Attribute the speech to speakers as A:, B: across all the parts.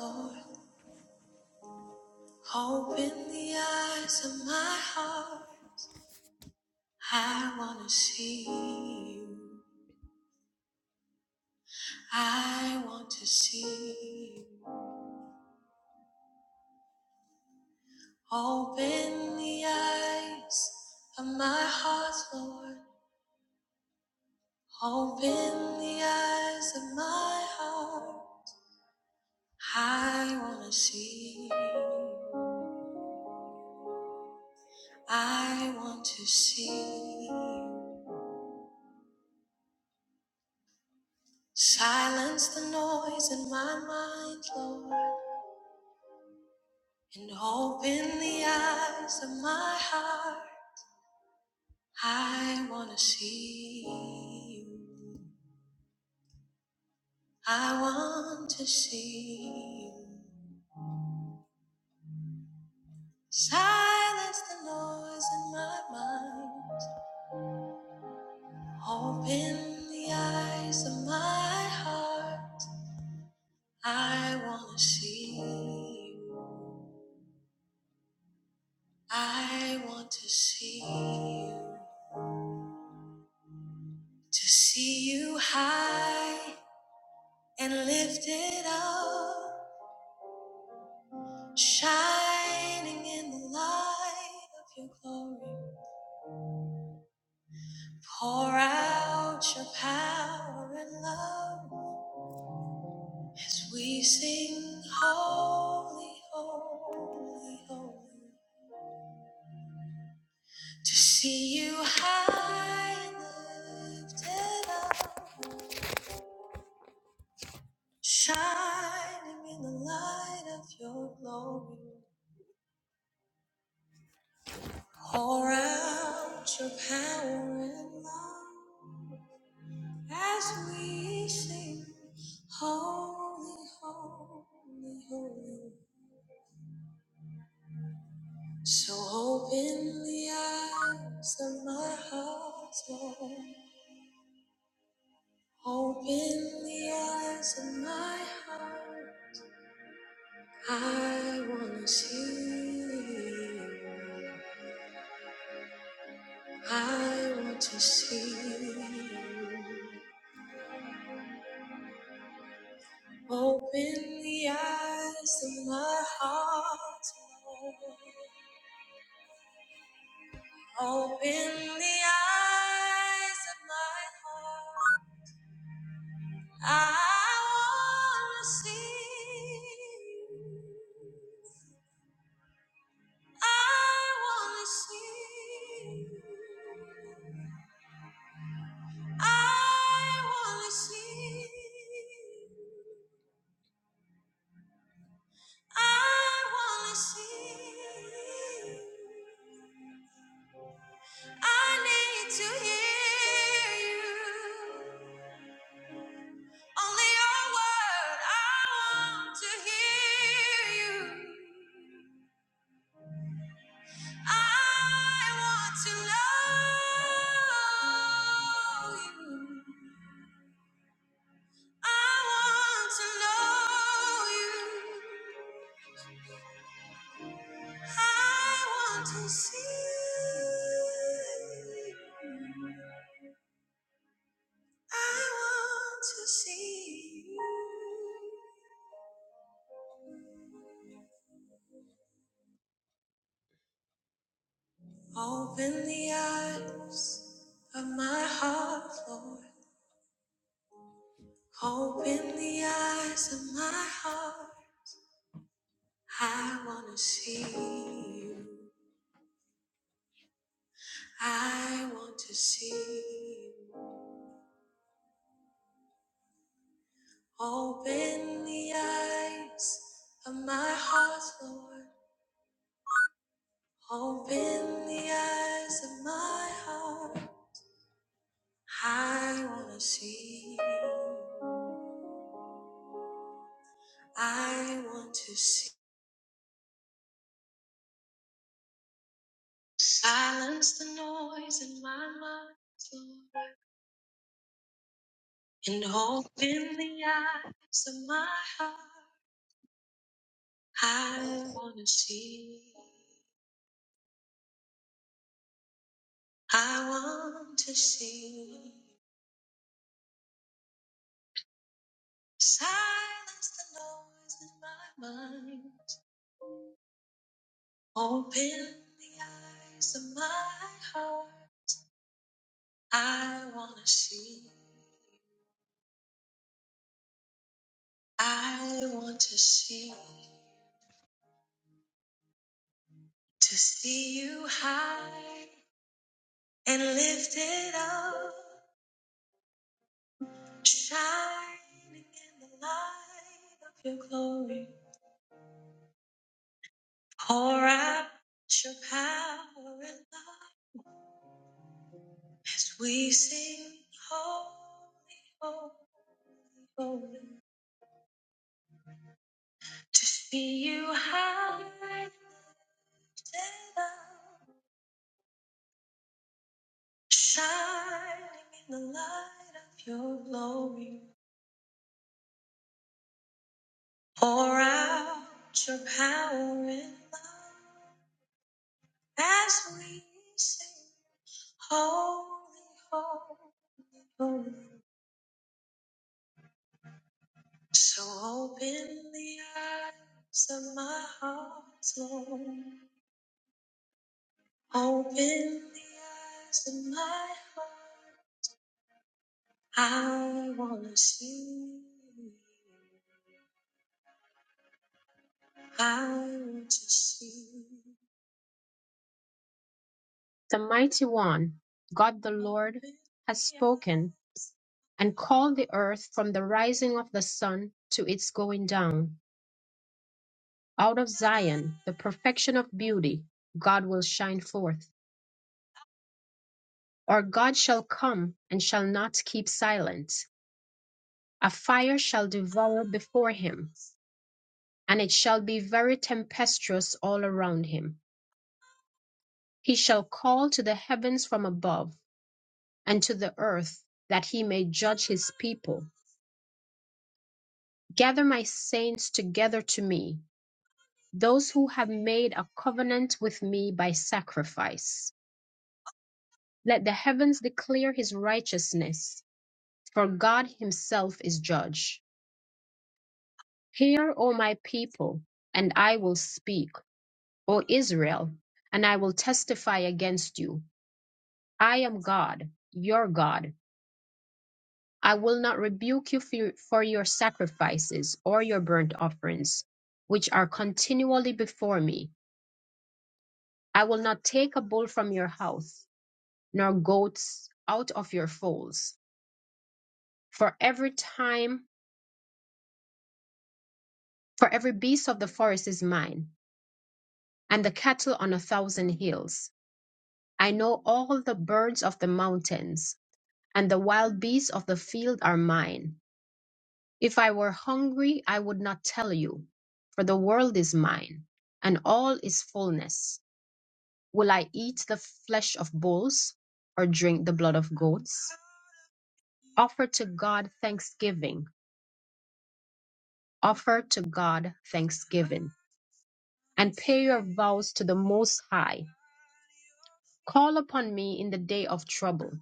A: Lord, open the eyes of my heart. I want to see you. I want to see you. Open the eyes of my heart, Lord. Open the eyes of my heart. I want to see you. I want to see you. Silence the noise in my mind, Lord. And open the eyes of my heart. I want to see you. I want to see you. Silence the noise in my mind. Open the eyes of my heart. I want to see you. I want to see you. To see you high and lifted up shining in the light of your glory. Pour out your power and love as we sing, Holy, Holy, Holy. To see you high and lifted up, shining in the light of your glory. Pour out your power and love As we sing, holy, holy, holy. So open the eyes of my heart, Lord. Open the eyes of my heart. I want to see you. I want to see you. Open the eyes of my heart, Lord. Open the eyes of my heart. I want to see. you. I want to see. you. I want to see. you. I wanna see. I need to hear you. Only your word. I want to hear you. I want to know you. I want to know you. I want to see you. I want to see you. Open the eyes of my heart, Lord. Open the eyes of my heart. I want to see you. I want to see you. Open the eyes of my heart, Lord. Open the eyes of my heart. I wanna see. I want to see. Silence the noise in my mind Lord, and open the eyes of my heart. I wanna see. I want to see. Silence the noise in my mind. Open the eyes of my heart. I wanna see, I want to see, to see you high and lifted up, shining in the light of your glory. Pour out your power and love as we sing, holy, holy, holy, to see you high and lifted up. shining in the light of your glory. Pour out your power and love as we sing, Holy, Holy, Holy. So open the eyes of my heart, Lord. Open the eyes of my heart. I want to see. you. I want to see. you. The Mighty One, God the Lord, has spoken, and called the earth from the rising of the sun to its going down. Out of Zion, the perfection of beauty, God will shine forth. Our God shall come and shall not keep silent. A fire shall devour before him, and it shall be very tempestuous all around him. He shall call to the heavens from above, and to the earth, that he may judge his people Gather my saints together to me, those who have made a covenant with me by sacrifice. Let the heavens declare his righteousness, for God himself is judge. Hear, O my people, and I will speak, O Israel, and I will testify against you. I am God, your God. I will not rebuke you for for your sacrifices or your burnt offerings, which are continually before me. I will not take a bull from your house, nor goats out of your folds. For every time, for every beast of the forest is mine, and the cattle on a thousand hills. I know all the birds of the mountains, and the wild beasts of the field are mine. If I were hungry, I would not tell you, for the world is mine, and all its fullness. Will I eat the flesh of bulls, or drink the blood of goats? Offer to God thanksgiving Offer to God thanksgiving and pay your vows to the Most High. Call upon me in the day of trouble.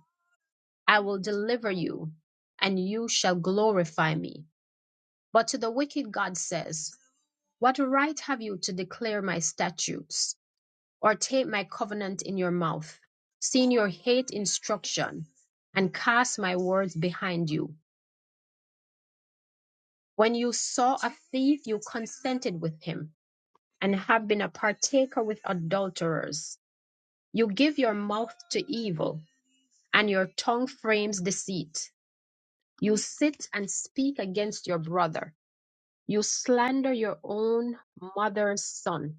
A: I will deliver you, and you shall glorify me. But to the wicked, God says, What right have you to declare my statutes or take my covenant in your mouth, seeing you hate instruction and cast my words behind you? When you saw a thief, you consented with him and have been a partaker with adulterers You give your mouth to evil, and your tongue frames deceit. You sit and speak against your brother. You slander your own mother's son.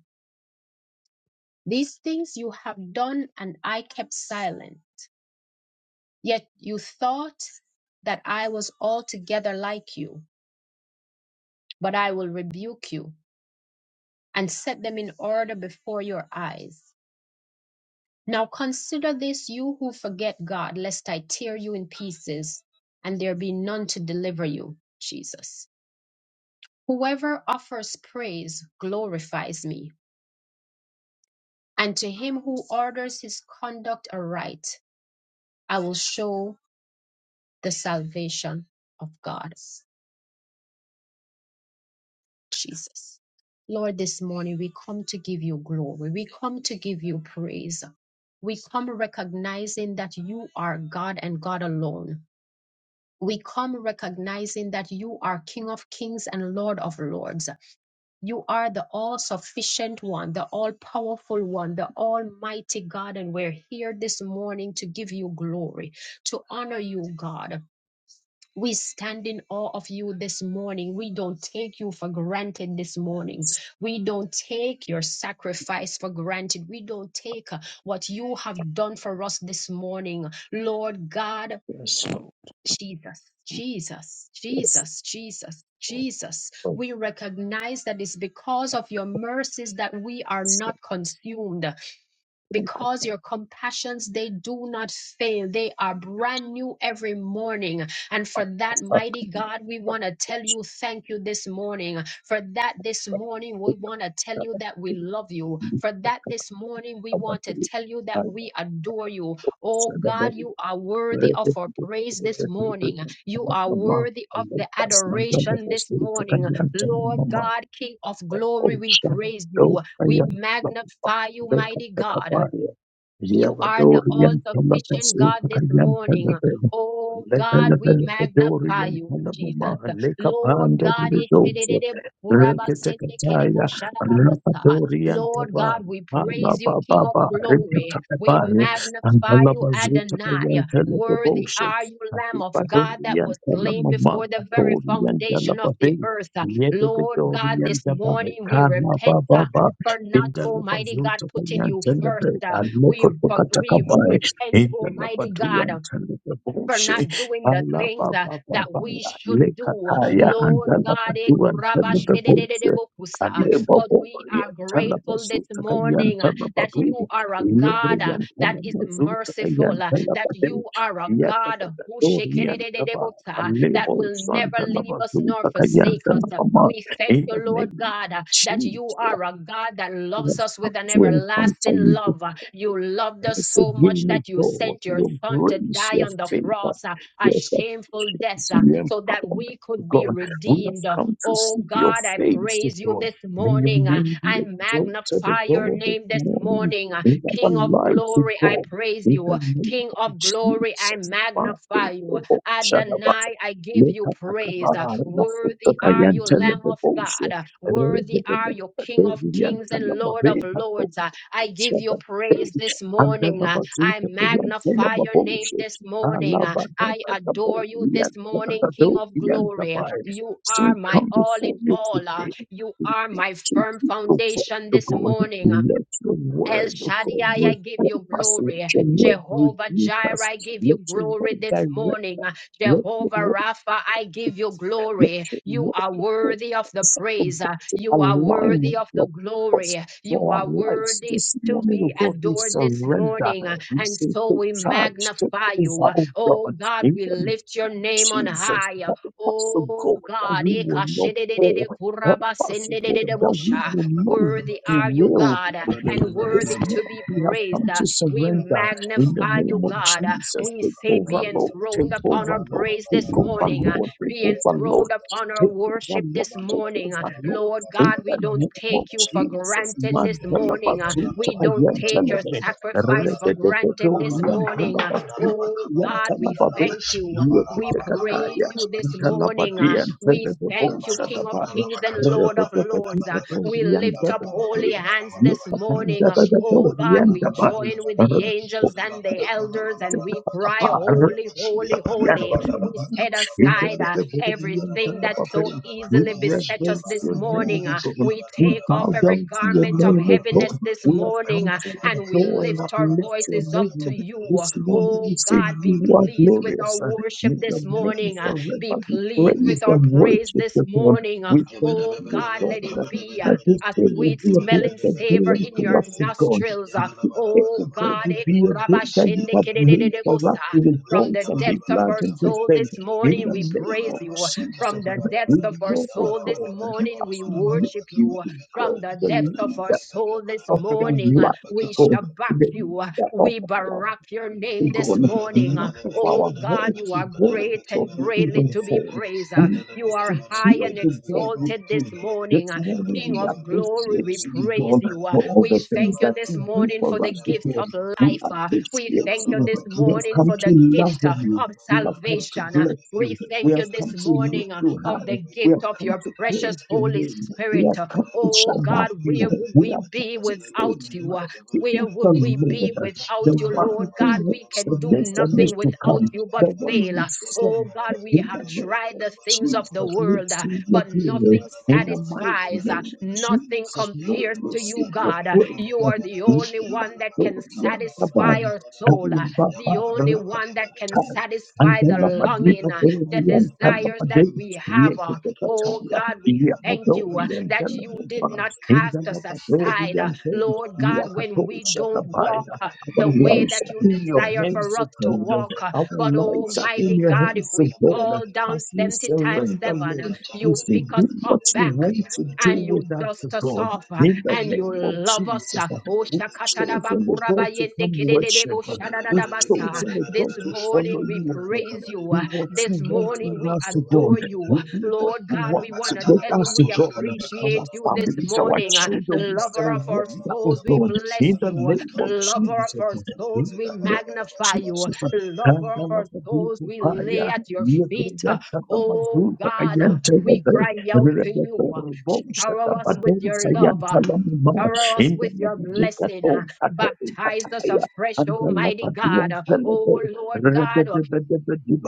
A: These things you have done, and I kept silent. Yet you thought that I was altogether like you, but I will rebuke you and set them in order before your eyes. Now consider this, you who forget God, lest I tear you in pieces and there be none to deliver you. Jesus. Whoever offers praise glorifies me, and to him who orders his conduct aright, I will show the salvation of God. Jesus. Lord, this morning we come to give you glory. We come to give you praise. We come recognizing that you are God and God alone. we come recognizing that you are King of kings and Lord of lords. You are the all sufficient one, the all powerful one, the almighty God. And we're here this morning to give you glory, to honor you, God. We stand in awe of you this morning. We don't take you for granted this morning. We don't take your sacrifice for granted. We don't take uh, what you have done for us this morning. Lord God,
B: Yes,
A: Jesus, Jesus,
B: yes,
A: Jesus, Jesus, Jesus. We recognize that it's because of your mercies that we are not consumed because your compassions they do not fail they are brand new every morning and for that
B: yes.
A: mighty god we want to tell you thank you this morning for that this morning we want to tell you that we love you for that this morning we want to tell you that we adore you oh god you are worthy of our praise this morning you are worthy of the adoration this morning lord god king of glory we praise you we magnify you, mighty God.
B: Stop.
A: You are the all
B: Yabadorian
A: sufficient God
B: Palapasuta
A: this
B: Kayan
A: morning.
B: Palabe,
A: Oh God, we magnify
B: Levelabelabadorian
A: you,
B: Palamama,
A: Jesus. Lord
B: Lekapanda
A: God,
B: Ridosa, Reketekataya,
A: ishidididibukurabasendekedebosharabasa.
B: Rapadorian
A: Lord
B: Tava,
A: God, we praise you,
B: Palaba
A: King of
B: Baba,
A: glory. We
B: Rekatakabari, and
A: magnify you,
B: Palabazuta
A: Adonai.
B: Kayan
A: Worthy
B: Pelabosha,
A: are you, Lamb of God, that
B: Adibadorian
A: was slain
B: Palamama,
A: before the very
B: Atorian
A: foundation of the
B: Palababe,
A: earth. Lord God,
B: Yedorian
A: this
B: Tava,
A: morning we
B: Kana
A: repent. uh,
B: Baba
A: For not,
B: in the
A: Almighty God, putting
B: kanyan
A: you
B: telebe
A: first. We,
B: aleko
A: but
B: tokata
A: we
B: kabaye
A: repent,
B: indalapa
A: Almighty God,
B: duan
A: uh,
B: telebe
A: for
B: boshe
A: not doing the
B: alapa
A: things uh, that
B: In
A: we
B: the
A: should
B: leka
A: do.
B: kaya
A: Lord
B: andalapa
A: God, it-
B: duan telebe boshe
A: Rabashididididibokousa, uh,
B: amebo
A: but we are
B: boya telebe
A: grateful this
B: zuta kanyan
A: morning uh,
B: telebe
A: that
B: bwili
A: you are a
B: iye
A: God uh,
B: breyan
A: that is
B: telebe zuta
A: merciful,
B: kanyan
A: uh,
B: telebe
A: that
B: tem
A: you are a
B: iya
A: God
B: telebe
A: who
B: dorian taba
A: that
B: amebo
A: will
B: san
A: never
B: telebe
A: leave us nor
B: zuta kanyan
A: forsake us.
B: telebe ma
A: We thank
B: in the
A: you, Lord
B: name of
A: God, uh, that you
B: Jesus
A: are a God that
B: we
A: loves
B: have
A: us
B: come
A: with an
B: to encounter
A: everlasting
B: you
A: love. Uh, You loved us
B: once
A: so much
B: again, O
A: that you
B: God,
A: sent your
B: your
A: son to
B: grace,
A: die
B: your
A: on the
B: favor,
A: cross, uh, a
B: your
A: shameful death, uh,
B: protection, your
A: so that
B: empowerment,
A: we
B: O
A: could be
B: God. We have
A: redeemed. Uh,
B: come to
A: Oh
B: seek your
A: God, I
B: face, O
A: praise you
B: God.
A: this
B: May your
A: morning. Uh,
B: name be
A: I
B: exalted, O
A: magnify your
B: God, this
A: name this
B: morning
A: morning. Uh,
B: in our
A: King of
B: lives, O
A: glory, I
B: God.
A: praise
B: In the
A: you.
B: name
A: King
B: of
A: of glory, I
B: Jesus, Father,
A: magnify you.
B: O God, Shadabah.
A: Adonai, I give you praise. Uh, Worthy are you, Lamb of
B: Lekatakabaranafutakayantelebeposhe.
A: God. Uh, Worthy are you, King of kings and Lord of
B: Rebebebebedoviyantalababeba.
A: lords. Uh, I give you praise this
B: And then
A: morning. Uh,
B: number two,
A: I
B: to the young thing of
A: magnify
B: a
A: your name
B: bullshit.
A: this
B: I
A: morning.
B: love
A: Uh,
B: that
A: I
B: the bull,
A: adore you
B: yes,
A: this morning,
B: the
A: King
B: dope,
A: of
B: yes, the
A: glory.
B: vibes.
A: You
B: So
A: are
B: we
A: my
B: come
A: all
B: before
A: in
B: you
A: all. Uh,
B: today.
A: You
B: We
A: are
B: thank
A: my
B: you,
A: firm
B: people, for
A: foundation
B: the
A: this
B: God.
A: morning.
B: Let your
A: El
B: word, O God,
A: Shaddai, I give
B: reform
A: you
B: us. Let
A: glory.
B: your word
A: Jehovah
B: rebuke
A: Jireh,
B: us.
A: I give you
B: Let your
A: glory
B: word
A: this
B: direct.
A: morning.
B: Let your
A: Jehovah
B: word.
A: Rapha, I give you
B: Let
A: glory.
B: your
A: You are
B: word go.
A: worthy of the
B: Set the
A: praise.
B: bar to
A: You are
B: align
A: worthy
B: with
A: of the
B: your purpose
A: glory. You
B: for our
A: are
B: lives.
A: worthy.
B: This
A: To
B: morning, oh
A: be
B: God, we
A: adored this
B: surrender.
A: morning,
B: We
A: and
B: say,
A: so
B: take
A: we
B: charge, take
A: magnify you.
B: over, oh
A: Oh
B: God.
A: God,
B: In
A: we
B: the
A: lift your name on
B: Jesus,
A: high.
B: help us, O
A: Oh
B: God, that
A: God,
B: we will not
A: Ekashididididi
B: fall. Help us, O God, that we
A: kurabasindidididibusha.
B: will not
A: Worthy are you,
B: derail,
A: God, uh,
B: O God.
A: and
B: This
A: worthy to
B: morning
A: be
B: we have
A: praised.
B: come
A: Uh,
B: to
A: We
B: surrender in the
A: magnify you,
B: name of
A: God. Uh,
B: Jesus.
A: We
B: Take
A: say,
B: over,
A: Be
B: Lord. Take
A: enthroned upon
B: over,
A: our
B: Lord.
A: praise
B: Take
A: this
B: over,
A: morning.
C: Yabba
A: Uh,
B: Lord. Take
A: Be
B: over,
A: enthroned
B: Lord.
A: upon our
B: Take over,
A: worship
B: Lord.
A: this
B: Take
A: morning. Uh,
B: over, Lord.
A: Lord
B: In
A: God, we
B: the
A: don't
B: name of
A: take you for
C: Yabba
B: Jesus,
C: dabba
A: granted this
B: man, tell about
A: morning. Uh,
B: two,
A: We don't
B: tell
A: take your sacrifice for granted this morning. Uh,
B: about
A: Oh God, we
B: Yantanabados,
A: thank you. We praise
B: Yakatakataya,
A: you this morning. Uh,
B: Antanabadi, and
A: We
B: Telebos
A: thank you,
B: at the
A: King of
B: bar,
A: Kings
C: dabba,
A: and Lord of Lords.
B: Redetapatipato,
A: We lift up holy
B: Yantabade,
A: hands this morning. Oh
B: Yakatandabato,
A: God, we
B: Yantabadi,
A: join with the angels and the elders and we cry, Holy, holy, holy. We set aside uh, everything that so
B: we
A: easily beset us
B: reverence
A: this
B: your
C: yabba
A: morning. uh,
B: name, God.
A: We
C: dabba
B: We
A: take off
B: bow
C: dabba,
A: every
B: down to your
A: garment of
B: name, O
A: heaviness
B: God.
A: this
B: We have
A: morning
B: come
A: uh,
B: to
A: and we
B: adore and
A: lift our
B: uplift your
A: voices up to
B: name.
A: you.
B: This morning
A: Oh
B: we say
A: God, be
B: you are
A: pleased with our
B: glorious. uh,
A: worship
B: May your
A: this
B: name
A: morning. uh,
B: forever
A: Be
B: be
A: pleased with
B: praised
A: our
B: and
A: praise
B: worshipped,
C: Yabba
A: this
B: O God.
A: morning. uh,
B: We
C: Yabba
B: thank
A: Oh
B: you, O
A: God, let
B: God,
A: it
B: uh,
A: be. uh,
B: that this
A: a
B: day will
A: sweet
B: be a
A: smelling
B: blessed day
A: savor in
B: unto
A: your
B: us, O God.
A: nostrils. uh,
B: This day,
A: Oh
B: O God,
A: God,
B: will
A: eh,
B: be a day that you
A: kurabashende
B: have made for us
A: kededededegosa.
B: to
A: from
B: rejoice
A: the
B: and be
A: depths of
B: glad
A: our
B: in this
A: soul
B: day.
A: this
B: In
A: morning,
B: the
A: we
B: name
A: praise
B: of
A: you.
B: Jesus,
A: From the
B: uh,
A: depths
B: we
A: of our
B: know, O
A: soul this
B: God, uh,
A: morning,
B: as
A: we
B: we make
A: worship
B: you,
A: you.
B: O
A: From
B: God,
A: the
B: the
A: depths of
B: leader
A: our soul this
B: off of
A: morning, uh,
B: life to
A: we
B: go.
A: shabak
B: They
A: you.
B: lift
A: uh,
B: that off
A: We
B: of your
A: barak your
B: to
A: name
C: Yabba
B: go.
A: this morning.
B: None
A: uh,
B: of
A: Oh
B: our
A: God,
B: head
A: you
B: to
A: are
B: go
A: great
B: because
A: and
B: we
A: greatly
B: even
A: to be
B: fall.
A: praised.
B: We
A: uh, You
B: have
A: are
B: to
A: high
B: cheer
A: and
B: the God with
A: exalted
B: you.
A: this
B: This
A: morning. uh,
B: morning
A: King
B: we
A: of glory,
B: appreciate
A: we
B: you,
A: praise
B: God,
A: you. ah.
B: for all the
A: We
B: things
A: thank you
B: that
A: this
B: you do
A: morning
B: for
A: for the
B: us, oh
A: gift
B: God.
A: of
B: We
A: life. ah. We
B: appreciate
A: thank you
B: you.
A: this
B: We have
A: morning
B: come
A: for
B: to
A: the gift
B: love
A: ah,
B: of you.
A: of
B: We have come to
A: salvation. ah.
B: bless
A: We
B: you. We
A: thank you
B: have
A: this
B: come to lift
A: morning ah,
B: you
A: of
B: high.
A: the
B: We
A: gift
B: have
A: of
B: come
A: your
B: to
A: precious
B: praise your
A: Holy
B: name. We
A: Spirit.
B: have
A: ah.
B: come to
A: Oh
B: Shabbat
A: God, where
B: you.
A: would
B: We
A: we
B: have come
A: be
B: to say,
A: without you? ah?
B: mighty
A: Where
B: is the
A: would we be
B: Lord,
C: Yabba
B: the
A: without you,
B: one
A: Lord
B: who
A: God? We
B: works the
A: can do
B: next and
A: nothing
B: next to
A: without
B: come,
A: you but
B: the one
A: fail.
B: we
A: ah.
B: serve.
A: Oh God, we
B: In the
A: have
B: name
A: tried
B: of
A: the things of
B: Jesus,
A: the
B: we
A: world. uh,
B: see your
A: but
B: glory.
A: nothing
B: In the mighty
A: satisfies. uh,
B: name of
A: Nothing
B: Jesus, Lord,
A: compares
B: we
A: to
B: see
A: you,
B: your
A: God. Uh,
B: praise.
A: You
B: In
A: are
B: the
A: the only
B: name of
A: one that
B: the
A: can
B: Lord, we have
A: satisfy our soul, uh,
B: the
A: the only
B: body
A: one that can
B: and
A: satisfy
B: then the
A: the longing,
B: Madrina
A: uh,
B: Dori
A: the
B: and then the
A: desires that
B: Madrid,
A: we have. uh. Oh,
B: Yakataya,
A: God, we thank you uh,
B: Yamadori and
A: that
B: then the
A: you did
B: Mabana,
A: not
B: in
A: cast us
C: Yabba
A: aside. uh, Lord God, when we
B: Yakatosha
A: don't walk
B: Kabaya.
A: uh,
B: Our
A: the way
B: lives
A: that
B: are
A: you
B: in your
A: desire for
B: hands,
A: us
B: O
A: to
B: God.
A: walk, uh,
B: Our
A: but
B: lives are in
A: Almighty
B: your
A: God, if
B: hands,
A: we
B: O God.
A: fall down
B: As we
A: 70 times
B: surrender,
A: 7,
B: Lord, we
A: you
B: say,
A: pick us
B: do
A: up
B: what you
A: back
B: want to do
A: and you
B: with us, O
A: dust us
B: God.
A: off uh,
B: In the
A: and you
B: name of
A: love us. uh,
B: Jesus,
A: oh,
B: we've chosen, O God, to come
A: shakatadabakurabayendekidededebo
B: worship. We've
A: shadadadabasa.
B: chosen a God
A: This
B: to follow
A: morning we
B: you, O God.
A: praise you.
B: Be
A: uh,
B: what you
A: This
B: want
A: morning
B: with
A: we
B: us to God.
A: adore you. uh,
B: We do what
A: Lord
B: you
A: God,
B: want
A: we want to
B: with
A: tell you
B: us to
A: we
B: God.
A: appreciate
B: Our
A: you this
B: families, our
A: morning. uh,
B: children, we
A: Lover of our
B: surrender, O
A: souls, we
B: God.
A: bless
B: In the
A: you. uh,
B: name of
A: Lover
B: Jesus,
A: of
B: O
A: our
B: God.
A: souls,
B: In
A: we
B: the name of
A: magnify you. uh,
B: Jesus.
C: Mandela
A: Lover of our souls, we
B: Kandalabadikupaya,
A: lay at your feet. uh, Oh
B: yebreyantalabazuta,
A: God, we
B: ayantelebe,
A: cry out to you. Shower us with
B: rebekoroboshatabadosa,
A: your love.
B: yantalamama,
A: Shower us
B: in the
A: with
B: name of
A: your
B: Jesus,
A: blessing.
B: O
A: Baptize us
B: God,
A: afresh,
B: and the
A: Almighty
B: Lapadu
A: God.
B: and Pelebe,
A: Oh Lord God,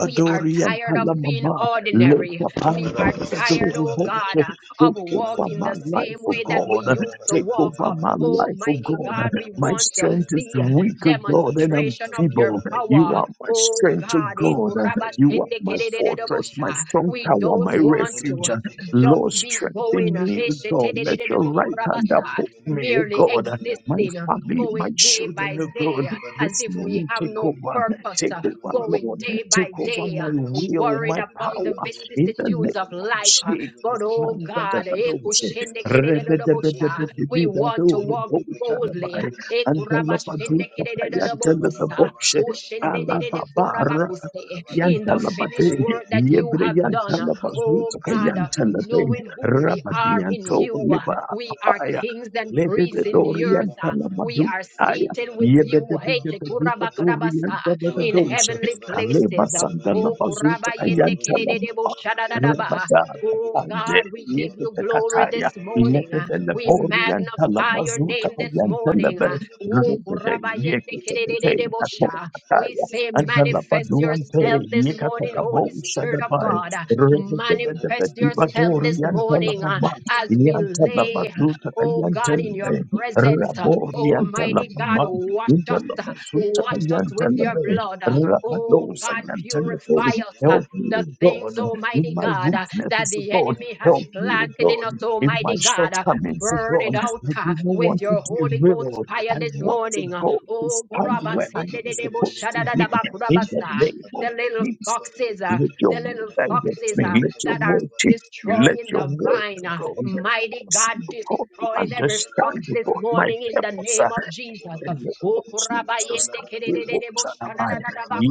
A: we are
B: and
A: tired of being
B: Talamama,
A: ordinary.
B: later find
C: Yabba
A: We
B: that
A: are
B: the
A: tired, oh God,
B: Doribose,
A: uh, of
B: Take over
A: walking
B: my
A: the same
B: life, O
A: way that we
B: God.
A: used to
B: Take
A: walk. Uh,
B: over my life, O
A: Almighty
B: God.
A: God, we
B: My
A: want to
B: strength is
A: see a
B: weak, oh God, and I'm
A: demonstration of your
B: feeble. You
A: power.
B: are my
A: Oh
B: strength, O
A: God, eh,
B: God. You are my fortress, my
A: kurabashendekededededebosha.
B: strong
A: we
B: tower,
A: don't
B: my
A: want to
B: refuge.
A: just
B: Lord,
A: be going,
B: strengthen
A: uh,
B: me, O God. Let your right hand
A: eshetededededebokurabasa,
B: uphold me, O
A: merely
B: God. My
A: existing, uh,
B: family, my
A: going day
B: children,
A: by
B: O
A: day
B: God.
A: uh, as
B: This
A: if we
B: morning,
A: have
B: take
A: no
B: over,
A: purpose.
B: take
A: uh,
B: over,
A: going
B: Lord,
A: day
B: take
A: by
B: over
A: day, uh,
B: my will,
A: worried
B: my
A: about the
B: power, in the
C: Yabana
B: name
A: vicissitudes of
B: of
A: life. uh, But
B: Jesus.
A: oh God,
B: Mandadadadoshe,
A: ekushendekededededobosha, we want to walk boldly.
B: rebedebedebedebidadoroboshanamai,
A: Ekurabashendekededededobokusa,
B: antelapazukapayanteletaboshe, alababa,
A: oshendedededekurabakuse, In the
B: yantalabate
A: finished work that you
B: yebre
A: have done, uh,
B: yantalabazu
A: oh
B: saka
A: God, uh,
B: yantalate
A: knowing who we
B: rabadi
A: are in
B: yanto
A: you, uh,
B: liba
A: we are
B: kapaya
A: kings and
B: lede de
A: priests in the
B: dori
A: earth. uh, we
B: yantalamadu
A: are
B: aya
A: seated with
B: yebede
A: you. Hey,
B: bede bede
A: Shekuraba
B: dori
A: Karabasa
B: yantalada
A: in
B: dose
A: heavenly
B: kaleba
A: places. Oh,
B: sandalabazu saka
A: kurabayende kedededebo
B: yantalama
A: shadadadaba.
B: rabada
A: Oh
B: kapande
A: God, we give you
B: yekete Tato,
A: glory
B: kataya
A: this morning.
B: lede
A: ah.
B: de
A: We
B: lebori
A: magnify your
B: yantalamazu
A: name
B: saka
A: this morning.
B: yantalabere
A: ah. Oh,
B: rede de
A: kurabayende
B: yekete
A: kededededebo sha. We
B: tete
A: say, manifest
B: Antalapaduante,
A: yourself this morning, Holy
B: Mikatakabosa
A: Spirit of
B: dabai,
A: God. ah. Manifest yourself this
B: Rebedebedebedibadori,
A: morning ah,
B: Antalababa,
A: as we lay, ah,
B: Yantalabazuta,
A: oh God, in your
B: Yantalabe,
A: presence. ah.
B: Rabori,
A: Almighty God,
B: Antalababa,
A: wash us.
C: Adana
B: Yantalabazuta,
A: Wash us with your
B: Yantalabe,
A: blood. Oh
B: Rabadosa,
A: God, purify
B: Yantalabe.
A: us. uh,
B: Help me,
A: The
B: O
A: things,
B: God, in
A: Almighty
B: my
A: God, uh, that
B: weakness, O
A: the
B: God.
A: enemy has
B: Help me, O
A: planted in
B: God,
A: us,
B: in my
A: Almighty God, uh,
B: shortcomings, O
A: burn it
B: God.
A: out
B: I
A: uh,
B: do not
A: with
B: want to
A: your
B: do
A: Holy
B: will.
A: Ghost fire
B: I
A: this
B: want to
A: morning.
C: Yabba
A: uh,
B: go to
A: Oh,
B: stand where I am supposed to be in the
A: Gorabasindedebosharadadabakurabasa,
B: name of
A: the little
B: Jesus.
A: foxes, uh,
B: Let your
A: the
B: word
A: little
B: direct
A: foxes
B: me.
A: uh,
B: Let your
A: that are
B: word teach me. Let
A: destroying
B: your
A: the
B: word,
A: vine. uh,
B: God,
A: Mighty
B: cause me,
A: God,
B: God, to
A: destroy every fox
B: understand,
A: this
B: God, my
A: morning in the
B: purpose
A: name of Jesus.
B: the name
A: O
B: of Jesus
A: kurabayende kerererere bo
B: Kanabochanabai,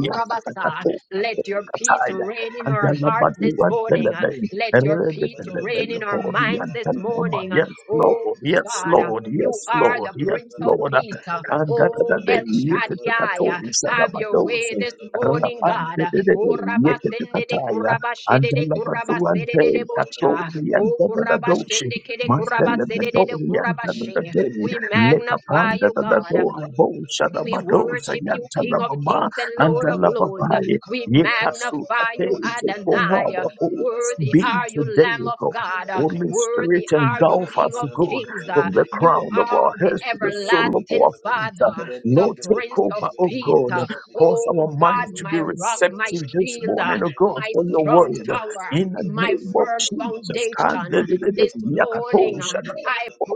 A: kurabasa. Let your peace reign in our hearts this
B: Andanabadiwa
A: morning. uh,
B: Delebe,
A: Let your peace reign in our
B: Redebelebelebori,
A: minds this
B: Andanama.
A: morning. uh,
B: Yes, Lord,
A: Oh
B: yes,
A: God, uh,
B: Lord,
A: you
B: yes,
A: are
B: Lord,
A: the
B: yes,
A: Prince of
B: Lord.
A: Peace. uh,
C: you.
A: Oh
B: Kandatadade,
A: El Shaddai,
B: Yekatakato,
A: uh, have your way
B: Sadabatose,
A: this morning, God. uh,
B: Rapandedede,
A: Oh Rabasende de
B: Yekatakataya,
A: Kurabashede de Kurabasede de
B: Andalabazuante,
A: Bocha.
B: Katori,
A: Oh
B: Andadadadoshi,
A: Kurabashende Kede Kurabasede de
B: Mazdelebedoshi,
A: Kurabashe.
B: Andadadade,
A: We magnify
B: lekapanda
A: you, God.
B: dadadora bosha
A: We
B: dabadosa
A: worship you, King of
B: yantalababa
A: kings and Lord of lords.
B: antalababaye
A: We
B: yekasuta
A: magnify you,
B: tei take over
A: Adonai.
B: our hopes
A: Worthy
B: be
A: are you,
B: today
A: Lamb
B: O
A: of
B: God
A: God.
C: Adala
B: Holy
A: Worthy
B: Spirit
A: are
C: Thank
A: you,
B: engulf
A: King
B: us
A: of
B: good
A: kings.
B: from the
A: You
B: crown of
A: are
B: our
A: the
B: heads to the sole of
A: everlasting
B: our feet.
A: Father, the
B: Lord, take
A: Prince of
B: over, O
A: Peace.
B: God. Cause
A: Oh
B: our minds
A: God,
B: to be
A: my rock, my
B: receptive this
A: shield,
B: morning, O God,
A: my
B: for your
A: strong
B: word.
A: tower.
B: In the
A: My
B: name of
A: firm
B: Jesus.
A: foundation
B: Kandededede,
A: this morning,
B: yakatosha, na,
A: I
B: oh,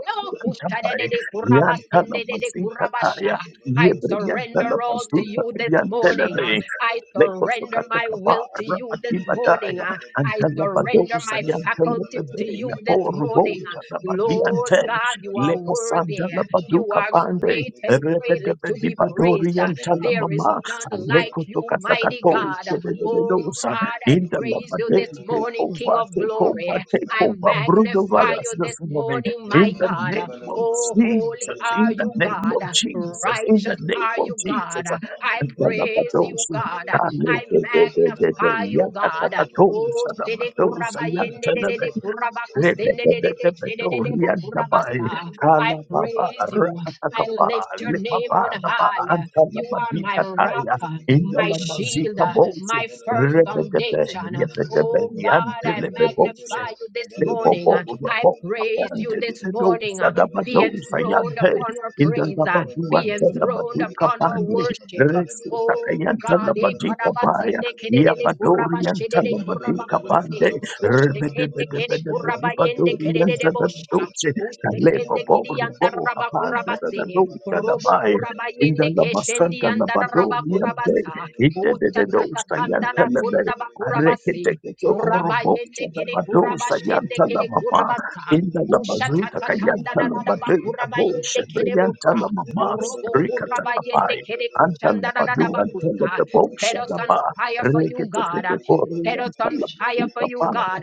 A: pray.
B: yantabai. Yanta la mazika taya.
A: I
B: Yebre yanta
A: surrender
B: la
A: all to
B: mazuka
A: you this
B: yanta la
A: morning. uh,
B: be.
A: I
B: Leko
A: surrender
B: sokata
A: my will to
B: kabara
A: you this
B: atiba
A: morning.
B: daya.
A: uh, I
B: Anta
A: surrender
B: Yantanamasikataya,
A: my
B: Yebriyantanamasuka, Yantelebe, Lekosokataka, Rabatibataya, Antalabadosa,
C: Yabala
A: faculties
B: Yantelebe,
A: to you this morning. uh,
B: Yaporobosa,
A: Lord
B: Labadiante,
A: God, you are worthy. You
B: Lekosantalabaduka
A: are
B: Pande,
A: great and greatly to be
B: Rebedebedibadori,
A: praised. uh, There is
B: Yantalamama,
A: none like you, mighty
B: Lekosokatakato,
A: God. uh, Oh God,
B: Tedededosa,
A: I praise you
B: Indalabade,
A: this
B: Take
A: morning, King
B: over,
A: of
B: take
A: glory.
B: over, take
A: I
B: over,
A: magnify you
B: Brudovalas
A: this
B: this morning.
A: morning, my
B: In the
A: God.
B: name of
A: Oh, holy
B: Jesus,
A: are
B: in the
A: you,
B: name
A: God.
B: of Jesus, in the
A: Righteous
B: name
A: are
B: of
A: you, God.
B: Jesus.
A: I
B: And the
A: praise you,
B: Lapados,
A: God.
B: Kale,
A: I magnify you, God.
B: Yakatakatos,
A: Oh, shede kuraba yende de de
B: Lapados,
A: de kuraba
B: Rebecca,
A: kusende de de de shede de de bo kuraba sa. I praise you. I lift your name on high. You are my rock, my shield, my firm foundation. Oh God, I magnify
C: Kabala
A: you this morning. I praise you this morning. Be enthroned upon our praise. uh, Be enthroned upon our worship. uh, Oh God, eh, karabasende kedede
C: Mandela
A: kurabashedede kurabakuse. Ushtekende kede
B: Rikatakapai,
A: kurabayende kedede bosha. Ushtekende kidi yandaraba kurabase. Robo kurabayende keshendi yandaraba kurabasa. Utatata tandara kundaba kurabase. Kurabayende kede kurabashende kede kurabasa. Ushatatatandadadadabakurabaiende kerebota. Orobokurabaiende
B: Antala Padu, Antala
A: kerekushandadadabakusa.
B: the
A: Set
B: Bosha,
A: us on fire
C: Yabala
A: for you,
C: Thank
A: God.
B: the
A: Set us
B: Bar,
A: on fire
B: Pray
A: for
B: for the
A: you, God.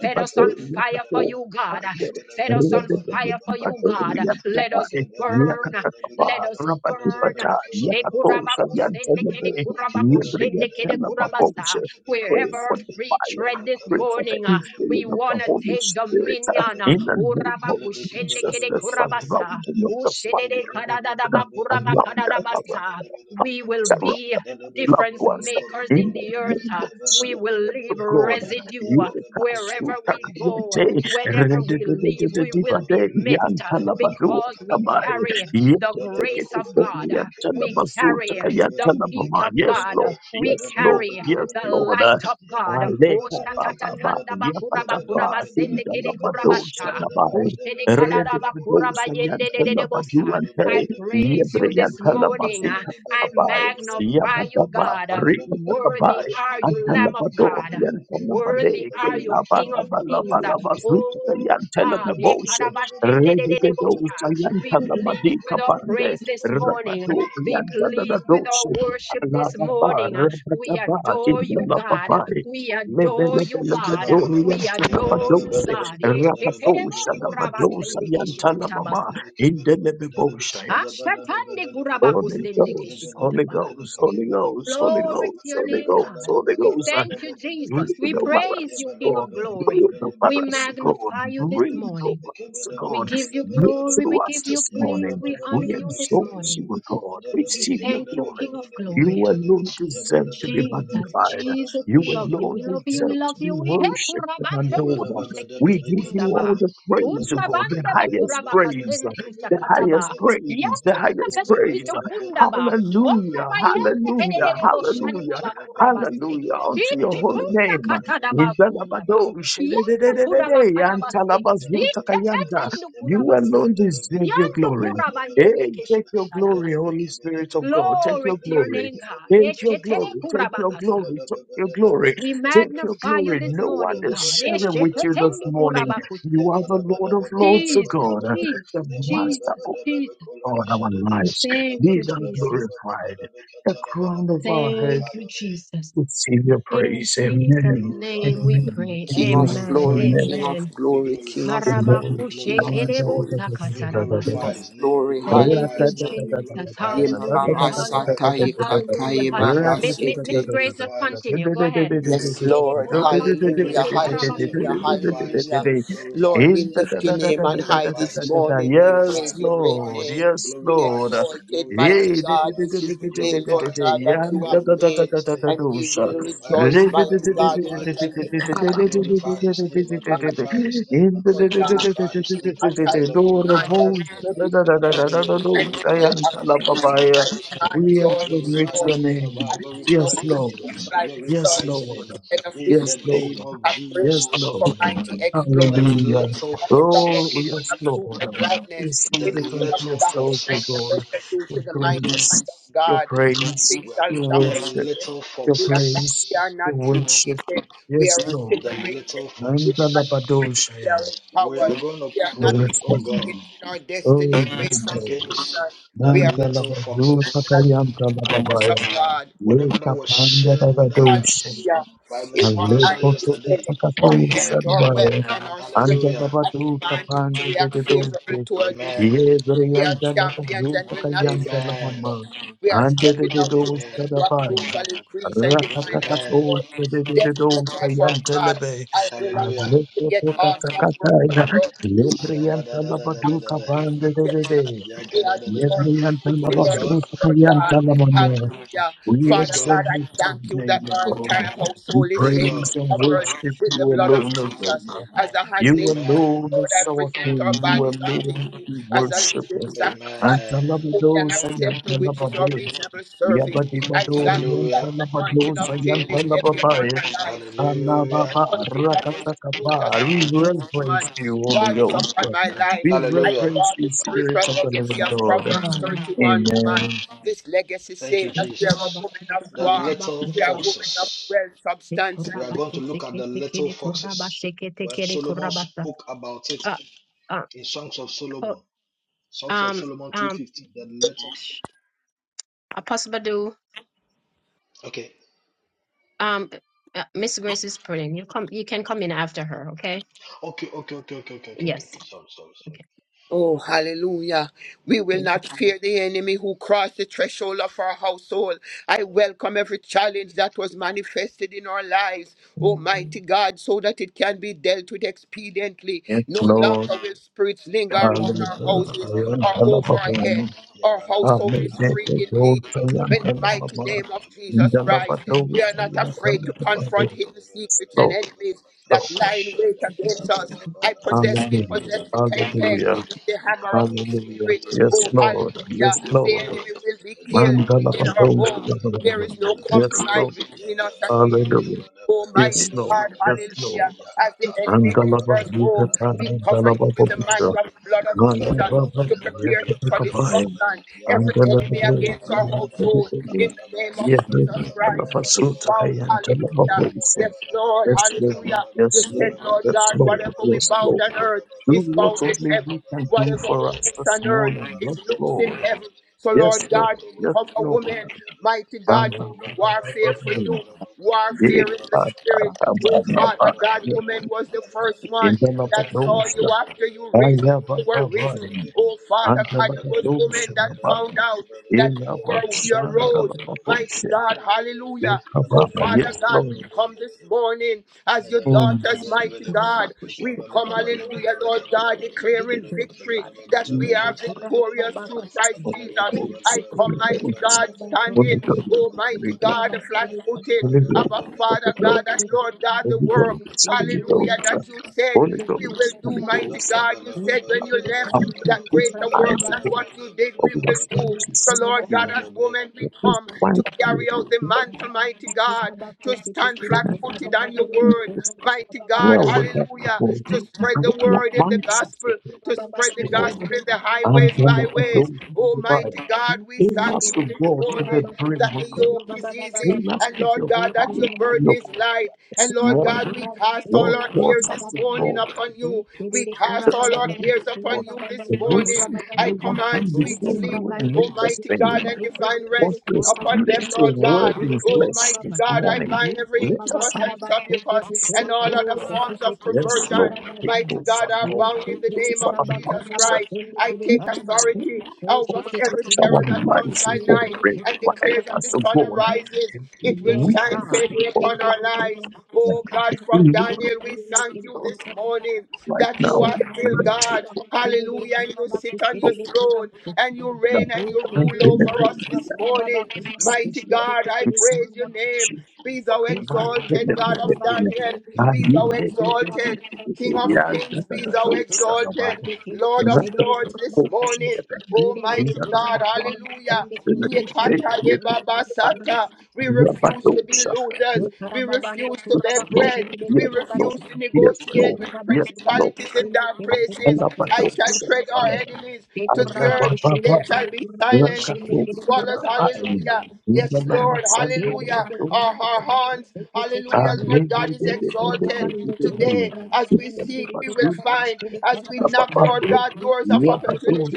A: Set us on fire for you, God. Set us on fire for you, God. Let us burn. Let us burn. Shekurabakusendekerekubakusendekerekurabasa. We're ever free tread this
B: Pray for the
A: morning. We
B: infilling of the
A: want to
B: Holy
A: take
B: Spirit. uh,
A: dominion.
C: you.
A: uh,
B: In the name of
C: Yabba
B: Jesus,
A: Urabakushendekede
B: the
A: kurabasa,
B: surrounding of the
A: ushedede
B: fire.
A: kadadadaba
B: Lord, Around us, around
A: kurabakadadabasa. We will
B: us, around
A: be
B: us, loved
A: difference
B: ones.
A: makers in
B: In the
A: the earth.
B: name
A: uh,
B: of
A: We
B: Jesus.
A: will leave
B: God.
A: residue uh, wherever we go.
B: Yekasutakayote,
A: Whenever we leave, we will
B: rededededededibade,
A: be missed uh,
B: yantalabadu
A: because we
B: antabai,
A: carry the grace of God. uh, We carry the peace
B: yeketeketekenyantalabasutakayantalababai.
A: of
B: Yes,
A: God. uh,
B: Lord.
A: We
B: Yes, Lord.
A: carry
B: Yes,
A: the
B: Lord.
A: light of God. Oh,
B: Aleka baba ba
A: shatatatanda bakura
B: yapata
A: bakura
B: ba
A: basende
B: tinda la
A: kede kurabasha.
B: badonsa
C: Yabba
B: la ba
A: Oh,
B: rede badonsa yanta la
A: I
B: baduante
A: praise
B: yebre
A: you this
B: yanta la
A: morning. uh,
B: masika
A: I
B: ba
A: magnify you,
B: yapata ba
A: God.
B: rika
A: Worthy are you, Lamb of
B: Antalabado,
A: God.
B: Yantalabade,
A: Worthy are you, King of Kings.
B: Kilabalabalabalabazuta,
A: Oh, God. eh,
B: Yanteleboshe,
A: kadabashende
B: Redegedosa,
A: Be
B: Yantalabadi
A: pleased with our
B: Kapande,
A: praise this morning.
B: Rabado,
A: Be pleased with our
B: Yantadadadoshe,
A: worship this
B: Alababa,
A: morning. We
B: Rabadaba,
A: adore you, God.
B: Kindalababai,
A: We adore you, God.
B: Lebelebelebedori,
A: We adore you,
B: Yantalabadose,
A: God. Eshetelebo
B: Rapatosha, Labadosa,
A: kurabasende
B: Yantalamama,
A: keshikutabasa.
B: Indelebeboshaya.
A: Ashatande
B: Holy
A: kurabakusende
B: Ghost, Holy
A: keshikutaba.
B: Ghost, Holy Ghost, Holy
A: Glory to
B: Ghost,
A: your
B: Holy
A: name,
B: Ghost,
A: God.
B: Holy
A: We
B: Ghost.
A: thank you,
B: Breathe
A: Jesus. We
B: over
A: praise
B: us,
A: you, King
B: God.
A: of glory.
B: Breathe
A: We
B: over us, God.
A: magnify you this
B: Breathe
A: morning.
B: over us,
A: We
B: God.
A: give you
B: Breathe
A: glory. We
B: through us
A: give you
B: this
A: praise.
B: morning.
A: We
B: We
A: honor you this
B: exalt
A: morning.
B: you, God.
A: We
B: Receive your
A: thank you,
B: glory.
A: King of
B: You
A: glory.
C: Yabala
B: alone deserve to be
A: Jesus,
B: magnified.
A: Jesus,
B: You
A: we love you.
B: alone
A: We love you. We
B: deserve
A: love
B: to be
A: you.
C: Yabba-dabba-dabba-dabba-katalabba-dusha-da-da-dabba-kebba-dabba-da.
A: We he
B: worshipped
C: Yabba
B: and
A: kurabasendo
B: adored. We
A: kushekiti
B: give you
A: kundaba.
B: all the praise, O God, the
A: Kundabande bo
B: highest
A: kuraba
B: praise,
A: kasende
B: the highest
A: kushakataba. Ye
B: praise, the
A: kunda
B: highest praise.
A: kashikito kundaba.
B: Hallelujah,
A: Ondaba yende
B: hallelujah,
A: kedede bo
B: hallelujah.
A: shandaba kurabase.
B: Hallelujah unto your
A: Ichi
B: holy
A: tunda
B: name.
A: katadaba kundaba.
B: Indalabado,
A: Yende kuraba
B: shededededede,
A: kadabase.
B: yantalabazuta
A: Ichi
B: kayanda.
A: tetendu
B: You
A: kurabasa.
B: alone deserve your
A: Yando
B: glory.
A: kuraba yende
B: Hey, take your glory,
A: keshikutadabase.
B: Holy Spirit of God. Take
A: Glory
B: your
A: to your
B: glory.
A: name, God.
B: Take your glory. Take your
A: Esheterekurabakasa.
B: glory. Take your glory.
A: We
B: Take your
A: magnify you
C: we
B: glory.
A: this
C: glorify
B: No one
A: morning,
B: is
A: God.
C: your
B: sharing with you this morning.
A: Eshetetemikurabakutu.
B: You are the Lord of Lords, O
A: Jesus,
B: God, the
A: Jesus,
B: Master
A: Jesus,
B: of
A: Jesus.
B: all our lives.
A: Thank
B: Be
A: you,
B: thou
A: Jesus.
B: glorified. The crown of our heads
A: Thank you,
C: name.
A: Jesus.
B: receive your
A: In
B: praise.
C: We
A: Jesus'
B: Amen.
C: glorify
A: name
C: your
A: we
C: name.
B: Amen.
A: pray.
D: King
C: We
D: of
B: Amen.
A: Amen.
C: glorify
D: glory,
C: your
B: Amen.
D: King
C: name.
D: of
A: Amen.
C: We
D: glory, King
C: glorify
D: of
C: your name. We
B: Amen.
D: glory, King of
C: glorify his name.
D: glory,
C: We
A: Harabakushekerebosakatarabasa.
D: King of
C: glorify his name. We
D: glory,
C: glorify
A: Thank
C: his
A: you,
D: hallelujah.
C: name. We glorify his name. We
A: Jesus.
C: glorify his
D: Yema
C: name. We
A: Hallelujah.
D: mama
C: glorify his
A: Hallelujah.
D: satai
C: name. We
A: Hallelujah.
D: katai
A: Hall-
D: baba
C: glorify
A: Mi-
C: his
A: mi-
C: name. We
D: shete.
A: Mr. Grace, just
C: glorify
A: continue. Go ahead.
D: Yes,
A: Mede
D: Lord,
A: kuraba
C: we
A: seke
D: hallelujah,
A: te
C: glorify his name.
A: karabasta.
C: We
D: hallelujah,
C: glorify his
D: hallelujah.
C: name. We glorify
D: Lord, we
C: his name.
D: lift your
C: We
D: name on high
C: glorify
D: this
C: his name. We
D: morning. We
B: Yes,
C: glorify,
D: praise your great
C: glorify
B: Lord.
C: his
D: name.
C: name.
B: Yes,
D: Be
C: Glorify his
B: Lord.
C: name.
D: exalted,
C: Glorify
D: mighty
C: his name.
D: God.
C: uh,
D: This is the day, Lord
C: Glorify his
D: God,
C: name.
D: that
C: uh,
D: you have
C: Glorify
D: made,
C: his name. uh,
D: and we will
A: Di
C: Glorify
B: We
C: his
D: rejoice,
B: admit
C: name.
B: your
C: uh,
A: karaba
D: mighty God,
A: seke
D: in
C: Glorify
A: te
D: it
C: his
D: and be
A: kute
C: name. uh,
D: glad.
A: karaba
C: Glorify
A: kurabas.
C: his name. uh, Glorify his name. uh,
D: Lord God,
C: Glorify his name.
D: I
C: uh,
D: thank you,
C: Madaba,
D: I
C: glorify his name.
D: you,
C: uh, Madebelebe,
D: and you will
C: glorify his
D: have
C: name. uh, Glorify
D: peace.
C: his name. uh,
D: and joy this
C: Glorify
D: morning.
C: his name. uh,
B: name.
D: I see your
C: Glorify
B: Yes,
A: Di
C: his
B: Lord.
C: name. uh,
A: kataraba.
D: like the
B: Yes,
D: sun.
C: Glorify his
B: Lord.
C: name. huh?
D: And of
C: in
D: this
B: Yes,
C: the
B: Lord.
C: name
D: peace,
C: of
D: I pray
B: Yes,
C: Jesus.
D: for
B: Lord.
D: mighty
C: The
D: exploits
B: Hallelujah.
C: little
B: Oh, yes,
C: foxes,
B: Lord.
D: super
B: We
D: brightness.
B: see
C: the
D: It
B: the unto
D: shall
C: little
D: stop the
B: yourself, O God.
C: foxes,
D: transgression due
B: Your
D: to the mighty hand
B: grace,
D: of
B: your
D: God.
B: praise,
D: Nothing
C: well,
B: your
D: shall stop
C: the
D: us.
B: worship
C: little
B: your
D: We are not,
B: praise,
D: we are
C: foxes,
B: your
D: not
B: worship.
D: tribulated. We are
B: Yes, Lord.
C: the
D: accelerated.
C: little
D: We are not
C: foxes.
D: depressed. We are
B: Nandalabadoshaya.
C: We are
D: empowered.
C: going to
D: We are not
B: Lord,
C: pray, oh God,
D: negotiating our destiny
B: oh,
D: away
B: yes,
D: from
B: Lord.
C: against
D: future.
C: the
D: We are in
C: little foxes.
D: the righteousness
B: Nandalabadopakayamkalababaya.
D: of God.
C: Whatever that was shared with
B: Lekapandalabadosha.
C: us
D: Hallelujah.
C: by
D: It
C: Miss
D: was not
C: Marsha
D: declared
C: yesterday.
D: or held or wealth
B: Nalekotokatakaposhabaya.
D: and our strength.
C: Hallelujah.
D: I command victory act
B: Andalabadokapandadededoshe.
D: favorable toward this
C: Amen.
D: We are
B: Yebreyanta lapa
D: champions and we're
B: yutaka
D: not.
B: yanta lapa
C: Amen.
B: ma.
D: We are
B: Ante de
D: stepping
B: de
D: up to
C: Amen.
B: dosa da
D: your
B: baya.
D: approval, increase, and divine
B: Ratakata
C: Amen.
D: export.
B: dosa de de
D: Death
B: de
D: is the
B: dosa
D: cry for
B: yanta
D: God.
B: lebe.
D: I will not
C: Hallelujah.
B: Arleto
D: forget
B: toka
D: all comfort
B: takataya.
D: for the Lord.
B: Yebreyanta lapa duka
C: Shadadadadadadada.
B: bande de
D: We
B: de de.
D: are the Lord.
C: Yakadadadada.
B: Yebreyanta
D: Thank you,
B: lapa
C: Praise
D: Lord,
C: God.
B: yutaka
D: Lord God.
B: yanta lapa ma.
D: Hallelujah.
B: We
C: Praise
D: Father
C: God.
D: God,
B: exalt
D: I
B: the
D: thank you
B: name
D: that
B: of
D: our
B: God.
D: entire
B: We
D: household is
C: Praise
D: safe
B: praise
C: God.
D: and
B: and
D: covered
B: worship
D: with the
B: you
D: blood of
B: alone, O
D: Jesus.
B: God.
D: As a handmaid
B: You
D: of
C: Amen.
D: the
B: alone
D: Lord,
B: is
D: I
B: our
D: present our
B: King. You
D: bodies unto
B: alone
D: you
B: we
D: as a
B: worship.
D: living sacrifice.
C: Amen.
D: holy And
B: Antalabadosa
D: acceptable, which is our
B: Yantalababe,
D: reasonable service. I
B: Yabadibador
D: thank you that
C: Hallelujah.
D: the anointing
B: Yantalabadosa
D: of Jane is heavy upon
B: Yantalababaya,
D: our life.
C: Hallelujah.
B: Alababa
D: Everything that is uproot
B: Rakatakaba. We
D: and root this woman.
B: reverence you, Holy
D: God is
B: Ghost.
D: upon my life.
B: We
D: I
C: Hallelujah.
B: reverence
D: call
B: you,
D: this
B: Spirit
D: spiritual
B: of the
D: legacy
B: Living
D: of
B: God.
D: Proverbs
A: Lord,
D: 31 woman.
B: Amen.
D: This legacy
C: Thank
D: say
C: you,
D: that
A: de
D: we are a
A: kuraba
C: Jesus.
D: woman of
A: kute
C: The
D: war.
A: kataraba
C: little
D: We are
A: kurabas.
D: women of
C: foxes.
D: wealth,
A: De
D: substance and
C: We are
D: riches.
A: kuraba
C: going to look at
A: kuseke
C: the
A: te
C: little
A: kede kuraba
C: foxes.
A: sheke te
C: When
A: kede
C: Solomon
A: kurabasa.
C: spoke about it
A: Uh, uh,
C: in Songs of
A: oh,
C: Solomon. Songs of
A: um,
C: Solomon
A: um,
C: 215. The little.
A: Apostle Badu.
C: Okay.
A: Um, uh, Miss Grace is praying. You come. You can come in after her. Okay.
C: Okay. Okay. Okay. Okay. Okay. Okay.
A: Yes.
C: okay. Sorry. Sorry.
A: Okay.
C: Sorry.
D: Oh, hallelujah. We will not fear the enemy who crossed the threshold of our household. I
C: Mm.
D: welcome every challenge that was manifested in our lives, Almighty God, so that it can be dealt with expediently.
B: Yes,
D: No
B: Lord.
D: longer will spirits linger
A: Thank
D: around
C: Bada
D: our
C: bada
B: Hallelujah.
C: bada
D: houses
C: bada baka
D: or
C: bada
D: over
C: bada
D: our
C: bada.
D: head.
B: Yantalababaya,
C: Ya
D: Our
C: bada bada
D: household
C: baka
D: is
C: bada
D: free
C: bada
D: indeed.
C: bada
B: Amidabadosa
C: baka bada
D: In the
C: bada bada
D: mighty
C: bada
B: Yantalababa,
D: name
C: baka
D: of
C: bada
D: Jesus
C: bada bada
D: Christ,
C: bada bada.
D: we are
B: Yantalabadosa
D: not
C: Ya bada
D: afraid
C: bada
D: to
C: baka
D: confront
B: Yantalababaya.
C: bada
D: hidden
C: bada bada bada
D: secrets and
B: Stop,
C: baka bada
D: enemies
C: bada.
D: that
B: stop.
D: lie in wait
C: Shada bada
D: against us.
C: baka
D: I
C: bada
D: possess,
C: bada
D: we
C: bada
B: Hallelujah.
D: possess the
C: bada
D: ten
C: baka
D: peg
C: bada
B: Hallelujah.
C: bada.
D: the hammer
C: Bada
D: of the
C: baka
B: Hallelujah.
D: Spirit.
B: Yes,
D: Oh,
B: Lord. Yes,
D: hallelujah. The
B: Lord.
D: enemy will be killed
B: Mandala
C: bada
D: in our
C: bada
D: home.
C: bada
D: There
B: Badoshadabani.
D: is no
B: Yes,
C: baka
D: compromise
B: Lord.
C: Ya
D: between
C: Ya
D: us and
C: bada
D: the enemy.
C: baka
B: Hallelujah.
C: bada bada bada
D: Almighty
B: Yes,
A: you.
B: Lord.
D: God,
C: baka bada.
B: Yes, Lord.
D: hallelujah.
C: Ya
D: As the
C: Yakatala
D: enemy
C: bala
B: Mandala
C: bala
D: enters
C: bala
B: Bazika
D: home,
C: bala
D: we
C: bala
D: cover
B: Tandala
D: him with
C: bala
D: the
C: bala Oh, Balabala,
B: Babucha.
D: mantle of the blood of
B: Mandala
C: Kabala,
D: Jesus to
B: Babani.
C: Kabala,
D: prepare him for
B: Yakabakabaya.
D: destruction. Every
B: Andala
D: enemy against our household, in
B: Badoshadabani.
D: the name of
B: Yes,
D: Jesus
B: Mandala
D: Christ.
B: Basuta
D: Bound,
B: Kayantala
D: hallelujah.
B: Babucha.
D: Yes, Lord,
B: Yes, Lord.
D: hallelujah. You
B: Yes,
D: said,
B: Lord.
D: Lord
B: Yes,
D: God,
B: Lord.
D: whatever we
B: Yes,
D: bound
B: Lord.
D: on earth
B: Do
D: is
B: what
D: bound in
B: only
D: heaven.
B: you can do
D: Whatever
B: for
D: we
B: us
D: loose
B: this
D: on earth
B: morning. Yes,
D: is loose in
B: Lord.
D: heaven. So,
B: Yes,
D: Lord
B: Lord.
D: God,
B: Yes,
D: cover
B: Lord.
D: women, mighty
B: Ba,
D: God,
B: ba, ba, ba,
D: warfare
B: ba, ba, ba.
D: for you. Warfare
B: Ye,
D: in the
B: ba, ba,
D: spirit.
B: ba,
C: Kabala,
B: ba,
D: Oh,
B: ba,
C: Kabala,
B: ba.
D: Father
C: Kabala,
D: God,
B: Yes,
C: Kabala,
D: woman
B: Lord.
D: was the first
C: Kabala,
D: one
B: In the
C: Madala
D: that saw you
B: Labadosha,
D: after you
B: I
D: raised
B: have
D: you were
B: a
D: risen.
B: vine.
D: Oh, Father
B: And the
D: God, it was women
B: Labadosha,
D: that found out that
B: in the
D: you were your
B: Vashanga
D: rose. Mighty
B: Labadosha,
D: God, hallelujah. So, Father
B: yes,
D: God, we
B: Lord.
D: come this morning as your
B: Mm.
D: daughters, mighty God. We come, hallelujah, Lord God,
A: Thank
D: declaring victory that we are victorious through Christ
B: Holy
D: Jesus. I
B: Ghost,
D: come,
B: Holy
D: mighty
B: Ghost,
D: God, standing,
B: Holy Ghost,
D: oh,
B: Holy
D: mighty
B: Ghost,
D: God, flat footed,
B: Holy Ghost,
D: Abba,
B: Holy
D: Father God, that
B: Ghost,
D: Lord God, the
B: Holy
D: work,
B: Ghost, Holy
D: hallelujah,
A: you.
B: Ghost,
D: that you said
B: Holy
D: we will
B: Ghost,
D: do,
B: Holy
D: mighty
B: Ghost,
D: God. You
C: Bakabala
D: said
C: baba
D: when
C: la
D: you
B: have
C: baba
D: left
B: come to
D: that
C: baba
B: this
D: greater work
B: eyes
C: kabala
D: than
B: ago,
C: baba
D: what you did,
C: kabala
B: but
D: we
B: we
D: will
B: have
C: baba
B: come
D: do.
B: to
D: So,
B: see
D: Lord God,
C: kabala
B: you.
D: as
C: baba
D: women, we
B: Let us
D: come to
B: find you.
D: carry out the
B: So
D: mantle, mighty God, to stand
B: in
D: flat
B: that
D: footed on your word,
B: Jesus,
D: mighty God,
B: dwell with us
D: hallelujah,
B: before
D: to spread the
B: dwell
D: word in the
B: amongst us
D: gospel,
B: again.
D: to spread the gospel in the
B: And
D: highways,
B: then the
D: byways.
B: those from
D: Oh,
B: the
D: mighty
B: fire.
D: God,
A: Thank
D: we
B: Fill
D: thank
B: us to
D: you this
B: God to
D: morning
B: the brim
D: that
B: of
D: the
B: God.
D: yoke is easy,
B: Fill us
D: and
B: with
D: Lord
B: your
D: God,
B: power
D: that your
A: you.
B: and
D: burden
B: your
D: is light. And
B: this
D: Lord God,
B: morning.
D: we
A: Kuraba
D: cast all
B: Lord,
D: our cares
B: force us
D: this
B: to
D: morning
B: go.
D: upon you. We
B: Spend
D: cast
B: this
D: all our
B: morning,
D: cares upon
B: Lord.
D: you this
B: The
D: morning.
B: voices
D: I
B: no one
D: command
B: come
D: sweet
B: before
D: sleep.
B: you and lead us
D: Almighty
B: in.
D: God and divine
B: What
D: rest
B: you
D: upon
B: experience
D: them,
B: your
D: Lord God.
B: word in flesh
D: Almighty
B: this
D: God, I
B: morning.
D: bind every
B: Let us
D: incubus
B: not
D: and succubus and
B: sing,
D: all
B: O
D: other
B: God.
D: forms of
B: Yes, Lord,
D: perversion.
B: take
D: Mighty
B: over,
D: God, are
B: Lord.
D: bound
B: Take
D: in the name
B: over
D: of
B: our
D: Jesus
B: lives.
D: Christ. I
B: Take
D: take
B: to
D: authority
B: change. Oh,
D: over every
B: touch our
D: terror that comes
B: lives, O
D: by
B: God.
D: night. I
B: Revive
D: declare that
B: us,
D: the
B: O
D: sun
B: God.
D: rises,
B: And
D: it will
B: we
A: Yes,
D: shine
B: can
A: God.
B: think
D: favor
B: of
D: upon our lives.
B: that.
D: Oh God,
B: If
D: from
B: we look at
D: Daniel, we thank
B: it,
D: you
B: God
D: this morning
B: right
D: that you
B: now,
D: are
A: Shake
D: still
B: Lord, take
D: God. Hallelujah. And you sit on your
B: over,
D: throne and you
B: Lord.
D: reign and you
B: I
D: rule
B: believe
D: over us this
B: that we
D: morning.
B: can see
D: Mighty God, I
B: you.
D: praise your name.
B: Yes,
D: Be thou exalted, God of Daniel. Be thou exalted, King of kings. Be thou exalted, Lord of lords this morning. Almighty God, hallelujah. Yekata Yebaba Sata. We refuse to be losers. We
A: Ekarababando
D: refuse to
A: kuraba
D: beg
B: Lord.
D: bread.
A: kushende
D: We
B: Yes,
A: kuraba
B: Lord.
D: refuse
A: sa.
D: to
B: Yes,
D: negotiate
B: Lord.
D: with
A: Ekuraba
B: Yes,
A: kuraba
B: Lord.
D: principalities in
A: kushende
D: dark
A: kede
D: places.
A: kuraba
D: I
A: kushende
D: shall
A: kuraba
D: tread our
A: sa.
D: enemies to the
A: Ekuraba
D: earth.
A: kushende
D: They
A: kede
D: shall be
A: kuraba
D: silent.
A: kushende
D: It
A: kede
D: swallows,
B: Rakatosa
A: kuraba kusanda
D: hallelujah.
A: kuraba
D: Yes,
A: kusha.
D: Lord,
A: Yes, God.
D: hallelujah.
A: we
D: Our, our hands,
A: come
B: it's
D: hallelujah,
B: not
D: Lord God is
B: the way to
D: exalted.
B: do it.
D: Today,
B: And
D: as we
B: it's
D: seek, we will find. As we knock, Lord God, doors of opportunity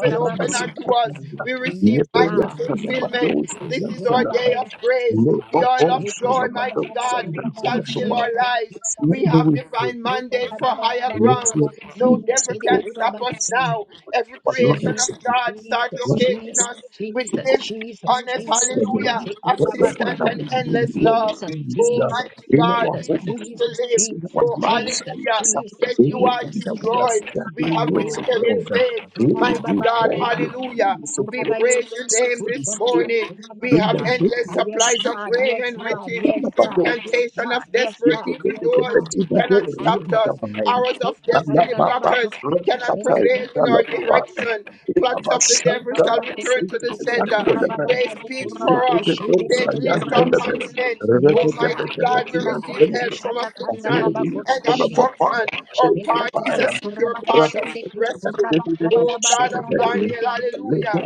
D: will open unto us. We receive mighty fulfillment.
A: to the
D: This is our
A: Kuraba
D: day of
A: Baba Star.
D: grace. The oil of
A: Speak of
D: joy,
A: the Baba
D: mighty
A: Baba
D: God,
A: Kuraba
D: shall fill
A: Kushindi
D: our
A: Kiri
D: lives.
A: Kuraba
B: not
D: We
B: the
A: Star.
D: have
B: way
D: divine
A: We
B: to
A: touch
D: mandate for
A: the Baba
D: higher
A: Baba
D: grounds.
A: Kuraba
D: No
A: Kushindi
D: devil
A: Kiri
D: can
B: go.
D: stop
A: Kuraba
D: us
B: It's
A: Star.
D: now. Every
B: but
D: creation of
A: Jesus,
B: life
D: God start
A: Jesus,
D: locating
A: Jesus,
D: us
B: is
D: with
A: Jesus,
D: gifts,
A: Jesus,
D: honest,
B: so
A: Jesus,
B: that
D: hallelujah,
A: Jesus, Kuraba
B: whatever
D: assistance,
A: Star.
B: that
D: and
B: we do,
D: endless
B: Lord,
D: love.
A: Jesus,
B: things
D: Oh,
B: uh,
A: Jesus,
D: mighty
B: in
D: God,
B: our
D: we
A: Jesus,
D: choose
B: homes,
D: to
A: Jesus,
D: live.
B: in our
A: Jesus,
D: Oh,
B: lives,
D: hallelujah.
A: Jesus,
B: it's, uh,
D: Said
A: Jesus,
D: you are
B: anything
A: Jesus.
B: that we are
D: destroyed. We have
B: struggling with, oh
D: declared in
B: God, uh,
D: faith.
B: eh,
D: Mighty
B: we
D: God,
B: call you
D: hallelujah.
B: peace, oh
D: We
B: God,
D: praise your
B: so
D: name
B: to
D: this
B: this year,
D: morning. We
B: in the
D: have
B: name
D: endless
B: of
A: Yes,
D: supplies of
B: Jesus.
A: God,
D: rain
A: yes,
D: and
A: God,
D: riches.
A: yes, God, yes,
D: Incantation
A: God,
D: of
A: yes,
B: Thank
D: desperate evil doors cannot stop us. Arrows of
A: God,
D: destiny blockers cannot
A: yes,
D: prevail in our
A: God.
D: direction. Plots of the devil shall
A: Kuraba
D: return to the
A: kusekere
D: center.
A: kuraba baba
D: Grace speaks
A: kuraba
D: for us.
A: kushende kere
D: Satan lift our
A: kuraba sa.
D: continents.
A: Yes,
D: Almighty
A: God,
D: God, we
A: yes,
D: receive
A: God. Eh,
D: help from
A: kushata tanda
D: affliction
A: raba
D: and
A: kuraba she.
D: obstruction. Our path
A: Shekat
D: is a
A: raba
D: secure
A: kuraba
D: path of
A: kushende kire
D: rescue.
A: kuraba
D: Oh
A: karaba
D: God of
A: kuraba
D: Daniel,
A: yende kire
D: hallelujah.
A: kucha.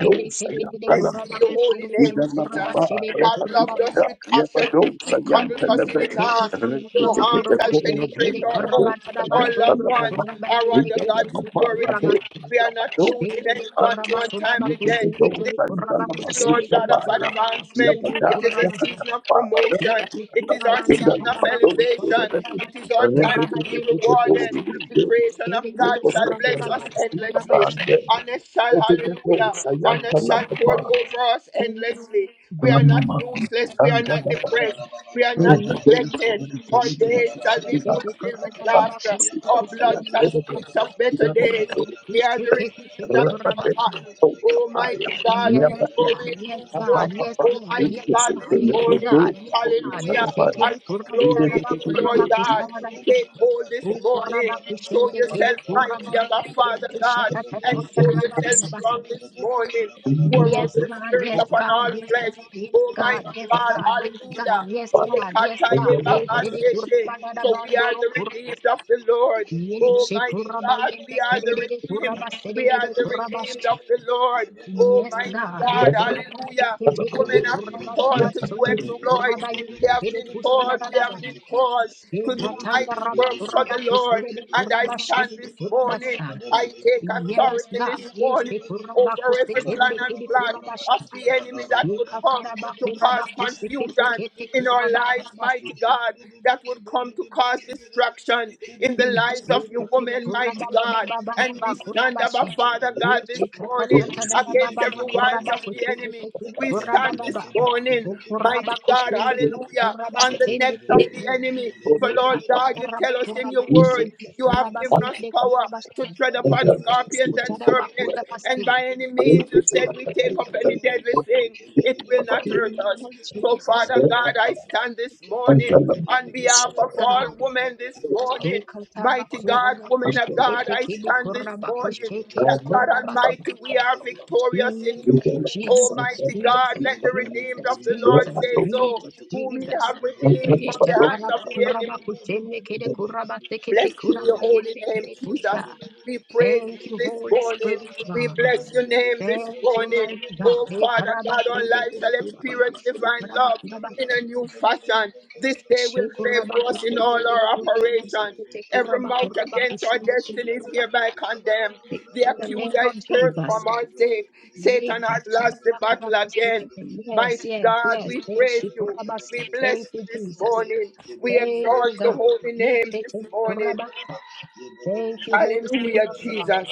A: Kere kere kire
B: you.
D: Blessed be
A: kuraba
D: your holy
A: kushende
B: Let
D: name,
A: kire
B: us not be
A: kuraba
D: Jesus.
B: a
A: shede
D: God
B: mistake
A: kuraba
D: loved us with
B: about the
D: passion. He cuddled us in his arms.
A: Ekatanda
D: No harm
A: rabakuro
D: shall
A: kushene
D: penetrate
A: kere
D: our homes,
A: karabata
D: our loved
A: rabasunduru
D: ones, our
A: kurabane nekesi
D: underground
A: kutu
D: security.
A: kurabasi.
D: We are not losing
A: Shpele de
D: anyone to
A: kuraba kuraba
D: untimely death.
A: kusende
D: This
A: kere
D: is
A: kuraba
D: the season, Lord
A: kushende
D: God,
A: kere
D: of
A: kuraba kushende
D: advancement.
A: de
D: It is a
A: kurabasi.
D: season of promotion.
A: Eke
D: It is our
A: kurabanda
D: season of
A: kuraba kutaba
D: elevation.
A: rabada
D: It is
A: rabada
D: our time to
A: kuraba
D: be
A: yende kere.
D: rewarded. The creation of
A: Shpele de
D: God shall
A: kuraba
D: bless us
A: babanda kuraba
D: endlessly. Honest shall hallelujah
B: evidence. I am
D: on a
B: telling
D: shotboard
B: you.
D: over us endlessly. We are
B: Thank
D: not useless. We are not depressed.
C: Kabala baba
D: We are
C: kabala
D: not
C: baba
A: Jesus,
C: bakacha
D: neglected.
C: baba
A: Jesus,
C: baba
D: Our
C: ya
D: days
C: bala
A: Jesus.
D: shall
C: bala
D: be
A: Ekete
C: kabala
D: fulfilled
A: kora
C: bala
D: with
A: baba
C: bala
D: laughter.
A: bakuru
C: ya bala
D: Our
C: bala
A: Kusana
D: blood shall
C: bakacha
A: baba
C: baba
D: speak
A: bakuru.
D: of
C: baba
D: better
C: ya
D: days.
C: bala
A: Rubu
C: bala
D: We are
C: bala
A: kushe
D: the
C: kabala
A: kete
C: bala
D: redeemed
A: kere
C: bala
D: that
A: kora
D: are
A: basa.
C: bala
D: forgotten.
C: bala kabala bala
D: Almighty
C: bala
D: God, we
C: ya
A: Yes,
C: bala
A: God,
D: glory
C: bala
D: in
A: yes,
D: you
C: bala
D: forth.
A: God,
C: kabala
A: yes,
C: bala
A: God,
D: Almighty
A: yes,
C: ya
D: God,
C: bala
D: this
A: God,
C: bala
A: yes,
C: kabala
D: morning.
A: God,
C: bala
A: yes,
C: bala ya
D: Hallelujah.
A: God.
C: bala
D: As
C: bala
A: Ekete kora
D: we
C: kabala bala
D: glory
A: baba
D: in
C: bala
D: you,
C: ya
D: Lord
A: bakuru
C: bala
D: God.
A: Kusana
C: baba
A: baba.
C: dala
A: baba.
D: Take
C: dala
D: hold
C: bala
D: this
A: O
C: ya
A: kora
D: morning.
C: bala
D: Show
C: baba
A: bakushende
C: baba
D: yourself
A: kere
C: kabala
A: kora
D: mighty,
A: baba
C: bala
D: our
A: kere
C: ya
D: Father
C: bala
D: God
A: kushata
C: baba
A: tata
D: and
C: dala
D: show
A: kora
C: dala
D: yourself
A: baba
C: ya
D: strong
C: bala
D: this
C: baba
D: morning.
C: kabala bala bala
D: Pour out
A: Yes,
D: your
A: God,
D: spirit
C: ya
A: yes,
D: upon
C: bala
A: God,
D: all
C: baba
A: yes,
D: flesh.
A: God,
C: dala
A: yes,
D: Almighty
A: God, yes,
C: kabala
D: God,
C: bala Madele
A: God,
D: hallelujah.
A: yes, God, yes, God, yes, God, eh, shiri
D: Yekatayebabasete.
A: kurba da da
D: So we are
A: bandoro
D: the
A: kurba
D: redeemed of
A: sa.
D: the Lord.
A: Ye shi
D: Almighty
A: kuraba
D: God,
A: yende
D: we are
A: kere
D: the
A: de de
D: redeemed.
A: kuraba se de
D: We
A: de
D: are
A: de
D: the
A: kuraba
D: redeemed of
A: shi.
D: the Lord.
A: Yes,
D: Almighty
A: God, eh,
D: God,
A: kuraba su
D: hallelujah.
A: ke te ke de
D: Women have been
A: kuraba
D: called to
A: ba
D: do
A: sundoro
D: exploits.
A: kuraba
D: We
A: yende
D: have
A: kere
D: been
A: kusa da
D: called,
A: da
D: we
A: da
D: have
A: ba.
D: been called
A: Shi
D: to do
A: ta tanda
D: mighty
A: raba
D: works for
A: kuraba
D: the
A: kuse
D: Lord.
A: de de
D: And I
A: kuraba shi de
D: stand this
A: kuraba
D: morning
A: sa.
D: I take
A: Yes,
D: authority
A: God,
D: this
A: yes,
D: morning
A: kuraba
D: over
A: kuse
D: every
C: Thank
D: plan
A: kende
D: and
A: kere
D: plot
A: kuraba shi.
D: of the enemy that would come
A: Ekakuraba
D: to
A: kuraba
D: cause
A: kusekete
D: confusion
A: kete
D: in our
A: kuraba
D: lives,
A: kurabasi.
D: mighty God, that would come to cause distractions in the lives of your
A: Shete kiri
D: woman, mighty
A: kuraba baba
D: God.
A: baba
D: And
A: baba
D: we stand up, our
A: kurabashe.
D: Father
C: you.
D: God, this
A: Eche kata
D: morning
C: Thank
A: tata
C: you.
A: daba
D: against
A: baba baba
D: every wiles
A: kuraba
D: of the
A: kusekete
D: enemy.
A: kiri
D: We
A: kuraba
D: stand this
A: baba.
D: morning,
A: O Kuraba
D: mighty God,
A: kusende kiri
D: hallelujah,
A: kuraba
D: on the
A: sende
D: necks
A: kiri
D: of the
A: kiri.
D: enemy. For
A: Ye
D: Lord
A: kata
D: God, you
A: naraba
D: tell us in
A: kuraba
D: your
B: you.
D: word
A: kusende
D: you have
A: kuraba
D: given us
A: sende
D: power
A: kurabashe.
D: to tread upon scorpions and
A: Kutaraba
D: serpents, and
A: kurabashe.
D: by any means you said we take up any deadly thing, it will not hurt us. So,
A: Jesus,
D: Father God, I stand this morning on behalf of all
A: God.
D: women this
A: Jesus, Jesus, Jesus, Jesus,
D: morning. Mighty God, woman of God, I
C: Thank you.
D: stand this morning that God Almighty, we are victorious in you. Almighty God, let
C: Kabala
D: the redeemed of the Lord
A: Jesus,
D: say
B: Thank
D: so,
A: Jesus,
D: whom he
A: Jesus.
D: have redeemed from
A: Isha
D: the hands of
A: karaba
D: the enemy.
A: kuraba kuchene kede kuraba sekete
D: Blessed be your
A: kuraba
D: holy
A: yende
D: name,
A: kede
D: Jesus.
A: kusha.
D: We praise
A: Thank you,
D: you this
A: Holy
D: morning.
A: Spirit
D: We
A: God.
D: bless your name this
A: Thank you,
D: morning.
A: mighty God.
D: Oh,
A: E
D: Father
A: karaba
D: God, our
A: chende
D: lives
A: kede
D: shall
A: kuraba
D: experience
A: kushene
D: divine
A: kuraba
D: love
A: kuraba.
D: in a new fashion. This day will
A: She
D: favor
A: kuraba
D: us in
A: kuchene
D: all
A: kede
D: our
A: kuraba
D: operations.
A: kusekete
D: Every
A: kuraba
D: mouth
A: kuraba
D: against our
A: kuchene kede
D: destiny is
A: kuraba.
D: hereby condemned.
A: 네,
D: The
A: In the name
D: accuser is
A: of
C: Yabba
D: cursed
A: Jesus.
D: from our sake. Satan
A: Yeka,
D: has lost the
A: shabba,
D: battle
A: kurabus,
D: again.
A: tikete. Yes,
D: Mighty
A: yes,
D: God,
A: yes.
D: we
A: Eh,
D: praise you.
A: shikurabasa.
D: We bless
A: Thank
D: you
A: you,
D: this
A: Jesus.
D: morning. We
A: Thank
D: exalt
A: you,
D: the
A: God.
D: holy
A: Eh,
D: name
A: eh, eh,
D: this morning.
A: kurabasa. Thank you, Holy Spirit
D: Hallelujah,
A: of God.
D: Jesus.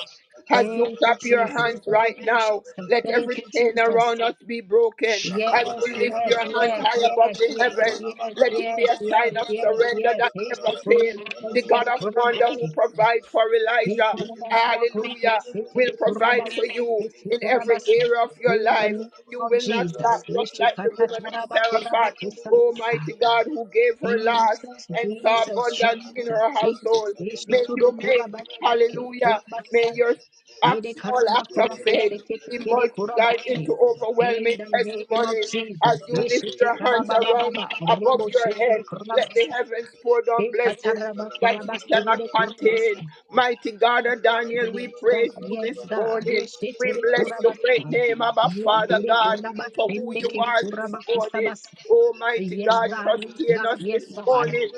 D: As you
A: Thank you,
D: clap your hands
A: Jesus.
D: right
A: Thank you,
D: now,
A: Jesus.
D: let every
A: Thank you,
D: chain around
A: Jesus.
D: us be broken. As
A: Yes,
C: Shakabada
D: you
C: Baba
D: lift
A: yes,
D: your
C: Dalaba
D: hands
A: yes,
D: high
C: Katanaba
D: above
A: yes,
D: the
A: yes,
D: heavens,
C: Yabana
A: yes,
C: Baba
D: let
C: Laba
D: it be
A: yes,
D: a
C: Kabala
A: yes,
D: sign of
C: Baba
A: yes,
D: surrender
A: yes.
C: Dalaba
D: that
A: Eh,
D: never
C: Kabalaba
D: fails.
A: shikurabasa.
D: The
C: balaba Shakabadababadalabakatalaba,
D: God
A: yekete,
D: of wonder
A: kurabasa.
D: who provides for
A: In
D: Elijah,
A: the
C: yabalababababakabadababadalabakabalaba,
D: hallelujah, will provide for you
C: balababakabalabelebekabalababakabelebelebelebe, lebelebelebelebekebelebelebekebelebelebelebelebelebelebelebelebelebelebelebelebelebelebe,
D: in every area of your life.
A: name
D: You
A: of
D: will not lack,
A: Jesus, Jesus,
D: just like the woman of Sarafat, Almighty God, who gave her last and saw
A: Jesus,
D: abundance in
A: Jesus,
D: her household.
A: Jesus,
D: May you
A: Eshitudo
D: make,
A: Kurabayan
D: hallelujah,
C: bekebelebelebekebelebelebelebelebelebelebelebelebelebelebe,
A: Kurabas,
D: may your act,
C: bekebelebelebelebelebelebelebelebe.
A: Ede
D: small act
C: Thank
A: Karabakura
D: of faith
A: Sekete
D: be
A: Kede
D: multiplied into
A: Kurabashi.
D: overwhelming
A: In the name of
D: testimonies
A: Jesus,
D: as you lift
A: Eshite
D: your hands around
A: Karababa,
D: above
A: Robo
D: your
A: Shikede
D: head. Let the
A: Kurabasa,
D: heavens pour down blessings
A: Ekataraba
D: that you
A: Kurabas,
D: cannot
A: Ede Kurabasa.
D: contain. Mighty God of Daniel, we
A: Yes, God.
D: praise you
A: Yes,
D: this
A: God.
D: morning.
A: Yes,
D: We
A: Tere
D: bless your great
A: Kurabasa.
D: name, Abba
A: Yes,
D: Father
A: Tere
D: God,
A: Kuraba,
D: for who
A: Sende
D: you
A: Kiri
D: are this
A: Kuraba
D: morning.
A: Kusabasa.
D: Almighty
A: Yes,
D: God,
A: God. Yes,
D: sustain
A: God.
D: us
A: Yes,
D: this
A: God.
D: morning.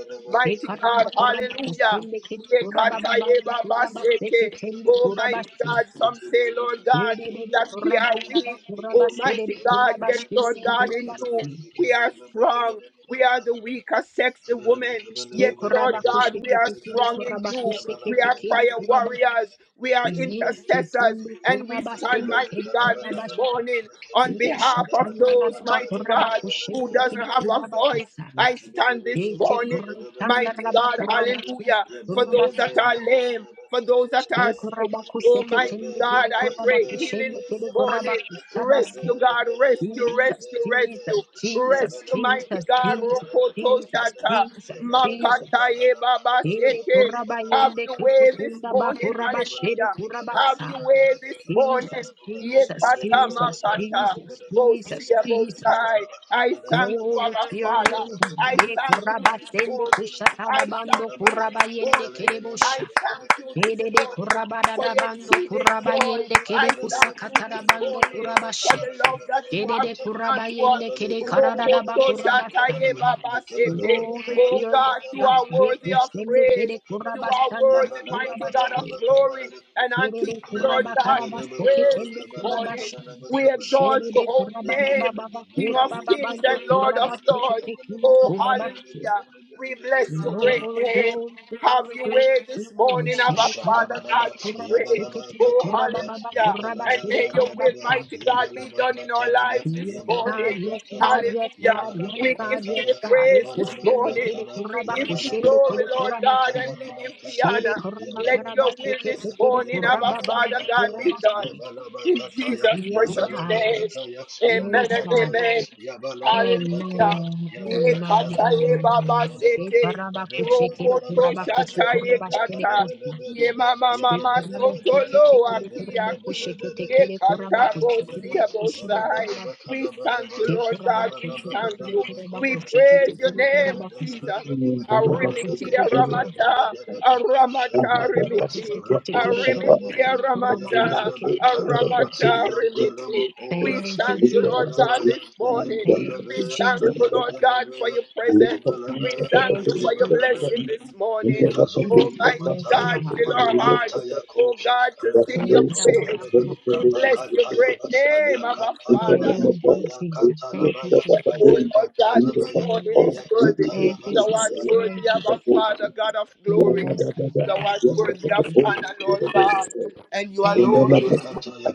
A: E
D: Mighty God,
A: Karaba Kuraba
D: hallelujah.
A: Kusende Kiri Kuraba Babandu Kuraba Seke
D: Yekatayebabaseke.
A: Tendi
C: you.
D: Almighty
A: Kurabashi.
D: God,
C: Thank
D: some say, Lord God,
A: Lede de
D: that we are
A: Kuraba Kuraba
D: weak.
A: Kuraba Sede de
D: Almighty God,
A: Kuraba
D: yet
A: Shide
D: Lord
A: de
D: God, in
A: Kuraba
D: you,
A: Si.
D: we are strong. We are
C: you.
D: the weaker sex, the
C: Yeah,
D: woman.
A: Shte
D: Yet, Lord
A: Kuraba
D: God, we
A: Kushike
D: are
A: Tekiri
D: strong in
A: Kuraba
D: you.
A: Kushike
D: We are
A: Tekiri
D: prayer
A: Kuraba.
D: warriors. We are
A: Yes,
D: intercessors.
A: Chitundu
D: And we
A: Kuraba
D: stand,
A: Sede
D: mighty
A: Kiri
D: God, this
A: Kuraba
D: morning
A: Jesus, Jesus, Jesus, Jesus, Jesus,
D: on behalf of those, mighty God, who doesn't have a voice. I stand this morning Mighty God, hallelujah for those that are lame, for those that are sick. oh Almighty God, I pray healing this morning. Rescue, God, rescue, rescue, rescue.
C: Yabba and
D: Rescue,
C: the level of
D: mighty
C: the
D: God,
C: cable of the
D: Rokoto
A: Jesus,
D: Shata,
A: Jesus, Jesus.
D: Makata Baba
A: Ere
D: Sete.
A: kuraba
D: Have
A: yende
D: your
A: kusu
D: way this
A: kunda ba
D: morning,
A: kuraba shere
D: hallelujah.
A: kuraba
D: Have
A: sa.
D: your way this morning.
A: Jesus, Jesus,
D: Yekata
A: Jesus,
D: Makata,
A: Jesus, Jesus,
D: Bosia
A: Jesus.
D: Bosai. I thank you,
A: Glory to
D: Abba
A: your
D: Father.
A: name. God.
D: I
A: De
D: thank you
A: kuraba
D: this
A: sende
D: morning.
A: kushata
D: I
A: da bando
D: thank you
A: kuraba
D: this
A: yende
D: morning.
A: kede
D: I
A: bosha.
D: thank you this
A: Kede de kuraba
D: morning
A: da
D: for
A: da
D: your
A: bando
D: exceeding
A: kuraba
D: joy.
A: yende
D: I
A: kede
D: thank
A: kusakata
D: you
A: da
D: this
A: bando
C: level
D: morning
A: kuraba
D: for
A: she.
D: the love that you
C: of
D: have
A: de
D: given
C: the
A: kuraba
D: unto
C: Yabba
D: us.
A: yende kede karada da ba
D: Rokoto
A: kuraba sama.
D: Shataye Baba Seke.
A: Glory to
D: Oh
A: your
D: God,
A: name,
D: you are
A: God. De
D: worthy of
A: kushende
D: praise.
A: kede
D: You
A: kuraba
D: are
A: sanda ba
D: worthy,
A: kuraba
D: mighty God of glory. And unto
A: Kerede
D: you, Lord
A: kuraba
D: God,
A: karaba
D: we praise
A: seketende
D: this
A: kuraba
D: morning.
A: shana.
D: We exalt your
A: Şerede
D: holy
A: kuraba
D: name,
A: baba baba
D: King of
A: kuraba
D: kings
A: babando
D: and Lord of
A: kuraba
D: lords.
A: sekete kindi
D: Oh,
A: kuraba shi.
D: hallelujah. We bless your great
A: Glory,
D: name.
A: glory,
D: Have
A: glory,
D: your
A: glory,
D: way this
A: glory.
D: morning, our
A: Şere karaba
D: Father
A: baba
D: God,
C: Shakabalaba,
D: we
A: kuraba
D: pray.
C: Yabalaba,
A: seketende
D: Oh,
A: kuraba
C: Katadaba,
A: baba
D: hallelujah.
A: kuraba
D: And
C: Yabalaba,
A: şere
D: may your
A: karaba
D: will,
C: Katadaba,
A: sa.
D: mighty God, be
C: Yabalaba,
D: done in our
C: Katadaba,
D: lives this
A: Yes,
C: Yabalaba,
D: morning.
A: God, yes, God,
C: Katadaba,
A: yes,
D: Hallelujah.
A: God, yes,
C: Yabalaba,
D: We give
A: God,
D: you
A: yes,
C: Katada,
D: the
A: God.
D: praise
A: E
D: this
C: Yabalaba,
A: koşende
D: morning.
A: kere
C: Katada,
D: We
A: kuraba
D: give you
C: Yabalaba,
A: koşende
D: glory,
A: kere
C: Kata,
D: Lord
A: kuraba
D: God,
A: sa.
D: and we
C: Yabalaba,
D: give you
A: Şere
C: Kataya,
D: honor.
A: kuraba
D: Let your
A: karaba
C: Yabalaba,
D: will this
A: sekete
C: Kataya,
A: kere
D: morning, our
A: kuraba
C: Yabalaba,
A: bando
D: Father God,
C: Kataya,
D: be
A: kuraba
D: done.
A: shi.
C: Yabalaba,
D: In
C: Kataya,
D: Jesus'
A: Yes,
D: precious
A: God.
C: Yabalaba,
D: name.
C: Kataya,
D: Amen
A: Yes,
D: and
A: God.
D: amen.
C: Yabakataya, Yabalaba,
D: Hallelujah.
C: Kataya,
A: Amen.
D: Ye
A: Amen.
D: kata ye
C: Yabakashadadaba,
D: baba
A: Amen.
C: Katadaba,
D: sete.
A: Shekarabaku shekere
C: Yabadaba,
D: Rokoto
A: kurabaku
C: Kadada,
D: shata ye
A: sukuraba shkere
D: kata.
A: kusa.
D: Ye
C: Yabakadabadabada,
D: mama mama
A: Shekuraba
D: soto
C: yabadabadada,
A: shekete
D: lo
A: kere
D: aki
A: kurabaku
D: aki.
A: shekete
C: yabadabadadadada,
D: Ye
A: kere
D: kata
A: kurabaku
D: bo
C: yabakatalaba,
D: siya
A: sukurabaku
D: bo
A: shere
D: sai.
A: kuraba.
D: We thank you,
C: yabadababakadabadabada,
D: Lord God.
A: Shekuraba
D: We
A: shekete
D: thank
A: kere
D: you. We
A: kurabaku
C: yabadababadabakoroda,
D: praise
A: shekete
D: your
A: kere
D: name,
A: kurabaku su.
D: Jesus.
C: yabadababadabakadaba,
A: Roku
D: Arimiki
A: shekete kuru.
D: Aramata, Aramata
C: badalabekabadabadabakashandadada,
A: Roku
D: Rimiti,
A: shekete kere kuraba
D: Arimiki
C: randoshadadadada,
A: shere kurabaku
D: Aramata,
A: shekete kere
C: yantalabakalaba,
A: kuraba.
D: Aramata Rimiti.
C: yantalabakola,
D: We
A: Thank you,
D: thank you, Lord
A: Jesus.
D: God,
C: ayekolabaya,
D: this morning.
A: Thank
D: We
A: you,
C: ayantalabaya,
D: thank
A: Jesus.
D: you, Lord God, for
C: ayantalabaya,
D: your presence. We
C: mekabalabaya,
D: thank
A: Thank
D: you
A: you,
D: for your
A: Jesus.
C: mekabalabaya,
B: you.
D: blessing this
B: Yes,
D: morning.
C: Likazundi
D: Almighty
A: Yes,
C: Yamataya,
D: God,
A: God.
D: fill
C: Malu
D: our hearts,
C: Antaya
D: oh
C: Kosha,
D: God, to sing
A: Thank
C: Rebecca
D: your
A: you,
D: praise.
C: Tondelebe,
A: Rabba-ba-ba.
D: We bless your
C: Rabakataya,
D: great name, our Father.
C: Ayakatalabaya,
A: Thank you, Jesus. Thank you,
C: Ayakatalabaya,
D: But, oh
A: Jesus.
D: Lord God, this
C: Ayakatalabaya,
A: Thank
D: morning
A: you,
D: is
A: Jesus.
D: worthy.
C: Ayakataya,
A: Thank you,
D: Thou
A: Jesus.
D: art
C: Ayak.
D: worthy,
A: Thank you,
D: our
A: Jesus.
D: Father, God of glory.
C: Hmm?
A: Yes, God.
D: Thou
A: Thank
D: art
A: you,
D: worthy of
A: Rabba-ba-ba.
D: honor, Lord God. And you
A: Thank
D: alone
A: you,
D: is
A: Jesus.
C: Yabalababakataya,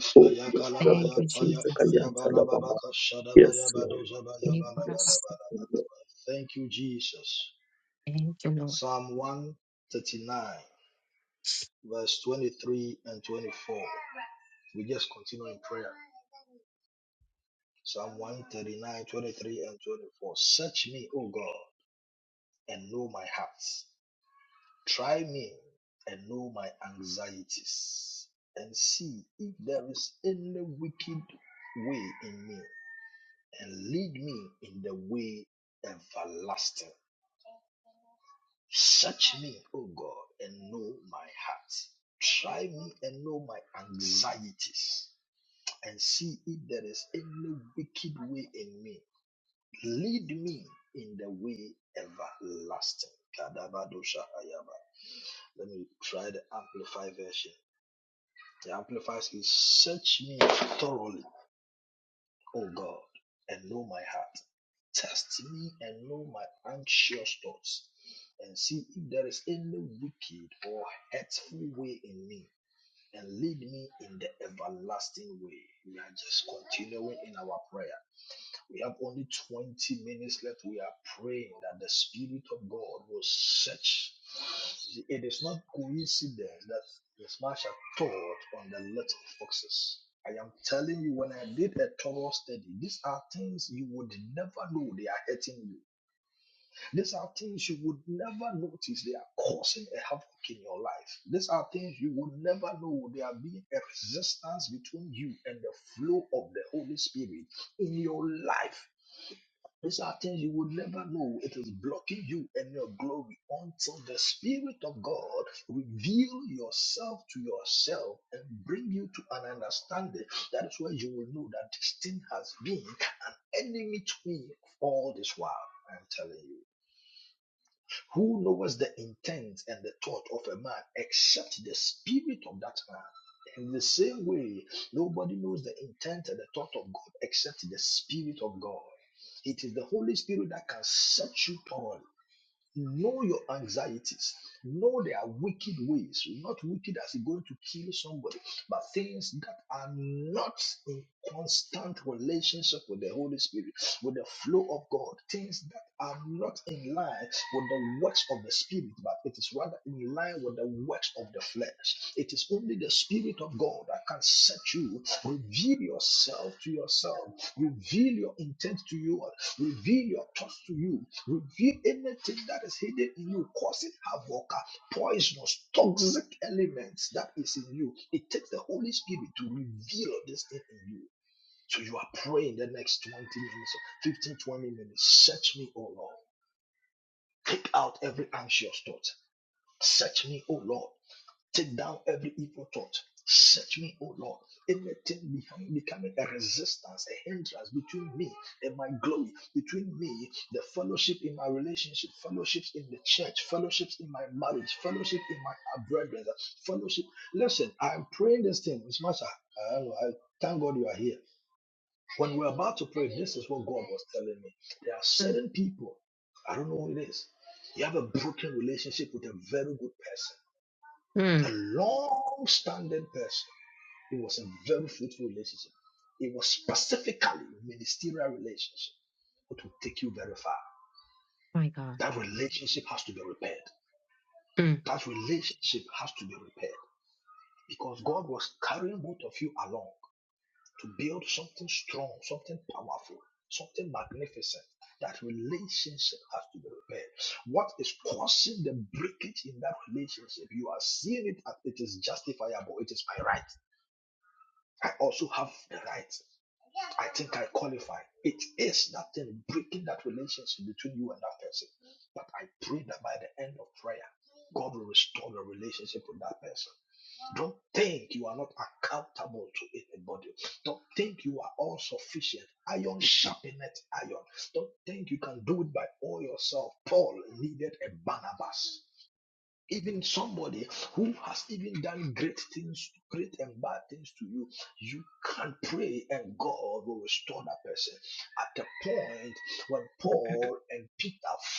A: Thank you,
C: Ayakalabayataya,
A: Jesus.
C: Ayabalababakashadabaya,
B: Lord.
C: Badozabaya,
A: Thank you,
B: Yes.
A: Rabba-ba-ba.
C: Balabalabala. Thank you, Jesus.
A: Thank you, Lord.
C: Psalm 139. verse 23 and 24. We just continue in prayer. Psalm one thirty nine, twenty three and 24. Search me, O God, and know my heart. Try me and know my anxieties, and see if there is any wicked way in me, and lead me in the way everlasting. Search me, O God, and know my heart. Try me and know my anxieties and see if there is any wicked way in me. Lead me in the way everlasting. Kadabadoshahayaba. Let me try the Amplify version. The Amplify says, Search me thoroughly, O God, and know my heart. Test me and know my anxious thoughts, and see if there is any wicked or hurtful way in me and lead me in the everlasting way. We are just continuing in our prayer. We have only 20 minutes left. We are praying that the Spirit of God will search. It is not coincidence that the smasher taught on the little foxes. I am telling you, when I did a thorough study, these are things you would never know they are hurting you. These are things you would never notice they are causing a havoc in your life. These are things you would never know they are being a resistance between you and the flow of the Holy Spirit in your life. These are things you would never know. It is blocking you and your glory until the Spirit of God reveal yourself to yourself and bring you to an understanding. That is where you will know that this thing has been an enemy to me all this while. I'm telling you. Who knows the intent and the thought of a man except the spirit of that man? In the same way, nobody knows the intent and the thought of God except the Spirit of God. It is the Holy Spirit that can set you torn. Know your anxieties. Know their wicked ways. Not wicked as in going to kill somebody, but things that are not in constant relationship with the Holy Spirit, with the flow of God. Things that are not in line with the works of the Spirit, but it is rather in line with the works of the flesh. It is only the Spirit of God that can set you, reveal yourself to yourself, reveal your intent to you Reveal your thoughts to you. Reveal anything that is hidden in you, causing havoc, uh, poisonous, toxic elements that is in you. It takes the Holy Spirit to reveal this thing in you. So you are praying the next 20 minutes, 15, 20 minutes. Search me, O Lord. Take out every anxious thought. Search me, O Lord. Take down every evil thought. Search me, O Lord. Anything behind becoming a resistance, a hindrance between me and my glory, between me, the fellowship in my relationship, fellowships in the church, fellowships in my marriage, fellowship in my brethren, fellowship. Listen, I'm praying this thing. It's much. I, I don't know. I thank God you are here. When we're about to pray, this is what God was telling me. There are
A: Mm,
C: certain people. I don't know who it is. You have a broken relationship with a very good person a
A: mm,
C: long-standing person. It was a very fruitful relationship. It was specifically a ministerial relationship, It will take you very far.
A: my God.
C: That relationship has to be repaired.
A: Mm.
C: That relationship has to be repaired because God was carrying both of you along to build something strong, something powerful, something magnificent. That relationship has to be repaired. What is causing the breakage in that relationship? You are seeing it as it is justifiable. It is by right. I also have the right. I think I qualify. It is that thing breaking that relationship between you and that person. But I pray that by the end of prayer, God will restore the relationship with that person. Don't think you are not accountable to anybody. Don't think you are all sufficient. Iron sharpeneth iron. Don't think you can do it by all yourself. Paul needed a Barnabas even somebody who has even done great things, great and bad things to you, you can pray and God will restore that person. At the point when Paul and Peter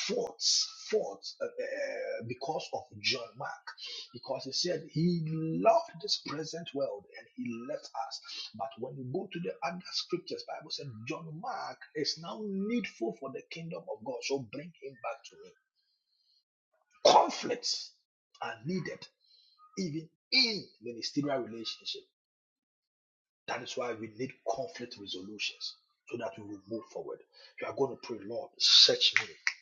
C: fought, fought uh, uh, uh, because of John Mark, because he said he loved this present world and he left us. But when you go to the other scriptures, Bible said John Mark is now needful for the kingdom of God, so bring him back to me. Conflicts are needed even in ministerial relationship. That is why we need conflict resolutions so that we will move forward. You are going to pray, Lord, search me.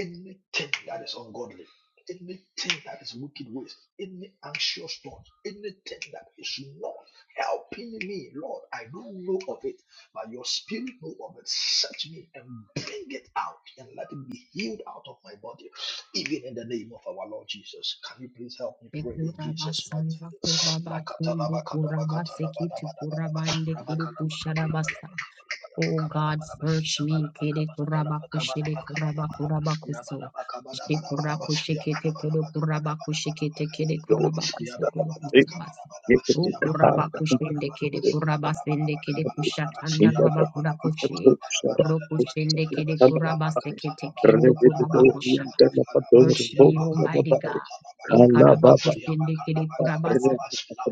C: Anything that is ungodly, anything that is wicked ways, any anxious thought, anything that is not helping me, Lord, I don't know of it, but your spirit know of it. Search me and bring it out and let it be healed out of my body even in the name of our Lord Jesus. Can you please help me
A: Thank
C: pray
A: you,
C: in Jesus' mighty
A: Rabba-samba,
C: name?
A: Rabba-tundu, Rabba-sekiti, Rabba-ndekiri, Kusharabasa. Oh God, search me. Kede kurabaku shede kurabaku rabakuso. Shekuraku shekete kede kurabaku shekete kede
B: Lord, my
A: kurabaku sokuru
B: God.
A: kusabasa.
B: Give it
A: O
B: to the
A: kurabaku
C: Yabba
A: shende kede
B: time.
A: kurabasende kede
B: Lebrian
A: kushatanda rabaku rakoshi. Roku shende kede kurabase kete kendo kurabaku Search me, Almighty God. Ikarabakushindikidikurabasa.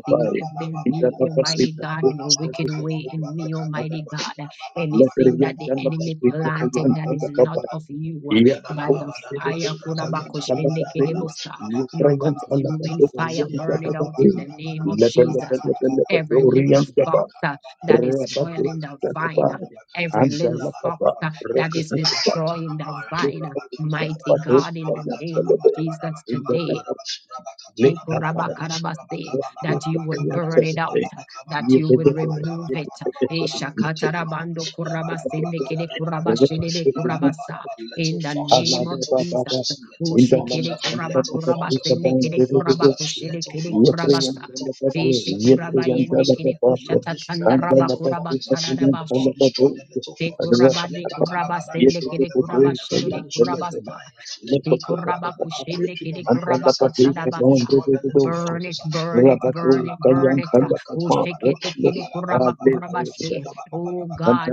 A: See if there be, Almighty God, any wicked way in me, Almighty God. Anything that the enemy planted that is not of you, by the
C: Yabalababadalaba,
A: fire,
C: rabakatalabadabadaba,
A: Kurabakushindikidibusa. your consuming
C: rabakalabalabakatalaba,
A: fire, burn it out in the name
C: yabalababakalabalaba,
A: of Jesus. Every
C: rabakalabadabakadaba,
A: little factor
C: rabakalabadadadaba,
A: that is
B: Rabatu
A: spoiling the vine, uh,
B: Shakabai,
C: rabakalabadabadabakadaba,
A: every
B: and the
A: little
B: Lapapa,
A: factor
C: yabalababakadaba,
A: that is
B: Rokatabai,
A: destroying the
C: yabakatalabaya,
A: vine. uh, Mighty
C: rabakatalabadaba,
B: Yapatu,
A: God, in the name of
B: Yapalabe,
A: Jesus
B: in the
A: today.
B: Lapapa,
C: rabakatalabadabadabakabadabadaba,
B: Lake
A: take
C: rabakatalabadabadaba,
B: Tapara,
A: Rabakarabase, That you would burn it
C: rabakabalabadabakabadaba,
A: out,
B: Yapalabe,
A: that
C: malabakabalaba,
A: you would remove it. Eshakatarabando
B: Yapalabe,
A: kurabasendekede kurabashedede
B: Yapalabe,
A: kurabasa.
C: Little
A: In the
C: foxes,
A: name
B: Thank
A: of
C: little
A: Jesus.
C: foxes, little foxes,
A: Ushekede
C: uh,
A: kuraba
C: little foxes, little
A: kurabasendekede
C: foxes, uh, little foxes, little
A: kurabakushedekede kurabasa.
C: foxes,
A: Eshe
C: uh, little foxes.
A: kurabayendekede
C: Let the Lord destroy
A: kushatatanda
C: the little foxes foxes. Let the Lord
A: rabakurabasarabashe.
C: destroy the little
A: Te
C: foxes. Let
A: kurabade
C: Katalaba that destroys
A: kurabasendekede
C: the vine, that
A: kurabashedede
C: destroys the
A: kurabasa.
C: vine. Let Katalaba Kanaba pray to the vine dresser. Let him
A: Ikurabakushinikidikurabakasadabasa.
C: destroy the little
A: Burn it,
C: foxes.
A: burn it,
C: Malaba
A: burn it,
C: Katalaba Laba
A: burn it.
C: Kalaba
A: Oh,
C: Katalaba
A: shake it,
C: Laba Laba
A: kide
C: Laba
A: kuraba
C: Kaba Laba Laba
A: kurabashi.
C: Yaba Laba Laba
A: Oh
C: Kaba Laba
A: God,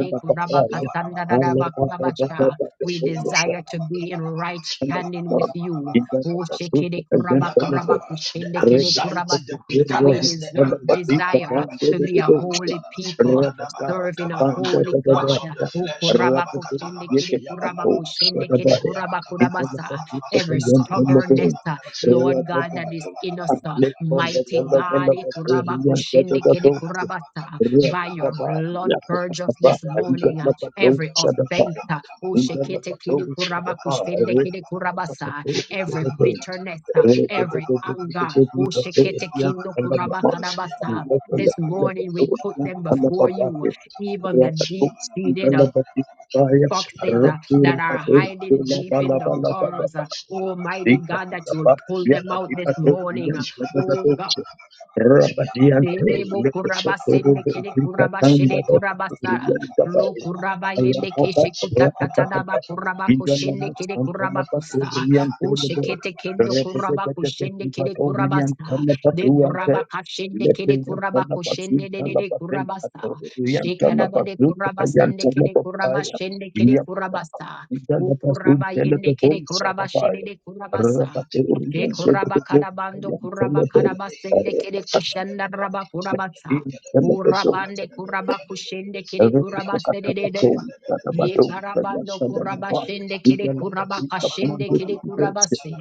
C: Laba Yaba Laba Laba Kaba Laba Laba Kaba Laba Laba Yaba Laba
A: ikurabakasandadadabakurabasha.
C: Laba Kaba Laba Laba
A: we
C: Yaba Laba
B: you.
A: desire to
C: Kaba
A: be in right standing with
C: Laba
A: you.
C: Laba Kaba
A: Oh,
C: Laba
A: shake it,
C: Yakabalaba. The
A: kurabakurabakushende kide
C: anxiety,
A: kurabasa.
C: the
A: We
C: bitterness, the
A: deserve,
C: anger,
A: desire
C: kalabadaba,
A: to be a holy
C: lekalakatalaba,
A: people,
C: lekadabadaba,
A: serving a
C: kabadaba,
A: holy
C: the works
A: God.
C: of the
A: Oh,
C: flesh, kalabakatalaba,
A: kurabakushendekede,
C: yabalababa,
A: kurabakushendekede, kurabakurabasa
C: Yabakabalabakalaba,
A: every stubbornness, uh,
C: Yakalabakatalabalaba,
A: Lord God, that
B: Rabba
A: is in us, uh,
C: Yabalabalabakabalabalabakalaba,
A: mighty God,
C: Yabalabalabakatalabalaba, Yabakabalabalabakalaba,
A: Ikurabakushindikidekurabasa,
C: Labakabalabalabakalaba,
A: by your blood
C: Labakabalabalabakalaba,
A: purge us this morning, uh, every offense, uh,
C: Labakabalabalabakalaba,
B: in the Baton Chagapa, I
C: Labakabalabalabakalaba,
B: reckon the
A: Ushikitikidekurabakustinikidekurabasa,
B: Sapatory
A: every
B: Chagapay,
C: Labakabalabalabakalaba,
A: bitterness, uh, every anger,
B: Repetia, and the Mamma,
C: Labakabalabalabakalaba,
B: and
A: Ushikitikindokurabakadabasa.
C: Yabalabalabakabalaba,
B: the
A: this morning we put
B: Lapatoria,
C: Yabalabalabakabalaba,
A: them
C: Rabba
B: and the
A: before you,
B: Papai,
A: even the deep
B: Rapatux,
A: seated
B: and
A: foxes uh, that are hiding
B: the
A: deep in the burrows. uh, Almighty God, that you will pull them out
B: Thank
A: this morning. uh, Oh
B: the
A: God.
B: Rabadiante,
A: Dede bo kuraba sende
B: lepeteperebe,
A: kede kuraba
B: zikatanda,
A: shede kuraba sara.
B: bepeteriandaba,
A: Lo kuraba yende
B: ayababa,
A: keshe kuta tatada ba
B: ratatata,
A: kuraba kushende kede kuraba
B: igalamasantalaba,
A: kusa. O
B: toriantelebe,
A: shekete kendo kuraba
B: repetepetepete,
A: kushende kede kuraba sa.
B: ibatoriantalaba,
A: De
B: duante,
A: kuraba kashende kede kuraba
B: lepeyantalaba,
A: kushende de de de
B: zintalaba,
A: kuraba sa. Shekada
B: tentatoriantalaba,
A: ba de kuraba sende kede
B: zutayantalaba,
A: kuraba
B: aya,
A: shende kede kuraba
B: iyabadaba,
A: sa. O
B: igalaba,
A: kuraba
B: zuntelebe,
A: yende kede kuraba
B: bosadaba,
A: shede de kuraba sa. E
B: rabatoriantelebe,
A: kuraba karabando kuraba
C: Yabana
B: bosayantelebe,
A: karaba sende kere kushanda raba kuraba sa.
B: Thank
A: Kurabande kuraba kushende kere kuraba sedede. Ye karabando kuraba shende kere kuraba kashende kere kuraba se.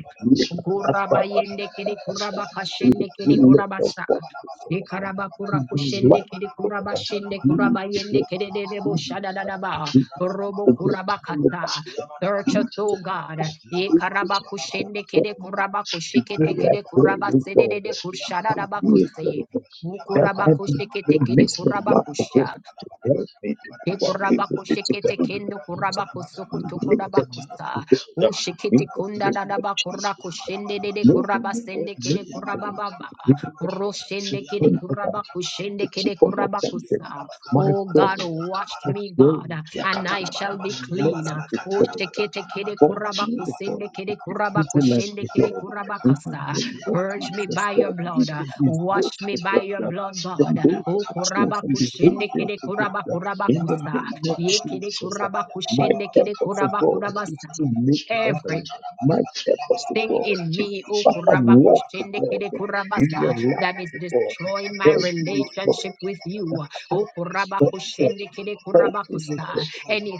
A: Kuraba yende kere kuraba kashende kere kurabasa. Ikaraba kura kushende kiri kuraba shende kuraba yende kerebo shadadadaba. Robo kuraba kata. Search us, O God.
C: Yabana
A: Ikaraba kushende kede kuraba kushikete kede kuraba sedede kushadadaba
B: you.
A: kose.
B: that
A: Ukuraba
B: I will
A: kushikete kede
B: miss the
A: kuraba
B: lack of
A: kusha.
B: hope to help me to do away with
A: Ekurabako
B: the
A: shekete
B: difficulty.
A: kendo kurabako sokoto
B: Make them not
A: kurabakusa.
B: to go
A: O
B: down
A: shekete
B: in the
A: kunda
B: name of
A: dadaba
B: Jesus.
A: kurako shende dede
B: No one
A: kuraba
B: will know
A: kede
B: them.
A: kurabababa.
B: We will not
A: Ro shende kede
B: offend that I
A: kurabako
B: will
A: shende kede
B: keep on offending.
A: kurabakusa.
B: My
A: O
B: God,
A: God, wash
B: I
A: me,
B: pray,
A: God,
B: I
A: and I
B: pray, I
A: shall
C: Yakatanabanaba,
A: be clean.
B: merciful
A: O
B: God
C: yabalabakatanaba,
A: shekete
C: katanabakatanaba,
A: kede
B: for you,
A: kurabako
B: God,
A: sende
B: to
A: kede
B: be
A: kurabako
C: labakabalabanabakatanaba,
B: vigilant,
A: shende kede
B: God, in the
A: kurabakasa.
C: yabalabakanabanaba,
B: name of
A: Purge me
B: Jesus,
A: by your
B: God,
C: yabalabakatanabanaba,
B: we
A: blood. uh,
B: can be
A: Wash
B: blessed,
A: me by your
B: God,
C: yabalabakatanabanaba,
A: blood, God.
B: from those
A: O
B: actions
C: yabalabakabanabanaba,
B: and
A: kurabakushende
B: behaviors,
A: kede
B: God,
C: yabalabakabanabanaba,
B: in the
A: kurabakurabakusa.
B: name of
A: Ye
C: yabalabakatanabanaba,
A: kede
B: Jesus. My
A: kurabakushende kede
B: purpose, oh God, is
A: kurabakurabasa.
C: yabalabakabanabanaba,
B: to make
A: Every
B: heaven. My purpose, oh
A: Thing
B: God,
A: in
B: is
A: me,
B: to
A: O
B: Father,
A: kuraba
B: walk, oh
A: kushende kede
B: God, in your
A: kurabasa, that
B: life,
A: is
B: oh God.
A: destroying my
B: Help me, oh
A: relationship
B: God,
A: with
B: that
A: you.
B: I
A: O kuraba
B: don't
A: kushende kede
B: Help me with God
A: kurabakusa,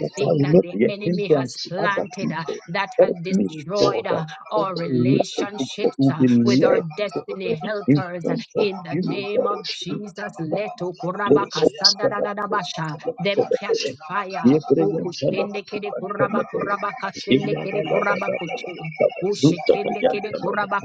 B: that I will
A: that
B: not
A: the
B: be a
A: enemy has
B: hindrance to other
A: planted uh,
B: people.
A: that has
B: Help me with God
A: destroyed
B: that
A: uh,
B: all
A: our
B: my life with God
A: relationships
B: will
A: uh,
B: be
A: with our
B: led to God
A: destiny
B: in
A: helpers uh,
B: front of
A: in the
B: you, oh
A: name
B: God.
A: of
B: In
A: Jesus. Let O kuraba
B: Jesus'
A: kasadadadadabasha,
C: Rabba
A: them catch
B: name.
A: fire. O
B: Yebreyem
A: kushende
B: talabatu
A: kede
B: an
A: kuraba
B: talabe.
A: kuraba kasende
B: Ila
A: kede
B: balaba laba
A: Kurabakuche.
B: laba. Luta
A: Ushikinde
B: kayan
A: kide
B: talaba.
A: kuraba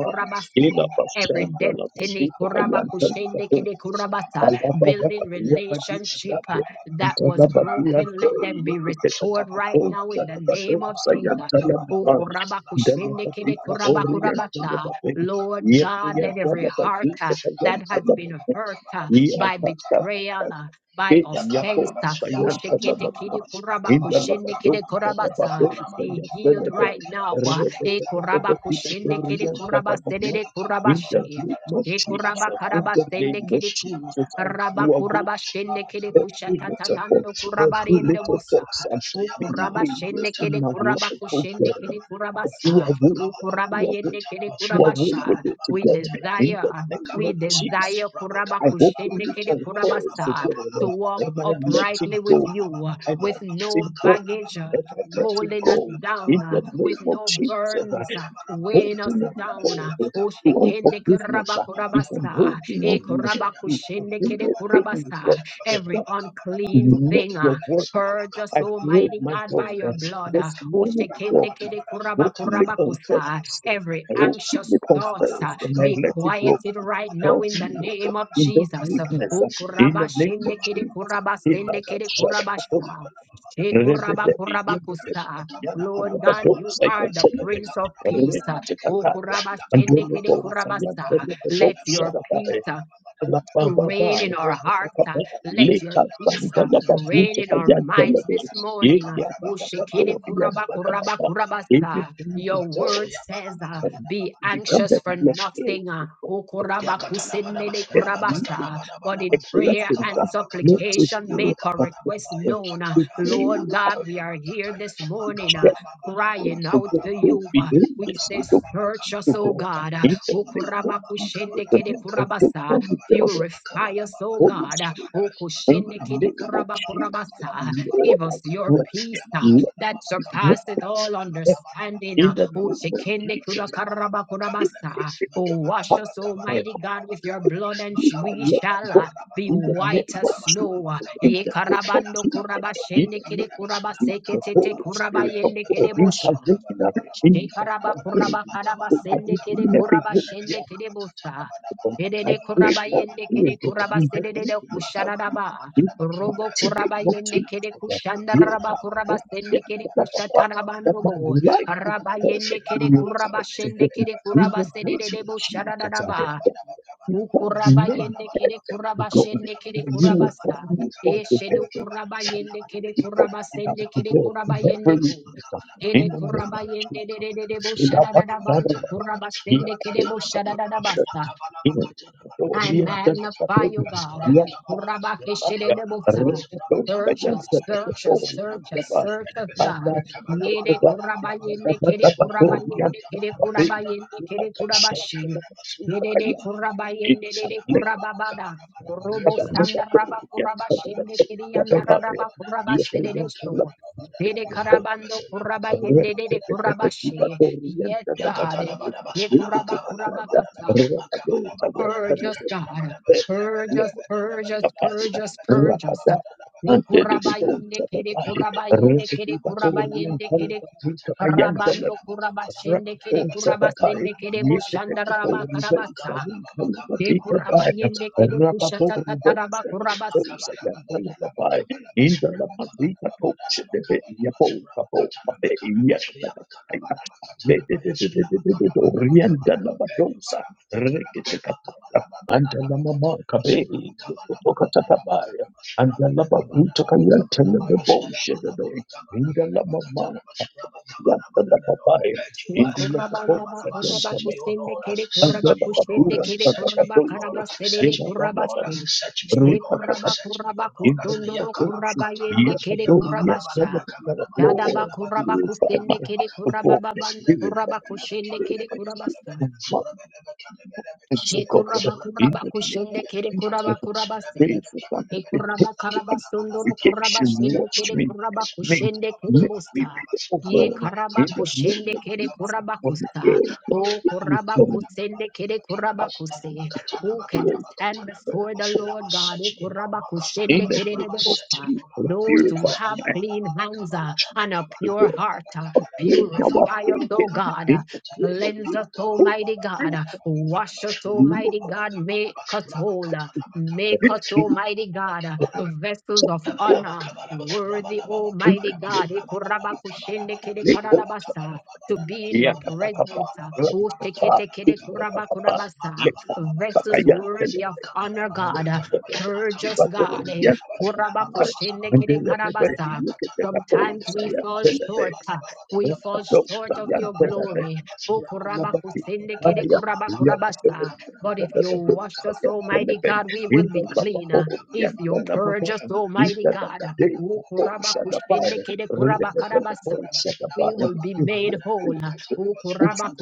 B: Ila
A: kurabasi. Every
B: bashan dalaba.
A: destiny
B: Luta
A: kuraba
B: kayan talaba.
A: kushinde kide kurabasa. Building relationship uh, that was broken, let them be restored right now in the name of Jesus. O kuraba kushinde kide kuraba kurabasa. Lord God, let every heart uh, that has
B: Yep,
A: been hurt uh,
B: in
A: by
B: the
C: Kabana
B: name
A: betrayal,
C: Baba
A: uh,
B: of
A: by
B: Jesus,
A: offense, uh,
C: Yakabarabas,
A: ushikite kide
C: Yabakatanabas,
A: kuraba kushinde kide
C: Makabarabakabarabas,
A: kurabasa be healed right now.
C: Makabarabakabarabakabarabas,
A: E kuraba
C: Yabakabarabas,
A: kushende kede kuraba
C: Rabakatanabas,
A: sedede kuraba she.
C: Makabarabakabarabas,
A: She kuraba
B: in
A: karaba
B: the
A: sende
B: name of
C: Makabarabakabarabas,
A: kede ku.
B: Jesus, I
A: Raba
B: do away
A: kuraba
C: Yabarabakabarabas,
A: shende kede
B: every
A: kushatata
B: little fox,
A: dando
C: Rabakabarabakabarabas,
B: every
A: kuraba riende
B: little
A: bosa.
B: fox and
C: Makabarabakabarabas,
A: U kuraba shende
B: behaviors in
A: kede
B: my
A: kuraba
C: Yabakabarabakatanabas,
B: life, oh
A: kushende
B: God.
A: kede kuraba
B: I do
A: sa.
B: away,
A: U
B: I
A: kuraba
B: do away,
A: yende
C: Rabakatanabas,
A: kede
C: Yabakabarabakatanabas,
B: do
A: kuraba
B: away with
A: sha.
B: it,
A: We
B: God,
C: Yabakabarabakatanabas,
B: in
A: desire,
B: the name
A: we
B: of
C: Manabakabarabas,
B: Jesus.
A: desire kuraba
B: I
A: kushende
B: openly
A: kede kuraba
B: confess to
A: sa.
B: God
A: To walk
B: and I let it
A: uprightly with
B: go.
A: you,
B: And I
A: with
B: let
A: no
B: it go.
A: baggage,
B: And I let it
A: holding us
B: go.
A: down
B: In
A: uh,
B: the
A: with
B: name of
A: no
B: Jesus,
A: burdens, uh,
B: I'm
A: weighing us
B: holding on
A: down. uh,
B: God
A: O
B: to
A: shekende
B: unforgiveness. If I'm
A: kurabakurabasa,
B: holding
A: e
B: on to
A: kurabakushende kede
B: anything,
A: kurabasa,
B: God, that
A: Every
B: is
A: unclean
B: not
A: thing. uh,
B: your word.
C: Rabba
A: Purge us,
B: I pray,
A: Almighty
B: my
A: God,
B: God,
A: by your
B: that
A: blood. uh,
B: this
A: O
B: morning, God,
A: shekende kede kuraba
B: openly
A: kuraba
B: confess,
A: kusa. Every
B: I
A: anxious
B: openly
A: thoughts
B: confess,
A: uh,
B: and I
A: be
B: let it go.
A: quieted right now
B: Help
A: in the
B: me, O God,
A: name of
B: in this
A: Jesus.
B: weakness,
A: O
B: in the name of
A: kurabashende kede
B: Jesus. In the
A: kurabasende
B: name
A: kede kurabasha.
B: of Jesus.
A: Shekurabakurabakusa.
C: Makabana Yabba
A: Lord God, you are the Prince of Peace.
B: And Telebo, Sayam,
A: Okurabashendekerekurabasa.
B: Telebo,
A: Let your
B: Shaddai,
A: peace uh,
B: Everything
A: reign in our hearts. uh, Let your peace uh, reign in our minds this morning. uh, Ushikidi kuraba kuraba kurabasa. Your
B: to God
A: word says, uh,
B: and
A: Be
B: become
A: anxious
B: that
A: for
B: blockade
A: nothing, uh,
B: of God
A: ukuraba
C: Yakatalabadaba,
A: kusinidi
B: that you is
A: kurabasa. but
C: rabakatalabadabadaba,
B: a
A: in prayer
B: blessing
A: and
B: that makes
C: rabakabalabakatalaba,
B: it
A: supplication,
B: clear
A: make our
B: that
A: request
C: rabakabalababa,
A: known. uh,
B: the
C: yakataya,
B: way
A: Lord
B: I
A: God,
C: yakataya,
A: we are here
C: makataya,
A: this morning. uh,
B: reject
A: Crying
B: things, the
A: out
B: way
A: to
B: we
A: you. uh, We
B: behaviors,
A: say,
B: the way
C: makabalababadalabakabalabakabalaba, makabalababakabalabakabalaba,
A: Search us,
B: to
A: O
B: God
A: God. uh,
B: in the name of
C: makabalababakabalabakabalabakabalaba,
B: Jesus. And
C: makabalababadalabakabalaba,
A: ukurabakushendekede
B: I take
A: kurabasa.
B: from the God.
A: Purify us, O
B: Holy
A: God.
B: Spirit.
A: O
B: In
A: kushende
B: the
A: kidi
B: name of
C: makabalababakabalabakabalabakabalaba,
A: kuraba
B: Jesus,
A: kurabasa.
C: rabakabalababakabalabakabalaba,
B: Lord,
A: Give
B: I
A: us your
B: pray.
A: peace uh,
B: Let
A: that
B: it work.
A: surpasseth all understanding.
B: In
A: uh,
B: the
C: rabakabalababakabalabakabalaba,
A: O
B: name of
A: shekende kuda
B: Jesus,
A: karaba
B: I
A: kurabasa.
C: rabakabalababakabalabakabalaba,
B: pray.
A: O wash
B: Come,
A: us,
B: my life.
A: Almighty God, with your blood, and
B: if
A: sh-
B: I
A: we
B: let
A: shall
B: go
A: uh, be
B: in the name
A: white as
B: of Jesus,
A: snow. uh,
B: in
A: Ye
B: the name of
A: karabando
B: Jesus,
A: kuraba
B: in
A: shende
B: the name
A: kidi
B: of
A: kuraba
B: Jesus, the
A: sekete te
B: Holy
A: kuraba
B: Spirit of
A: yende
B: God
A: kede bosha.
B: intervening,
A: Shekaraba
B: intervening.
A: kuraba karaba
B: I didn't
A: sende
B: do
A: kede kuraba
B: nothing.
A: shende kede busta.
B: Lord. I
A: Edede
B: pray
A: kuraba
B: for
A: yende
B: you
A: kede
B: Lord.
A: kuraba
B: We have to be
A: sedede
B: the
A: de
B: witness of me.
A: kusharaba.
B: You in the
A: Robo
B: mighty
A: kuraba
B: name of
A: yende
B: Jesus.
A: kede
B: Lord.
A: kushanda
B: Yeah, I
A: raba kuraba
B: hope,
C: Makabana Rabakatana Bakatana
A: sende
B: yeah,
A: kede
B: but, but, but, but, that
A: kushatarabando
B: my
A: bo.
B: life will be
A: Raba yende
B: perfect in
A: kede
B: your
A: kuraba
B: sight to
A: shende
B: God.
A: kede
B: In
A: kuraba
B: the name
A: sedede de
B: of Jesus, I
A: busharaba.
B: that you form
A: Ukuraba
B: men
A: yende kere
B: perfect
A: kuraba
B: to God.
A: shende kere
B: For you
A: kuraba
B: will
A: sa.
B: form me also
A: Yeshedu
B: perfect.
A: kuraba
B: I
A: yende
B: will
A: kere
B: be formed
A: kuraba
B: in our
A: sende
B: to
A: kere
B: God
A: kuraba
B: in
A: yende
B: every
A: ku.
B: weakness.
A: Kere
B: In the name
A: kuraba
B: of Jesus.
A: yende de de de de bo
B: Dia
A: shada da da bando
C: Bakatana
A: kuraba sende kere bo shada da da basta.
C: Bakatana
A: I
C: Bakatana Bakatana Rabba
A: magnify you, God. Kurabakeshedebota. Search us, search us, search us, search us, God. Yede kurabayende kede kurabayende kede kurabayende kede kurabashi. Yede de kurabayende de de kurababada. Robo sanda raba kurabashende kede yanda raba kurabasede
B: berikan
A: de sho. Yede karabando
B: Antes
A: kurabayende de de kurabashi. Yes, God.
C: Yakatalabadaba,
A: Ye kuraba
C: labakabalabadaba,
A: kurabakata.
C: makabalabadaba,
A: Purge us, God.
C: kachadabadaba,
A: Purge us,
C: lebelebebedebe,
A: purge us,
C: kadaba,
A: purge us, purge us.
C: labakabalabadaba, kabalaba,
A: Nikurabayende
C: labalababa,
A: kere
C: kabalabadaba,
A: kurabayende kere kurabayende kere
C: labakabalabadaba,
A: ku.
C: kachadabadaba,
B: de que
A: Rabando
C: labakabalabadaba,
A: kurabashende kere
C: makabalabadaba,
A: kurabasende kere
C: kabalaba, makabalababa,
A: boshanda raba karabasa.
C: kabalabadaba, makabalababa, kabalabadaba,
A: Dekurabayende kere
C: makabalabadaba, kabalaba,
A: kushatatataraba kurabase.
C: labakabalabadaba, kabalaba, labakatalabadaba, yabakabalabadaba, Search
B: and The lava bruta kayan tell the bullshit away. In the Andala
A: Ne korabanda ba
B: Indulgence against
A: koraba
C: me, O
B: another
A: kusende
C: Lord.
B: form.
A: kere koraba
C: Search me, O Lord.
A: kushende
B: Andalabadura,
A: kere
C: Search me,
A: koraba
C: O Lord.
A: karaba
B: Andalabadoshe,
A: serere
C: Search me, O
A: koraba
C: Lord.
B: Ilabanaba,
A: she.
C: Search me, O
A: She
C: Lord. Search me,
A: koraba
B: Rikataka,
A: koraba
C: oh Lord.
A: kusondo no
B: Indulabadoshe,
A: koraba
C: Yakalabakatalaba,
A: yende kere koraba
B: Yabatoria,
A: sha.
B: Andalabadaba,
C: yakabalabalabakamanamanaba,
A: Dada ba
B: Lord,
A: koraba
B: purify my
A: kusende kere
B: heart of
A: koraba
B: God,
A: babando
B: purify
A: koraba
B: my
A: kushende
B: spirit,
A: kere
B: my
A: koraba
B: spirit,
A: sa.
B: my mind, and so God,
A: Shekuraba
B: in
A: kuraba
B: the name
A: kushende
B: of
A: kere kuraba
B: Jesus,
A: kuraba se.
B: praise the sanctification,
A: Ekuraba karaba sundoro kuraba
B: sanctification.
A: shende
B: Watch
A: kere
B: me,
A: kuraba
B: make, me,
A: kushende kere
B: make me
A: bosta.
B: pure,
A: Ye
B: God,
A: karaba
B: in the name
A: kushende
B: of
A: kere
B: Jesus.
A: kuraba
B: From the
A: kusta.
B: end of
A: O
B: the day,
A: kuraba
B: God,
A: kusende kere
B: my
A: kuraba kuse.
B: God,
A: Who can
B: dear
A: stand
B: God,
A: before the
C: Lama
A: Lord God? E
C: search me, Lord,
A: kuraba
B: in
C: Makatalaba,
A: kushende
B: the
A: kere
B: name
A: de
C: Rama
B: of
C: search
A: bosta.
C: me,
B: Jesus,
A: Those
C: Lamakataya,
A: who
B: purify
A: have
B: my
A: clean
C: Ayabalaba,
A: hands uh,
C: Kabalaba,
A: and a pure
C: Kabalaba,
B: God.
A: heart, uh,
C: Kabalaba,
B: Upgrade our
A: purify us,
C: Makabalaba,
B: thinking,
A: O
B: in the
A: God.
C: Kabalaba,
B: name of
C: Katalaba,
A: Cleanse
C: Rama
A: us,
B: Jesus. Oh,
C: Kabalaba,
A: Almighty
B: praise
A: God.
C: Kabalaba,
A: Wash
C: Kabalaba,
A: us,
C: Lama
B: the Lord.
A: Almighty
C: Lama,
A: God. Make us
C: Rama
A: whole.
C: Katalaba,
B: In
A: Make
B: the
C: Kabalaba,
A: us,
B: name
C: Rama
A: Almighty
C: Lama,
A: God,
B: of God,
A: vessels of honor,
C: Kabalabakabalaba,
A: worthy,
B: in
A: Almighty
C: rabalababakabalaba,
A: God.
C: rabalababakabalabalaba,
B: the name of Jesus.
A: Ikurabakushendekedekarabasa, To
C: labakabalabalabalaba,
A: be in your
B: Yakakakapa,
A: presence.
C: madalabakabalaba,
B: rakapa,
C: rabakatalabakabalabalaba,
B: yakakakapa,
A: Usheketekedekurabakurabasa,
B: lepa,
A: Vessels
B: sakayan,
C: makabalababakabalaba,
A: worthy of
B: telepe,
A: honor, God.
C: makabalababakatalaba,
A: Purge us, God.
B: Yes,
C: makabalababakatalaba,
B: and then
C: labakabalababadalaba,
B: everybody,
A: Ikurabakushendekedekarabasa.
B: you get the
A: Sometimes we
C: madabakatalabadabakatalaba,
A: fall
B: cattle,
A: short.
B: which
A: We
B: is
A: fall
C: yabalababakatalabalaba,
A: short of your glory.
C: rabalababakabalaba,
A: O korabakusende
C: rabakabalababadalaba,
A: kede korabaku rabasa. But if
C: makabalababakabalabalaba, Makabana
A: you wash us, Almighty God, we will be clean. uh, If you purge us, Almighty God, uh, O korabakushende kede korabaku rabasa, we will be made whole. uh, O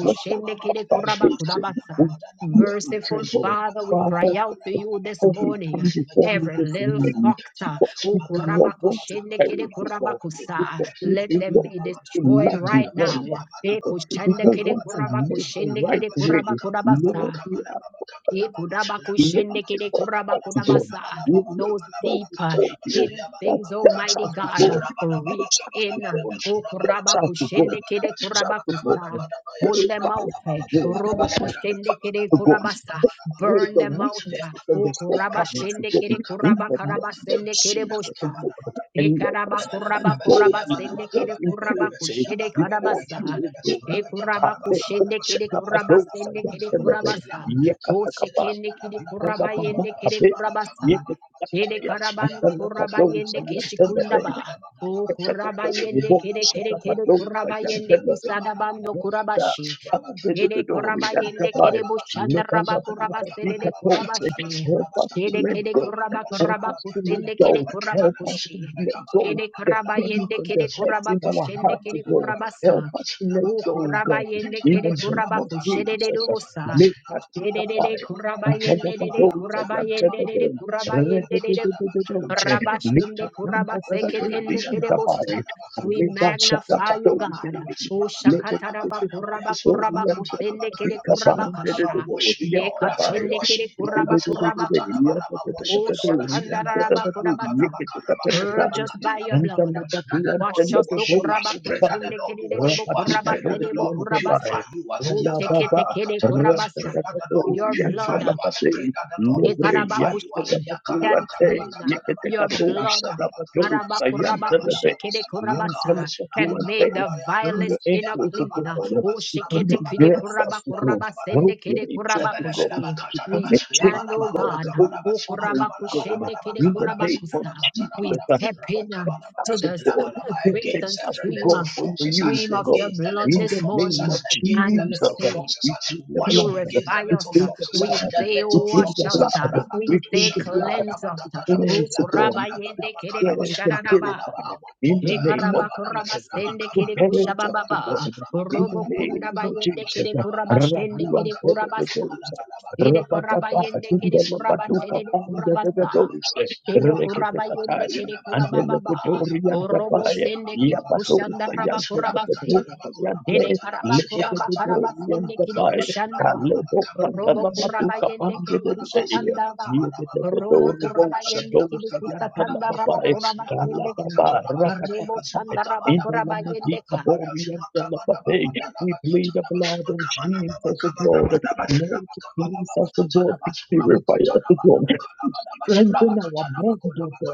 B: what the
A: kede korabaku
B: foundation, which
A: rabasa.
B: fear and
A: Merciful
B: tremble,
A: Father, we
B: Father,
A: cry out to you this
B: before we
A: morning. uh,
B: come before you
A: Every
B: this
A: little
B: evening,
A: fox.
B: because
A: O
B: we do not
A: kurabako
B: want to
A: shende kere
B: perish, O God,
A: kurabako sa.
B: because we
A: Let
B: do
A: them
B: not
A: be
B: to
A: destroyed
B: lag
A: right
B: behind
A: now.
C: Rabba
A: E
B: because we
A: kushende
B: don't
A: kere
B: want to
A: kurabako
B: miss
A: shende
B: the right
A: kere
B: way.
A: kurabako
B: Lord,
A: rabasa.
B: we we make the
A: Ikurabakushendekere
B: talk unto God.
A: kurabakurabasa.
B: We make
A: Those
B: the talk
A: deep uh,
B: before you.
A: hidden
B: That
A: things,
B: takes
A: Almighty
B: us to
A: God, uh,
B: God.
A: reach
B: Takes us to
A: in. uh,
B: God.
A: O
B: Takes us to God.
A: kurabakushendekere
B: Takes us to God.
A: kurabakusa. Pull them
B: Purify
A: out.
B: us to
A: eh,
B: God. Sanctify us
A: robokushendekere
B: to God.
A: kurabasa.
B: Take away
A: Burn
B: the
A: them out. uh,
B: weaknesses and the
A: O
B: shortcomings to God.
A: kurabashendekere
B: In the name of
A: kurabakarabasendekere
B: Jesus, O
A: bosha.
B: God. And let us
C: Rabba
B: stand boldly, O God,
A: Shekarabakurabakurabasenekere
B: in purity
A: kurabakushede
B: before
A: karabasa.
B: you, O God. Hallelujah.
A: Shekurabakushendekere
B: Shabadosa,
A: kurabasendekere
B: Yantelebe,
A: kurabasa. O
B: Yakatakaba,
A: shekende kiri
B: Antala
A: kuraba yende kere
B: mamapate,
A: kurabasa.
B: yeke
A: Dede
B: takaya,
A: karabando
B: antala
A: kuraba
B: pato,
A: yende
B: sayantala pe,
A: kishikundaba. O kuraba
B: kachakato,
A: yende
B: rubo,
A: kere kere kere
B: satapato,
A: kuraba yende kisadabando
B: Da-
A: kurabashi.
B: ande
A: Shede koraba
B: and
A: yende
B: kabai.
A: kede boshanda
B: Leba
A: raba koraba sedede koraba she.
B: Help us to
A: Shede
B: let
A: kede
B: go.
A: koraba
B: Help
A: koraba
B: us to let
A: kusende kede
B: go.
A: koraba
B: Help us
C: Rabba
B: to
A: kushe.
B: let go.
A: Shede
B: The
A: koraba
B: pains
A: yende
B: and
A: kede
B: the hurts
A: koraba
B: in our
A: kushende
B: hearts,
A: kede
B: God.
A: koraba sa.
B: Help us to let
A: O
B: go,
A: koraba
B: God.
A: yende
B: In
A: kede
B: the name
A: koraba
B: of
A: kushede de
B: Jesus.
A: dosa.
B: Let us
A: Shede de de
B: kabai.
A: koraba
B: And come
A: yende
B: up
A: de
B: and
A: de
B: down, say,
A: koraba
B: and
A: yende
B: come up
A: de de
B: and
A: koraba yende de de koraba shende koraba seketende kede bosha. We
B: let us shut up
A: magnify you, God. Ushakataraba kuraba kuraba kusende kere kuraba kasha.
C: Wash me,
A: Ye
C: Lord.
A: kasende
C: Wash
A: kere
C: me, Lord.
A: kuraba
C: Wash
A: kuraba kusa.
C: me, Lord. Wash
A: Ushakandaraba kuraba
C: me,
A: sa.
C: Lord.
A: Purge us by your blood.
C: Rabakatalabadabada. That the Lord
A: Wash
C: will
A: us to
C: wash you.
A: kuraba
C: Pray that the
A: kusende
C: Lord
A: kere
C: will wash
A: debo
C: you.
A: kuraba
C: Pray that the
A: sedebo
C: Lord will
A: kuraba sa.
C: purify you.
A: Ushekete kere
C: Yakabalabakatalaba.
A: kuraba sa.
C: Pray that the Lord will
A: Your
C: purify
A: blood.
C: you. Pray that the Lord will purify you.
A: Yekarabakushi can clean
C: Yakalabakalabakatalabadaba.
A: your blood.
C: Rabakalabakatalabadaba. Ramadabadabadabakaya.
A: Karabakurabakushikidikurabasa Can
B: Yanta
A: make the
B: when
C: Rabakabadabayakaya.
B: you're
A: vilest sinner
B: angry to
A: clean.
B: God,
C: Yabakabalabadaba.
B: you come and bless
C: Rabakabadabadaba.
B: us to God.
C: Rabakabadaba.
B: Help your angels to God.
A: Ushikitikidikurabakurabasendikidikurabakoshe.
B: You
A: We
B: come
C: Ebelebelebakatalaba,
B: and change
A: stand,
B: to
A: O
B: God
A: God.
B: the old
C: yabalabalabakabalaba,
B: family to God. In the
C: makabalabalabalabakabalaba,
B: name of
A: Ukurabakushendikidikurabakusa. We
C: labakatalabalaba,
B: Jesus,
A: step in uh, to
B: that's a
A: the
C: rabakabalabalaba,
A: s-
B: God.
C: labalaba,
B: Perfect.
A: crimson
C: Against
B: That's
C: every
B: the
A: stream, uh,
C: little
B: God for your
C: foxes, uh,
B: use,
A: stream
B: oh
A: of
B: God.
A: your
C: against the
A: blood
C: little
B: In
A: this
B: the
C: foxes,
B: name
C: uh,
A: morning,
B: of
C: against
A: and
C: the
A: we
B: Jesus,
C: little
A: say,
C: foxes,
B: we
C: uh,
B: plead the
C: wash me
B: blood.
C: against the
A: Purify
B: We
A: us.
C: little
B: plead the
C: foxes, uh,
A: We
C: the
B: blood.
A: say,
B: We
C: little
B: plead
A: wash
B: the
C: foxes,
A: us.
C: uh,
B: blood.
A: We
B: We
C: Rabakato
B: plead
A: say,
B: the
C: Shagra
B: blood.
A: cleanse
C: Gadaba
A: us.
B: To
C: Katalaba,
A: O
B: cleanse, oh God.
A: kuraba
C: Lakatala
B: To
A: yende
C: Gadaba
A: kere
C: Kalaba,
B: cleanse and
A: kusharanaba.
C: Makabalaba,
B: purify.
C: our
B: In the
C: daughter,
B: name of
A: Ekaraba
C: Kalaba,
A: kuraba
B: Jesus.
A: sende
B: To
A: kere
C: Rabakabalabakabalaba,
B: purge us, oh God.
A: kushababa.
B: In the
A: Robo
C: Rabakabalabakabalaba,
B: name
A: kunda ba
B: of
A: yende
B: Jesus.
A: kere kuraba shende
B: Rabu and
A: kere
C: Rabalabalabakabalaba,
A: kurabasa.
B: Pedagosa.
A: Ede
C: Alabalabakabalabakabalaba, Labakabalabakabalaba,
A: kuraba
B: Rabadaba.
A: yende
B: In the
A: kuraba
B: Labaduka.
A: shede
B: And the
A: kurabasa.
B: Dosa,
A: Kedo
C: Alabakabalabakabalaba,
A: kuraba yende kere kuraba baba. Orobo
B: Andelepetoriantapaya,
A: sende kiri
C: Labakabalabakabalaba, Labalabakabalaba,
A: kushanda raba kuraba se.
B: Yapatosayantelepetoriante,
A: Kede
C: Rabakatalabakolabakatalaba,
A: karaba kuraba karaba sende kiri
C: Yakatalabalabalabakalaba,
B: Lepetepetoriantapaya,
A: kushanda ba.
C: Labalabakabalaba,
A: Robo kuraba yende kere
C: Labalabakabalaba,
B: Kalebopandalamatukapandedede,
A: kushatanda ba.
C: Labakabalaba,
A: Robo kuraba yende kiri kusatanda raba
B: Yepetepetorobosandosayantalapapae,
A: kuraba sende kiri.
B: Kalapapa,
A: Rebo
B: Rakatakapae,
A: sanda raba
B: in the
A: kuraba yende ka.
B: Lamatikaporiantalapape. We plead the blood of Jesus, O God. Lord, cleanse us, O God, to purify us, O God. Strengthen our bond, O God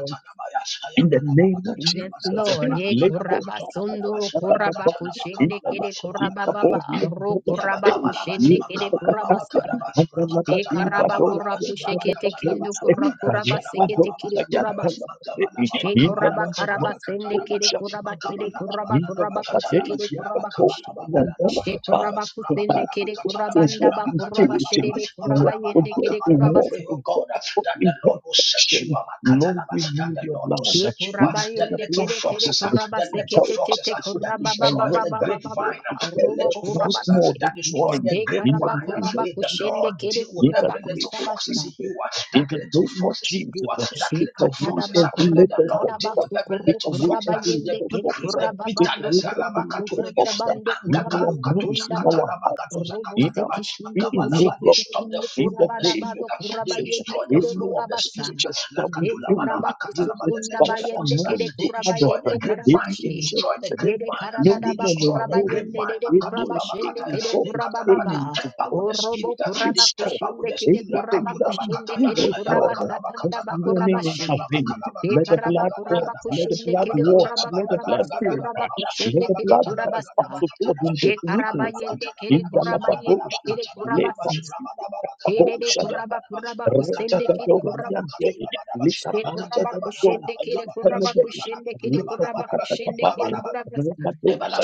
B: in the name of
A: Yes,
B: Jesus.
A: Lord. Ye
B: Let forth
A: kuraba
B: that type
A: sunduru
B: of stuff I'm
A: kuraba
B: In
A: kushende
B: the
A: kere
B: name of Jesus,
A: kuraba baba.
B: oh, we are
A: Ro
B: the Lord.
A: kuraba
B: Hey,
C: Yabakabalabas,
A: kushende
B: are
A: kere
B: the
A: kuraba sa.
B: Kataya.
C: Makabalabakadabas,
B: And the Lord of the
A: Shekaraba
B: Bado, we
A: kuraku
B: are
C: Rabakatalabakalabas,
B: the Lord
A: shekete
B: of
A: kindu
B: Hey, the
C: Rabakatalabanabakadabas,
A: kurakuraba
B: Lord of
A: sekete
B: those,
A: kiri
B: I the
C: Rabalabamakatadabas,
A: kurabas.
B: Lord of the day. In the
A: Shekuraba
B: land
C: Makabalabakabadabas,
B: of my
A: karaba sende kiri
B: devotion,
C: Rabakatanabadabas,
A: kuraba
B: the
A: kiri
B: day.
A: kuraba
B: In the
A: kuraba
B: land of
C: Makabalababadalabakatadabas,
A: kusekiri
B: we are the
A: kuraba
B: Lord.
A: kushe.
B: I am the Lord of God.
A: Shekuraba
B: To
A: kusende
B: have the
A: kiri
C: Rabakabalababadalabakatayabas,
B: God, to
C: Rabakalabakatadabas,
A: kurabanda
B: walk
A: ba
B: in
A: kuraba
B: purity,
A: shedede
C: Rabakatanabadabas,
B: the
A: kuraba
B: right to
A: yende
B: God,
A: kiri
B: to
C: Makalabalabakalaba.
A: kuraba
B: walk
A: se.
C: Pray, oh
B: in God, to
C: God,
B: walk
C: that the
B: in
C: Lord will set
B: perfection,
C: you up,
B: Lord, we
C: Makatalabas, that
B: need
C: the
B: your
C: Lord
B: blood.
C: will set you
B: We
C: up,
A: Shekuraba
B: need
C: that
B: the
A: yende
C: let
B: blood
C: little
A: kiri
B: of
A: kiri
B: God
C: foxes, uh,
A: kuraba
C: the
B: to
C: little
A: sekete
B: help us,
C: foxes
A: tete
C: uh,
B: to God,
C: that
B: to
A: kuraba ba ba
C: destroys
A: ba
B: direct
A: ba
C: the
A: ba
B: us,
A: ba
B: to
A: ba
B: go
C: grapevine,
A: ba.
C: uh,
B: to
C: the
B: catch
A: Arubo
B: us
C: little
B: once
A: kuraba
C: foxes uh,
A: se.
B: more
C: that
B: this
C: destroy
B: morning.
C: the
B: In the
A: Shekaraba
C: grapevine. uh,
B: name
A: kuraba
B: of
C: May the
B: Jesus,
A: kushende
C: Lord
A: kiri
C: deal with
B: in the
A: kuraba
C: every
B: name
C: little
B: of
C: foxes
A: kusabasa.
C: in
B: Jesus,
C: you, uh, that
B: in the
C: little
B: name of
C: foxes in you,
B: Jesus,
C: uh, that
B: take
C: little
B: away
C: foxes.
A: Shekatadaba
C: uh,
B: every
C: May
A: kuraba
C: the
B: little
C: Lord
B: box,
A: karaba
C: deal with every
A: sukuru
B: take
C: little
B: away
C: fox,
A: kuraba
C: uh,
B: every
C: the
A: yende
B: little
A: kere
C: bigotry,
B: box,
C: the
A: kuraba
B: take
A: bando
B: away
C: bitterness,
A: kuraba
B: every little
C: alabakatulebe,
A: kutanda
B: box
C: the
A: bando
C: anger,
B: in our
A: kurabando
C: kalukatuja,
B: minds, in
A: kundaba.
B: our hearts,
C: katalabagaduza,
A: Robo
B: in our
A: sekişinde
B: being, Lord
C: they
B: God,
A: kuşekiti
C: stop the
A: kinde
C: flow
B: in the
C: of
A: kuraba
C: the
A: da
B: name
C: spirit.
B: of
A: bado
C: uh,
A: kuraba
C: They
B: Jesus,
A: yende
C: destroy the
A: kere
B: any
C: flow of the
A: borabasa.
C: spirit. uh,
B: that we
A: E
B: do,
A: kuraba
B: which is
C: The
A: kusukunda
C: little
B: Father,
A: bayende
C: foxes. uh,
A: kere
B: unknown
C: they
B: to
A: kuraba
B: other
C: destroy the
A: yende
B: friends. they
C: grapevine.
B: know
C: They
A: karabashi.
B: just
C: destroy the grapevine.
A: Ede
B: no
A: karadada
C: They
A: ba
B: woman of
C: destroy the
A: kuraba
C: grapevine.
A: yende
B: knowing.
A: dede
B: Is
A: kuraba
B: there a thing
A: shende
C: Makatolabakataya.
B: you
A: kede
B: focus
A: kuraba
C: Lekatalaba. They
B: in
A: baba.
B: to
C: temper
B: God?
C: with the
A: Orobo
C: spirit.
B: That
C: They
A: kuraba
B: is talk.
C: temper with
A: kushende
C: the
B: It
A: kere
B: is
C: spirit.
B: the
A: kuraba
B: thing that you
A: kushende
C: Katulabakataya.
B: do,
A: kere
B: oh
A: kuraba
B: God? This
A: satanda ba
B: morning
C: Ayabakalabakanabakadaba.
A: kurabashi.
B: intervene.
A: E
B: Let the
A: karaba
B: blood
A: kuraba
B: cleanse.
C: Rabakalabakanabagadabaya.
B: Let the
A: kushende
B: blood
A: kere
B: wash.
A: kuraba
B: Let the
A: kuraba
B: blood
A: si
B: purify.
A: kuraba
C: Labakatanagadagadagadabara.
B: Let
A: kushende
B: the
A: kere
B: blood help
A: kurabasa
B: us
A: sa.
B: to God
C: Rabakatanabagadabakatanaba.
B: in this
A: E karaba
B: weakness.
A: yende kere
B: In
C: Makabalabakatanabadaba.
B: the
A: kuraba yende
B: Labadosh,
A: kere
B: let
A: kuraba
C: Alabalabakatanabadaba.
B: us
A: se.
B: see the
A: Ede de
B: Labadosh Adaba.
A: kuraba
C: Rabalabakatanabakatanabadaba.
A: kuraba
B: Let us
A: kusende kede
B: dadadosha,
C: Rabakatanabadabadabakatunabadaba.
B: yantanade,
A: Shte kuraba kushende kere kuraba kushende kere
C: Rabakatanabadabadabakabanaba.
A: kuraba kushende
B: lekatokatakaba.
A: kere
C: Rabalabakabanaba.
A: kuraba sa.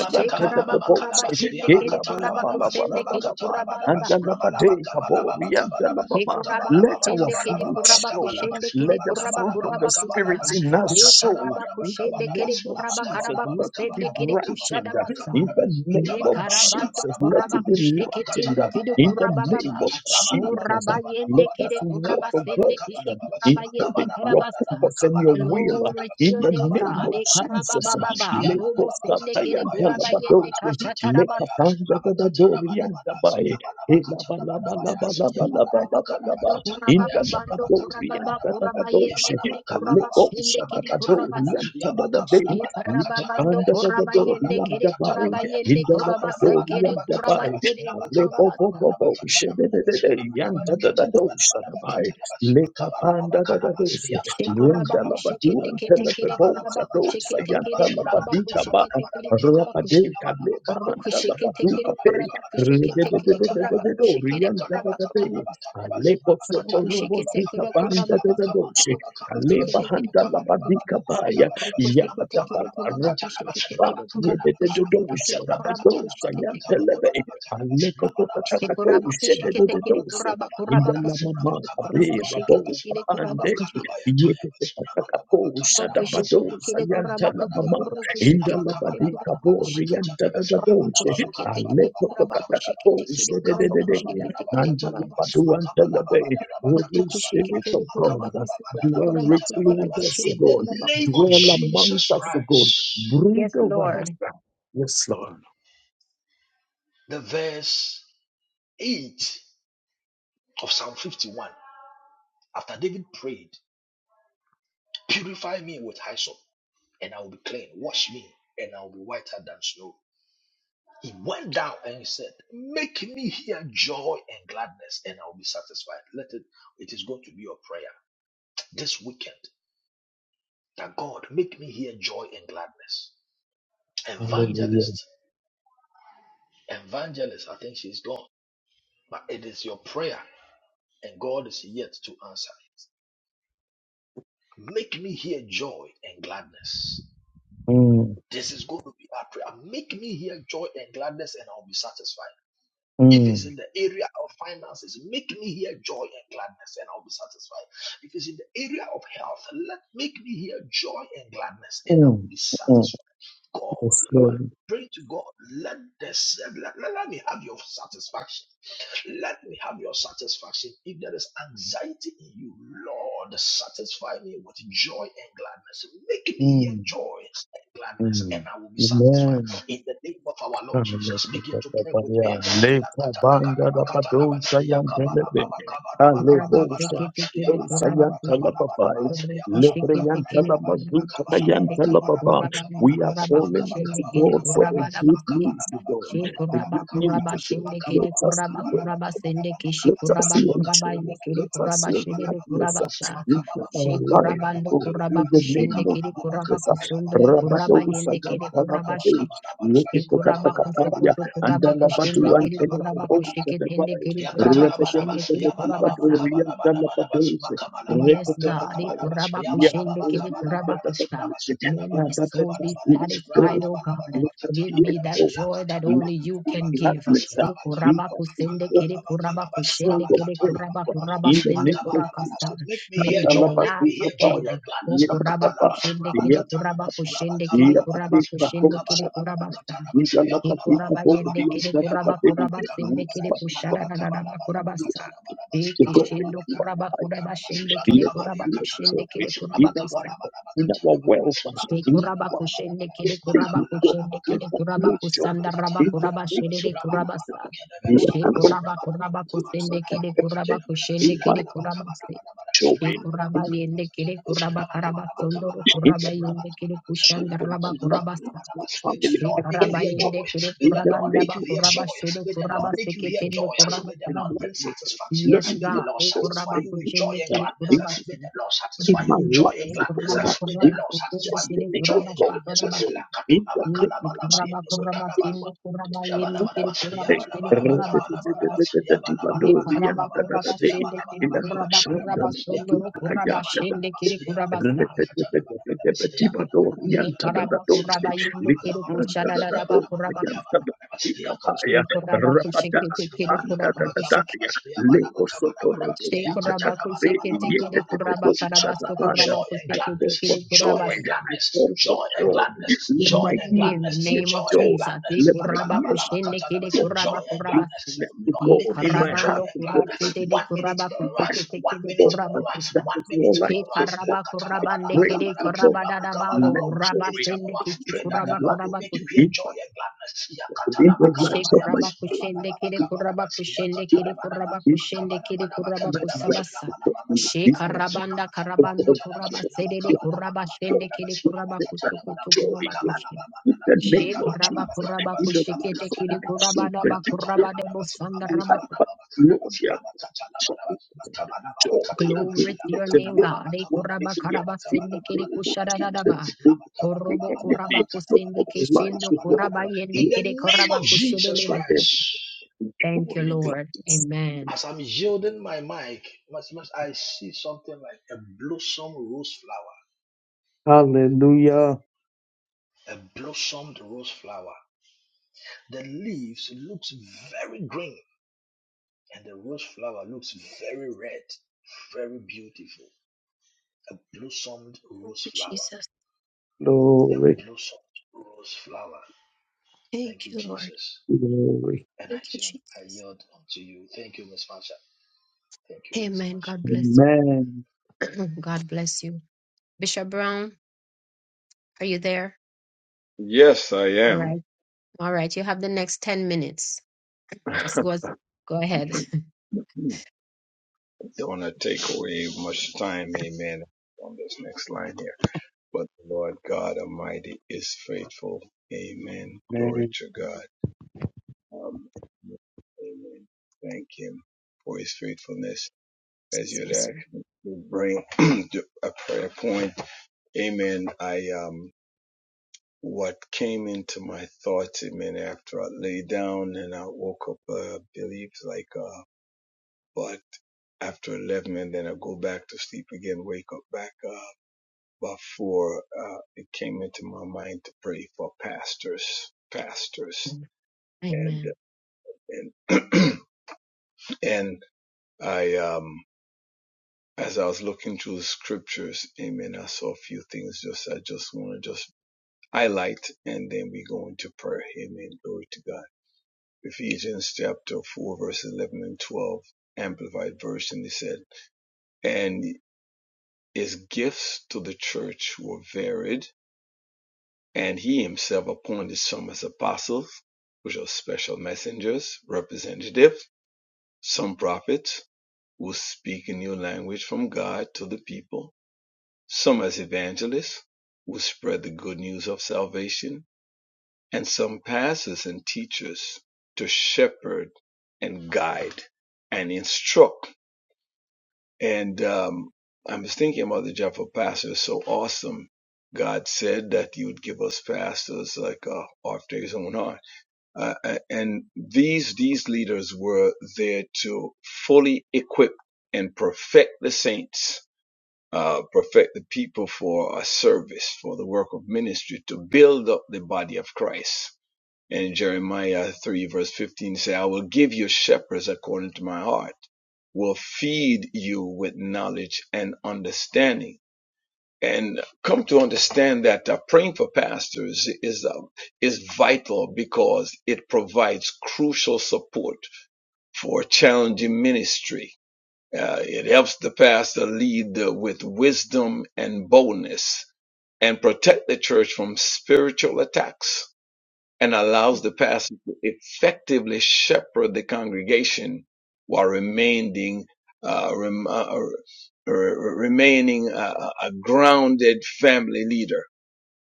A: Shte karaba kuraba shende kere kuraba
C: yabakatalabalaba,
A: kusende kere kuraba
C: rabakatalabalaba,
A: ba.
C: rabalabakabalababakabalaba,
A: E kuraba
B: Let our
A: kushende kere
B: fruit
A: kuraba
B: show.
C: makabalababakabalababakabalaba,
A: kushende kere
B: Let the
A: kuraba
B: fruit of the
A: kuraba kusa.
C: rabakabalababakabalaba,
B: Spirit in us
A: E
B: show.
A: karaba
B: In the
A: kushende
C: labakatalabadabakabalaba,
A: kere
B: name of
A: kuraba
B: Jesus,
A: karaba
B: let it be
A: kusende kere kushada
B: brightened.
A: basa.
B: In
C: labakabalababakabalababakabalabakabalaba,
B: the name
A: E
B: of
A: karabando
B: Jesus, let
C: mekabalababakabalababalaba,
A: kuraba
B: it be
A: kusheke
B: lightened.
C: labakatalabalabalabakatala,
A: tende kere
B: In the
A: kuraba baba.
B: name of Jesus,
A: Kuraba yende
B: let us
A: kere
B: walk,
A: kuraba
B: O
A: sende
C: rabalababakabalababakabalabakabalababa,
B: God,
A: kishi kuraba yende
B: according to your
A: karabasa.
B: purpose and your
C: makabalababakabalababakabalaba,
B: will.
A: Glory to
B: In
A: your
B: the
A: name,
B: name
A: God.
B: of
A: E
C: makabalababakabalababakabalaba,
A: karaba
B: Jesus,
A: baba baba.
B: let
A: Robo sende kere
B: Postayanda
A: kuraba
B: Labados,
A: yende
B: Let in
A: kashatarabasa. Kurabando,
B: in the
A: kurababa, bando,
B: Labadorian
A: kurababa,
B: Dadados,
A: kurabayende, kiri, Kurabas,
B: Kalepo
A: shende kiri, kurabasa.
B: Shadabadorian Tadadabe,
A: Shikarababando,
B: Litapanda the
A: kurabayende,
B: Dorian
A: kiri,
B: Dabai,
A: kurabayende,
B: in the Lekosatayandalabadose, Lekapanjadadadoriandabae, Elabalabalabalabalabalaba, Indalabadoriandadadadose, Kaleosadabadoriantadadade, Lekapandadadadoriandabae,
A: kurabasa, kiri,
B: Indalabadoriandabae,
A: kurabashede, ni kurabasa.
B: Kalebobobobose, dededede, the
C: Yabalaba Kabarababakaraba,
B: Lekapandadadadose,
A: Shikurabakushikete,
B: Rendalabaduan
C: Yakatalabakarabatatalabanaba,
A: kete, kiri,
B: Telebebosa dosa
A: kurabakushikete,
C: Rabanabanabatatalabanaba,
A: kiri,
B: yantalabadika ba
A: kurabakushikete, kiri,
C: Rabakatalabanabanabakatalaba,
A: kurabakushi.
B: Rabadeka leba
C: Labanabakabanaba,
A: Rukushikete, kiri,
B: andalabaduka pe
C: Rabakabanabakabanaba,
A: kurabakushikete, kiri,
C: Manabakatalabanaba,
B: Rededededededo
A: kurabakushikete,
B: riandadadade
A: kurabakurabakushi.
C: Labakalabakatalabakanaba,
B: Alepo sotorobo
A: Rukushikete,
B: zika
A: kiri,
C: Rabakatalabanabakanaba,
B: banda
A: kurabakushikete, kiri,
B: dedadoshe
C: Labakabanabakabanaba,
B: Kaleba
A: kurabakushikete, kiri, kurabakushi.
B: handalabadika baya
A: Rokoshekeke,
B: Yakataba
C: Rabakabanabakabanaba, Rabakabanabakatanaba,
B: Rabadaba
C: Rabakatanabakanabanaba,
B: Yedededosa dabadosa
C: Rabakatanabakabanaba,
B: yantelebe Aleko totatakato shedededosa Indalamama abe raboka pande Holy Spirit of God, dwell richly with us, O
C: in the
B: God.
C: name of
B: Dwell among
C: Jesus
B: us, O God.
C: Christ,
B: Breathe over us. Yes, Lord.
C: the verse 8 of Psalm 51. After David prayed, Purify me with hyssop, and I will be clean. Wash me, and I will be whiter than snow. He went down and he said, Make me hear joy and gladness, and I will be satisfied. Let it, it is going to be your prayer this weekend that God make me hear joy and gladness.
B: Hallelujah.
C: Evangelist, evangelist, I think she's gone, but it is your prayer, and God is yet to answer it. Make me hear joy and gladness.
B: Mm,
C: This is going to be our prayer. Make me hear joy and gladness, and I'll be satisfied. If it's
B: mm,
C: in the area of finances, make me hear joy and gladness, and I'll be satisfied. If it's in the area of health, let make me hear joy and gladness, and I will
B: mm,
C: be
B: mm.
C: satisfied. God,
B: Yes,
C: you are
B: Lord.
C: praying to God. Let this let, let let me have your satisfaction. Let me have your satisfaction. If there is anxiety in you, Lord, satisfy me with joy and gladness. Make me hear
B: Mm,
C: joy and gladness,
B: mm.
C: and I will be satisfied.
B: Amen.
C: In the name of our
B: We
C: Lord
B: are calling
C: Jesus, begin to pray with me.
B: to God for a good news to God, a good news to God. Let
C: Rabba
B: us hear
A: Shekurabandukurabakushendekerekurabakurabasendekishi
B: let us see a joy. Let us see a gladness uh, in our life, God, in the name of Jesus. uh, Rabadosaya, Dalabade,
A: Kuraba
B: Yekitakataya,
A: kusokoto
B: and
A: kuraba
B: Dalabadu
A: kushende
B: and
A: kiri kuraba
B: Pentecost,
A: kushike tende kiri kuraba
B: Repetitorian
C: Yakatalabaraba,
A: kushende kiri
C: Yabalababa,
A: kuraba
C: Kabalabalabalaba,
B: Dalabados,
C: Makabalabalabalaba,
A: Yes, God. Eh,
B: Repetataya,
C: Kabalabalaba,
A: kurabakushende
C: Yabalababa,
A: kede
B: Yapatorian
C: Kabalabalaba,
A: kurabakusa.
B: Dalabados.
A: May my
C: Rabakatalabalaba,
B: Father, let
A: soul
B: us
A: be
B: see
C: Kabalabalaba,
B: joy.
A: satisfied, oh God.
C: Rabalabalabalaba,
B: Let us
A: Give
B: see
A: me
C: Katalabalaba,
A: that
B: joy.
A: joy that
B: Let
A: only
B: us
A: you
C: Lakatalabalaba,
A: can
B: see
A: give.
C: Kadada,
B: gladness. uh,
A: Oh,
B: in
C: Rabakalaba,
A: kurabakusende
B: us
A: kede
C: Katalalalaba, Kalaba,
B: Send
A: kurabakushende
B: your
A: kede
B: prayer
C: Rabakatalabalabalaba,
B: in the
A: kurabakurabasende
B: name of
C: Makabalabalaba.
A: kurakasa.
B: Jesus.
C: Make me
A: May
C: hear
A: we
C: joy, make
A: laugh
C: me hear joy
A: again.
B: Katalabakitapaya,
C: and
A: Oh,
C: gladness. Makatalaba,
B: yabakapa, yabakapa,
A: kurabakushende kede
C: Rabakatalaba,
B: yabakitapaya,
A: kurabakushende kede
C: Rabakabalaba, Rabba
B: yabakitapaya,
A: kurabakushende kede kurabasa. Shikurabayende
B: yabakitapaya.
A: kede kurabakurabasende
B: Yes,
A: kede
B: my God.
A: kushadadadadabakurabasa.
B: To
A: Eki
B: go
A: shindo
B: into our
A: kuraba kuraba
B: life
A: shende kere
B: let us
A: kuraba
B: be
A: kushende kere
B: exalted in
A: kuraba
B: our
A: kusa.
B: health, in our wealth,
A: Shte
B: in
A: kuraba
B: our
A: kushende kere kuraba
B: things, God.
A: kushende
B: Let
A: kere
B: us be
A: kuraba kusanda
B: exalted
A: raba
B: in the
A: kuraba
B: name of
A: sherere kuraba sa. Shte
B: Jesus
A: kuraba kuraba
B: lives
A: kusende
B: like that.
A: kere
B: That
A: kuraba
B: in
A: kushende
B: my
A: kere kuraba se. Shte
B: children, in
A: kuraba
B: my
A: yende kere
B: household,
A: kuraba karaba
B: in
A: sondoro
B: the
A: kuraba
B: life
A: yende kere
B: of
A: kushanda
B: children, I
A: raba
B: love
A: kuraba sa.
B: my
C: May the
B: family,
A: she
B: I
C: Lord make you
B: hope
A: karaba
C: hear joy.
B: so.
A: yende kere
C: May
B: In
C: the
B: the
A: kuraba
C: Lord
B: name
C: make
A: ndaba
C: you
B: of
C: hear joy.
A: kuraba
B: Jesus,
A: shere
C: May the Lord
A: kuraba
B: let
C: make you
B: me
C: hear
B: be
A: seketende
C: joy.
B: so
A: kuraba
C: May the
A: karaba.
B: and
C: Lord bring
B: blessed.
C: satisfaction.
B: Let
A: Yes,
B: me
C: May
B: be
C: the
A: God.
C: Lord
A: Eh,
B: so
C: satisfy
A: kuraba
B: and
C: you with joy
A: kuchende
C: and
A: kere
C: gladness.
B: be
A: kuraba
C: May
A: tu.
C: the Lord
B: in
C: satisfy
B: my
C: you with joy
B: life,
C: and
A: Eh,
B: oh God, I
A: kuraba
C: gladness. May the
B: in
A: kuraba
C: Lord
B: my
A: kuchende
C: satisfy you
A: kere
C: with
B: destiny,
C: joy
B: in
A: kuraba
C: and
A: she
B: God's
C: gladness.
B: joy,
A: kuraba tu.
B: in the
A: Yes,
B: name
A: eh,
B: of
A: kuraba
B: Jesus.
A: kuraba
B: In my
A: sendo kuraba yende kere
C: Shabalabalaba,
A: kuraba shende
C: yabalabalaba,
A: kuraba
C: kabalabalaba,
A: kusaba si. Ye
C: yabalabalaba,
A: kuraba
C: kabalabalaba,
A: kuraba shende kere
C: yabalabalaba,
A: kuraba
C: kabalabalaba,
A: kuraba sondo ro
C: yabalabalaba,
A: kuraba shende
C: kabalabalaba,
A: kere kuraba
C: yabalabalaba,
A: sa.
C: katalabalaba, yabalabalaba, katalabalaba,
A: Ye kuraba kuraba yende
C: yabalabalaba,
A: kere
C: kabalabalaba,
A: kushada da da ba
C: yabalabalaba,
A: kuraba kusa.
C: kabalabalaba,
A: She
C: yakatalabalaba,
A: kuraba
C: Joy
A: kushekete kere kuraba
B: Hey, Leko soto robo
A: She
B: zita
A: kuraba
B: takape
A: kusheke
B: yete
A: tekele
B: tete
A: kuraba
B: docha
A: karabaso
B: tabaya.
A: kuraba
C: and
B: I
A: kusheke
B: call for
A: tekele
C: gladness, joy
B: joy.
C: and
A: kurabasa.
B: I
C: gladness,
B: call for
C: joy and
B: joy.
C: gladness,
B: Let
C: joy
B: my
C: and
B: ears
A: In the
C: gladness,
B: hear
A: name of
C: joy and
B: joy.
A: Jesus, e
C: gladness.
B: Let my
A: kuraba
B: ears
A: kushende kele
B: joy.
C: Joy
A: kuraba
C: and
B: Be
C: gladness.
A: kurabasi.
C: Oh
B: blessed to
C: Lord,
A: E
C: make
B: God
C: me
B: in
C: hear
B: my
C: joy
B: heart
A: karabando
C: and
B: to
C: gladness.
B: God.
A: kurasete
B: In
A: de
C: One minute
A: kuraba
C: more,
B: My
A: kusheke
C: one
A: tekele
C: minute
B: God,
A: kuraba
C: more,
A: kusa.
B: that
C: one
B: is
C: minute
B: all I
A: She
C: more.
B: call for.
A: karaba
B: I
A: kurabande
B: pray
A: kele
C: Lakatalabalabakalaba.
B: to God.
A: kuraba dadabado
C: Rabakabalaba.
B: Let
C: One
B: joy
C: minute
A: rabasende
C: more.
B: abound
A: kishi
C: Pray
B: in
C: that
B: my
C: the
A: kuraba
C: Lord
B: life.
C: will
A: kuraba
C: make you hear
A: kusi.
B: In
C: joy
B: my
C: and gladness.
B: in the lives of
C: Makanabayaba,
B: my
A: Shekuraba
B: kids.
A: kushende
C: Rabanaba,
A: kere
B: In
C: Kabanaba,
A: kuraba kushende
B: my
A: kere
C: Yakatanabanaba,
A: kuraba
B: in
A: kushende kere
C: Makabanabanaba,
A: kuraba
B: my
C: Katanaba,
A: kusabasa.
B: wealth.
C: Lamanaba,
B: In
C: Kanabanaba,
B: my
A: Shekarabanda
B: In
C: Ramakanaba,
A: karabando
C: Katanaba,
A: kuraba sedede kuraba
C: Lamakabanaba,
A: shende
C: Kabanaba,
A: kere kuraba kusukutu
C: Lamakatanabanaba,
A: kuraba kushe.
C: Makabanabanaba,
B: the name of
C: Makabanaba,
A: Shekaraba
B: Jesus,
A: kuraba
C: Kanaba,
B: in the life
A: kushekete
B: of
A: kere
B: the
C: Ramakatanabanaba,
A: kuraba daba
B: children, their
A: kuraba debo
C: Ramakatanabanaba,
A: sanda raba ku-
B: life,
C: Ramakabanaba, Kanaba,
B: Lord, their
C: Lamakatanabanaba,
B: joy
C: Makabanaba,
B: and
C: Katanaba,
A: Glory to
B: happiness,
A: your
B: and
A: name,
B: Lord,
A: God.
C: Lamakabanaba,
A: E
B: what
C: Kabanaba,
B: they
A: kuraba
B: hear,
A: karaba
B: in the
A: sende kere
B: name of
C: Ramakabanaba,
B: Jesus,
A: kushadadadaba.
C: Kabanaba,
B: we
A: Orobo
B: can make
A: kuraba
C: Lamakabanaba,
B: Lord,
A: kusende
B: lives,
A: keshendo
B: Lord,
C: Kabanaba,
A: kuraba
B: and
A: yende
C: in
B: Lord,
C: the
A: kere
C: name
A: kuraba
C: of
B: triumph
C: Jesus
A: kushedede
B: over them,
A: kusa.
C: Christ,
A: Thank
B: joy
A: you,
B: and
A: Lord.
B: gladness.
A: Amen.
C: as I'm yielding my mic, much, much, I see something like a blossom rose flower, a
B: Hallelujah,
C: a blossomed rose flower. The leaves looks very green, and the rose flower looks very red, very beautiful. A blossomed rose
A: you,
C: flower,
A: Jesus.
C: a
B: glory,
C: blossomed rose flower.
A: Thank
C: Thank you,
A: you, Lord.
C: Jesus.
B: glory,
C: And I
A: Thank you,
C: yield, I
A: Jesus.
C: yield unto you. Thank you, Miss Marsha. Thank you, Miss
A: Amen.
C: Marsha.
A: God bless.
B: amen,
A: God bless you. Bishop Brown, are you there?
E: Yes, I
A: All
E: am.
A: right. All right. You have the next 10 minutes. Just
E: Don't
A: go, go ahead.
E: want to take away much time, amen, on this next line here. But the Lord God Almighty is faithful. Amen. Glory to God. Um, amen. Thank Him for His faithfulness. As you'd
A: Yes, Lord.
E: actually bring to a prayer point, amen. I, um, what came into my thoughts, amen, after I lay down and I woke up, uh, I believe, like, uh, But after 11 and then I go back to sleep again, wake up back up. Before uh, it came into my mind to pray for pastors, pastors.
A: Amen.
E: And,
A: Amen.
E: and, and I, um, as I was looking through the scriptures, amen, I saw a few things just, I just want to just highlight and then we go into prayer. Amen. Glory to God. Ephesians chapter 4 verse 11 and 12, amplified version. He said, "And." His gifts to the church were varied, and he himself appointed some as apostles, which are special messengers, representatives, some prophets, who speak a new language from God to the people, some as evangelists, who spread the good news of salvation, and some pastors and teachers to shepherd and guide and instruct And um, I was thinking about the job for pastors. so awesome. God said that you would give us pastors like uh, after His own heart. Uh, uh, and these these leaders were there to fully equip and perfect the saints, uh, perfect the people for a service, for the work of ministry, to build up the body of Christ and Jeremiah 3, verse 15 say, I will give you shepherds according to my heart, will feed you with knowledge and understanding. And come to understand that uh, praying for pastors is, uh, is vital because it provides crucial support for challenging ministry. Uh, it helps the pastor lead uh, with wisdom and boldness and protect the church from spiritual attacks and allows the pastor to effectively shepherd the congregation while remaining uh, rem- uh, remaining a, a a grounded family leader.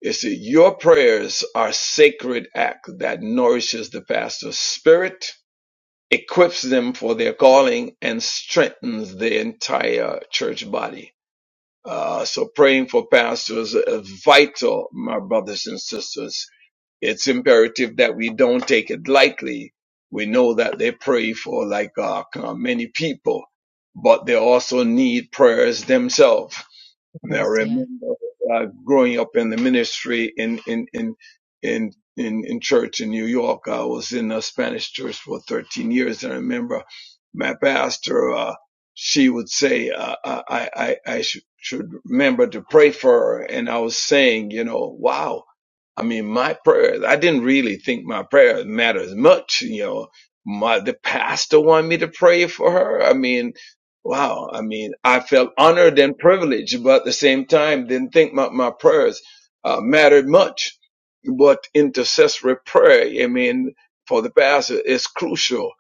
E: You see, your prayers are sacred act that nourishes the pastor's spirit, equips them for their calling, and strengthens the entire church body. Uh, so praying for pastors is vital, my brothers and sisters it's imperative that we don't take it lightly. We know that they pray for like uh, many people, but they also need prayers themselves now, I
A: Yes,
E: remember
A: yes.
E: uh, growing up in the ministry in in in in in, in church in New York. I was in a Spanish church for 13 years, and I remember my pastor. Uh, she would say, uh, "I I I I should should remember to pray for her," and I was saying, you know, wow. I mean, my prayers. I didn't really think my prayers mattered much, you know. My the pastor wanted me to pray for her. I mean, Wow. I mean, I felt honored and privileged, but at the same time, didn't think my, my prayers uh, mattered much. But intercessory prayer, I mean, for the pastor is crucial.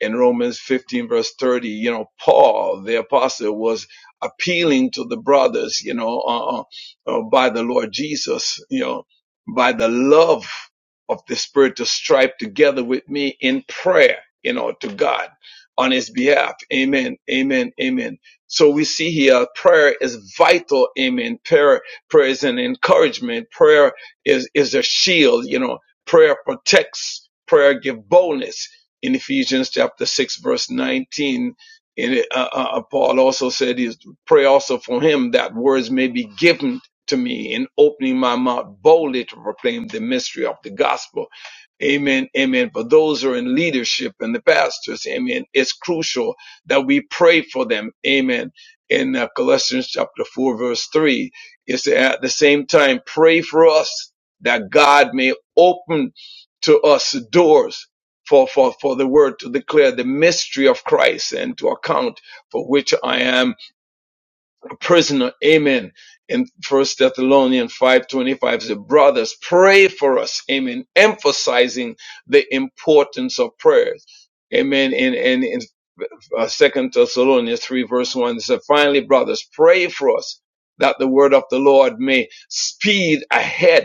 E: In Romans 15 verse 30, you know, Paul, the apostle was appealing to the brothers, you know, uh, uh, uh, by the Lord Jesus, you know, by the love of the spirit to strive together with me in prayer, you know, to God on his behalf. Amen. Amen. Amen. So we see here prayer is vital. Amen. Prayer, prayer is an encouragement. Prayer is, is a shield. You know, prayer protects, prayer give boldness in Ephesians chapter six, verse 19. in uh, uh, uh, Paul also said, is pray also for him that words may be given to me in opening my mouth boldly to proclaim the mystery of the gospel Amen. Amen. For those who are in leadership and the pastors, amen. It's crucial that we pray for them. Amen. In uh, Colossians chapter 4, verse 3, it's at the same time, pray for us that God may open to us doors for, for, for the word to declare the mystery of Christ and to account for which I am prisoner. Amen. In First Thessalonians 5:25, the brothers pray for us. Amen. Emphasizing the importance of prayers. Amen. And and in uh, Second Thessalonians 3 verse 1, it says, finally, brothers, pray for us that the word of the Lord may speed ahead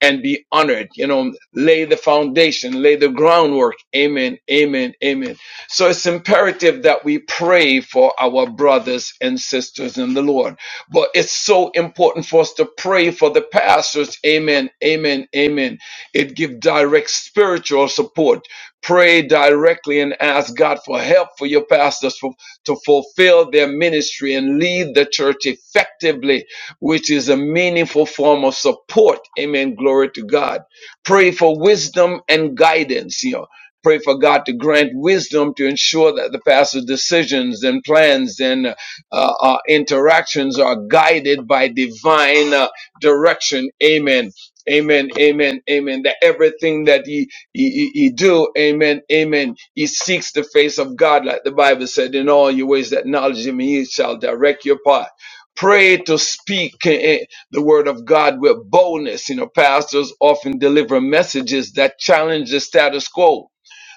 E: and be honored. You know, lay the foundation, lay the groundwork. Amen, amen, amen. So it's imperative that we pray for our brothers and sisters in the Lord. But it's so important for us to pray for the pastors. Amen, amen, amen. It gives direct spiritual support. Pray directly and ask God for help for your pastors for, to fulfill their ministry and lead the church effectively which is a meaningful form of support. Amen. Glory to God. Pray for wisdom and guidance. You know, pray for God to grant wisdom to ensure that the pastor's decisions and plans and uh, uh, interactions are guided by divine uh, direction. Amen. Amen, amen, amen. That everything that he, he he he do, amen, amen. He seeks the face of God, like the Bible said, in all your ways that knowledge him, and he shall direct your path pray to speak eh, eh, the word of God with boldness. You know, pastors often deliver messages that challenge the status quo.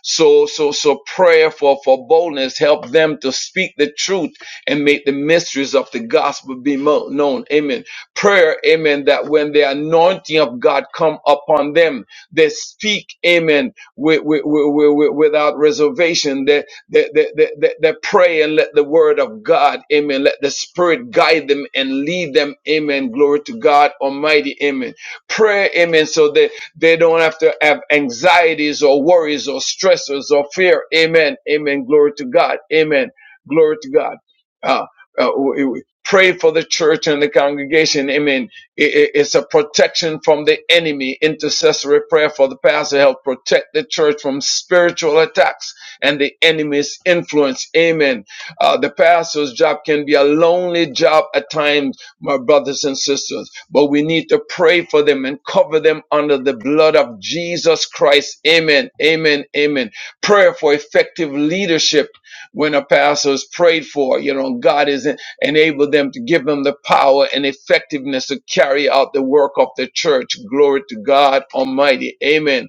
E: So, so, so prayer for, for boldness help them to speak the truth and make the mysteries of the gospel be mo- known. Amen. Prayer, amen, that when the anointing of God come upon them, they speak, amen, with, with, with, with, without reservation that, that, that, that, that pray and let the word of God, amen, let the spirit guide them and lead them, amen. Glory to God Almighty, amen. Pray, amen, so that they don't have to have anxieties or worries or stressors or fear, amen, amen. Glory to God, amen. Glory to God. Uh, uh, we- we pray for the church and the congregation, amen. I- I- It's a protection from the enemy. Intercessory prayer for the pastor help protect the church from spiritual attacks and the enemy's influence. Amen. Uh, the pastor's job can be a lonely job at times, my brothers and sisters, but we need to pray for them and cover them under the blood of Jesus Christ. Amen. Amen. Amen. Prayer for effective leadership when a pastor is prayed for, you know, God is en- enable them to give them the power and effectiveness to carry out the work of the church. Glory to God Almighty. Amen.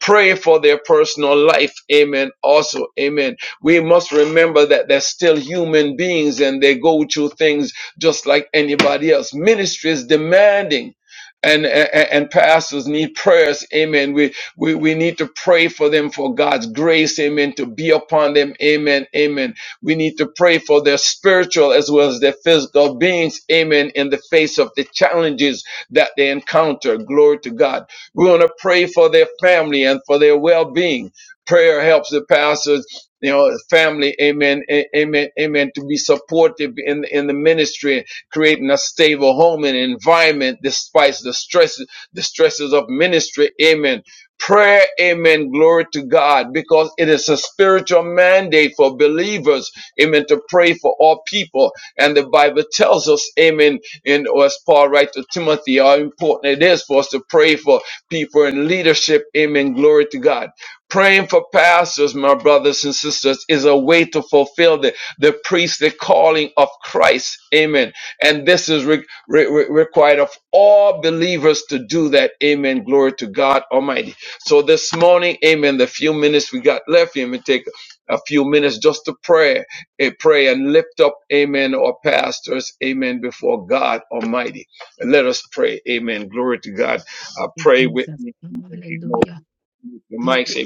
E: Pray for their personal life. Amen. Also, amen. We must remember that they're still human beings and they go through things just like anybody else. Ministry is demanding. And, and and pastors need prayers, amen. We, we we need to pray for them for God's grace, amen, to be upon them, amen, amen. We need to pray for their spiritual as well as their physical beings, amen, in the face of the challenges that they encounter. Glory to God. We want to pray for their family and for their well-being. Prayer helps the pastors, you know, family, amen, amen, amen, to be supportive in, in the ministry, creating a stable home and environment despite the stresses, the stresses of ministry, amen. Prayer, amen, glory to God, because it is a spiritual mandate for believers, amen, to pray for all people. And the Bible tells us, amen, and as Paul writes to Timothy, how important it is for us to pray for people in leadership. Amen. Glory to God. Praying for pastors, my brothers and sisters, is a way to fulfill the, the priestly calling of Christ. Amen. And this is re- re- re- required of all believers to do that. Amen. Glory to God Almighty. So this morning, amen, the few minutes we got left, amen, take a few minutes just to pray, eh, pray and lift up, amen, our pastors, amen, before God Almighty. And let us pray, amen. Glory to God. Uh,
A: Thank
E: pray
A: you,
E: with
A: Jesus.
E: me if you know
A: Hallelujah.
E: if your mic. Say,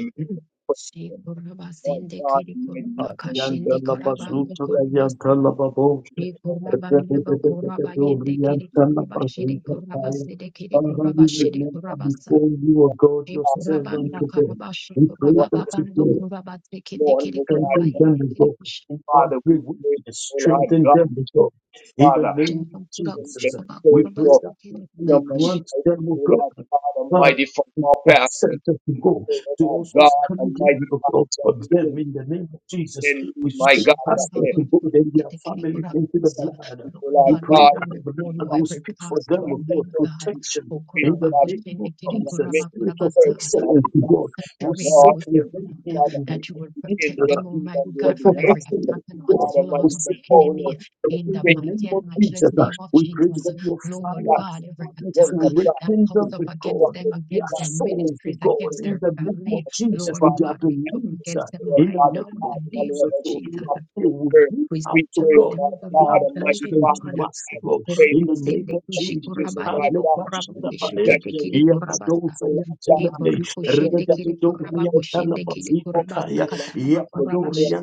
E: Lord God, Almighty, we thank you that
A: kirikorabakashende
B: Yantala
E: you
A: karabando
B: bazuto
E: bless
A: korabase.
B: kayantala baboshe.
A: Shikorabande
B: Yantala
A: bokorabayende kirikorabashede
B: bazuto kaya.
A: korabasede
B: Father, we
E: this
A: kirikorabashede
B: remember
A: korabasa.
B: before you, O God, your
E: Father. We
B: servant
A: Kurabanda
E: live
B: today.
A: Karabashi
B: We pray
E: right
A: Kurababa
B: that
A: Bando
B: today.
A: Kurabate Kete
E: morning,
A: Kiri
E: oh
A: Kurumba
B: Strengthen
E: God,
B: them,
A: Yendikiri
B: Lord.
A: Kush
B: In
E: Father. We
B: every
E: pray,
B: weakness,
E: oh Lord
B: strengthen
E: God,
B: them, Lord. In the
E: Father,
B: name of
A: Java Kura
E: that you
B: Jesus,
E: can
A: Kushaba
B: we
E: save
B: pray
A: Kurabas
E: your
B: that
A: Kiri
B: you
E: them
A: Kurabash
E: and
B: grant
E: fight,
B: them, O
E: oh Lord
B: God,
E: God
B: Father,
E: Almighty, from all
B: that
E: pastors.
B: sent us to go
E: Oh
B: to
E: Lord
B: also
E: God
B: stand in
E: Almighty,
B: the God
E: that
B: for
E: you
B: them
E: give us
B: in the name of Jesus. We
E: my
B: seek
E: God,
A: She
E: that
A: couldn't
B: us
A: have
B: to
E: they,
A: put
B: go
A: it-
B: and
A: get
B: their
A: the kid put
B: family
A: up.
B: into the
A: So,
B: blood.
E: oh
A: Lord
E: Lord
B: We
A: God, we
B: pray
E: God,
B: that
A: bring
B: the
A: before you
B: blood will
A: every
B: speak for
A: pastor,
B: them, O
E: that
B: God,
A: Almighty God.
E: you can
B: protection.
A: Oh,
E: save
B: In
E: us,
A: Kuraba
B: the
E: Father,
B: name
A: Kushin,
B: of
A: Ekiri
E: from that
B: Jesus,
A: Kuraba
B: Spirit of
A: Kurabasa,
E: miscarriage, Father
B: excellence, O
A: You
E: God.
A: will
B: God, we
A: saturate them
E: Lord,
B: seek
A: with
B: with
A: your
E: thank you,
B: them
A: blood,
B: in
E: Father,
B: the name
A: that you
E: for
A: will
E: you
B: of
A: protect
B: Jesus.
A: them,
E: intercede on
A: Almighty
E: their
B: Let
A: God,
B: us
A: from
E: behalf.
A: every
E: O Lord
A: attack
B: excellence,
A: and
B: God.
E: God
B: We
A: onslaught
E: Almighty,
A: of
E: for
B: seek
A: the
B: on
E: boldness
A: enemy.
B: fire
E: to
A: In
B: in
A: the
B: the
E: speak
B: name
A: mighty
B: of
A: and matchless
B: Jesus.
A: name of
B: We pray
A: Jesus,
B: for your
A: Lord
E: that
B: fire
A: God, every
B: Father,
A: attack
E: word
B: to
A: uh,
E: of God
A: that
E: to
A: comes
B: rekindle
A: up
B: the
A: against
B: God,
A: them,
E: justice,
B: their
A: against
E: not
A: their
E: to
B: souls,
E: think
B: the
A: ministries,
E: good
B: God,
A: against
E: is
B: in
E: in
A: their
E: the
B: the name
E: God
A: families.
B: of
E: of the
B: Jesus
A: Lord
B: and
E: Father,
B: their
A: God, we
E: and
A: come
E: to
B: beliefs. uh,
A: against them
E: the
B: In the
A: right
E: Father,
A: now in
B: name of
A: the
E: God, my
A: name
E: Lord,
A: of
B: Jesus,
E: as
B: so
E: we
B: Lord,
A: Jesus.
E: drop
B: they
E: this
B: will
E: word,
B: give
A: We
B: out
E: we
B: to
E: pray,
A: saturate
E: O
B: God.
A: them with
E: Lord
A: the blood
E: God
B: Have
A: of the
B: blessed
E: Almighty,
A: living
B: them
E: Father,
A: God.
B: to
E: and
B: us, God.
E: faith
B: In the
E: to the
B: name
A: Ukurabasende
B: of Jesus,
E: Jesus,
B: have
A: kushikurabande
E: our
B: let
E: God
A: bokuraba
E: Almighty,
B: Bashir
E: that
A: kishikete
E: you
A: kiri
B: Ia
E: would strength,
A: kurabasa.
B: Badosa
E: O Lord God, to
A: Ikura
B: Yantelame,
E: do the
A: kushende
E: work
A: kiri
B: Rededo
A: kuraba kushende
B: Yantelama
A: kiri
E: Lord
B: Zita
A: kurabasa kataraba kurabashi.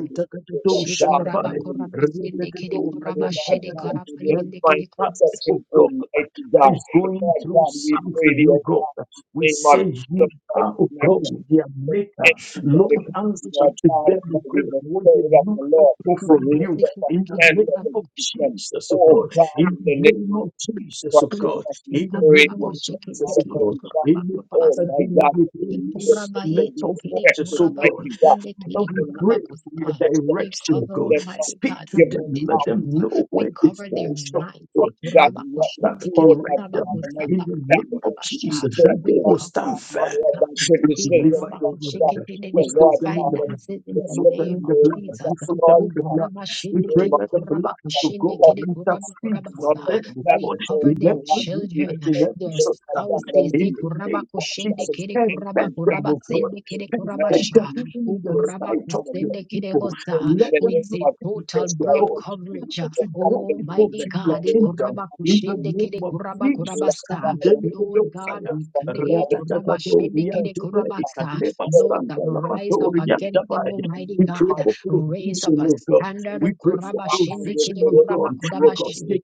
A: Shikuraba kurabasende kiri kurabashede
E: God,
B: Rebetetokayantanabem.
E: for their
A: karabayende
E: divine
B: Every
A: kiri
B: pastor
A: kurabasa.
B: of
E: protection,
B: God that
E: Almighty God.
B: is going
E: Lord
B: through
E: God, we pray
B: something,
E: thee,
B: new
E: O
B: God,
E: God,
B: we
E: in the name of
B: say, You
E: Jesus Christ,
B: are, O
E: of
B: God,
E: Nazareth,
B: their
E: for
B: maker. Lord,
A: Kuraba
B: answer
E: everybody, Lord
A: kushikete
B: to
E: God
B: them, O
E: Almighty,
B: God,
E: the
B: what they
E: Spirit of the
B: look up
E: Lord,
B: for
E: the
B: from
E: lift
B: you.
E: up a
B: In the
A: kiri
E: standard
B: name
A: kuraba
B: of
E: against them.
B: Jesus, O
E: Oh
B: God.
E: God,
B: In
E: in
B: the
E: the name
B: name
E: of
B: of Jesus, O
E: Christ of
A: kushikete
B: God.
E: Nazareth,
A: kiri
B: In the
E: pray
A: kuraba
B: name
E: in
B: of
E: the
A: kushikete
B: Jesus,
E: out
B: O
E: of my
A: kiri
B: God.
E: God.
A: kuraba
B: Any
E: Oh
A: kurabasa.
B: pastor
E: my
B: dealing
E: God,
B: with
E: that the
A: We
B: any
E: leaders
A: cover
E: of the be
B: little fortress,
E: effective,
B: O God.
E: mighty God.
B: Father, we
E: the
B: pray for your
E: leaders that
B: direction,
E: for
B: God.
E: them,
A: Almighty
B: Speak
A: God
B: to
E: give
A: the
E: them
B: them. Let
E: power
A: victories.
B: them know
A: We
B: where they
A: cover
E: to
A: their
B: fall short,
E: effect,
A: minds.
B: God.
A: We
E: Father
A: cover
E: God,
B: And
E: and what they
B: Father,
A: Almighty
E: do, oh
B: correct
E: Lord,
A: God.
B: them
E: Father Mighty.
B: in the
E: That is
B: name of
E: what we
B: Jesus,
E: pray,
B: that they will
E: Father
B: stand
E: God, my
B: firm
E: Lord, by
B: we
E: criticism,
B: deliver your
E: Father God.
B: word. We
E: Oh
A: Their
B: soak
E: Lord,
B: them in the
E: Father,
B: blood.
E: look
A: finances
B: We
A: in the
B: soak
E: to
B: them
A: name
B: in
A: of
B: the
E: you, oh,
B: blood.
E: Lord,
A: Jesus.
B: We
E: God.
B: soak them
E: Lord,
B: in
A: We
B: the blood. We
E: oh
B: pray
E: my
B: that the blood
E: God,
B: of
E: keep
B: God
E: helping me,
B: intercede
E: Father,
B: for
E: my Lord,
B: them,
E: that was
B: Lord,
E: all
A: cover
B: in
E: my
A: their
B: every
E: life to be the
B: weakness,
A: children.
B: in
E: first
B: every
A: There's
E: day of God
B: shortcoming.
A: spouses, eh,
B: In
E: Almighty.
B: the
A: kuraba
B: name of
E: Lord,
A: kushende
E: we
B: Jesus,
A: kere
E: thank
A: kuraba
B: perfect them,
A: kuraba
B: O God.
A: sende kere kuraba
B: Perfect them
A: sha,
B: even
E: to
A: u
B: in
E: give
B: the
A: kuraba
B: sight of your
A: kusende kere
B: people.
A: bosa.
B: Let
E: the
A: We
B: them
E: name
A: say
E: of
A: total
E: Jesus
B: to
E: Christ.
A: blood
E: that
B: God.
E: you
A: coverage. uh,
B: Father, to
E: lift up
B: draw
E: the
A: Oh,
B: people
E: name of
A: mighty
E: the
B: to your
A: God, eh,
B: kingdom
A: kuraba
B: in the
A: kushende
B: name
A: kere
B: of
A: kuraba
E: We pray
A: kuraba
B: Jesus.
E: like a father who is
A: Lord God,
B: Kandelebedosaya,
A: we
E: faithful and
A: claim
E: God is
A: kuraba shende kere
E: faithful.
B: ratatatatoriantebe,
A: kuraba
E: Tell
A: Those
E: to
A: that
E: pray
A: rise up against them,
B: ikalebastandalabatoriantabai.
A: Almighty
B: We
E: the
B: pray
A: God,
E: Father.
B: for
A: raise up
B: provision,
A: a
B: of God.
E: And
A: standard.
B: We
A: oh,
B: pray
E: we
B: for
A: kuraba
E: are on
A: shende
E: your
B: provision,
A: kere
E: prayer,
B: of
E: your
A: kuraba
E: prayer,
B: God,
A: kuraba
E: your prayer,
B: because they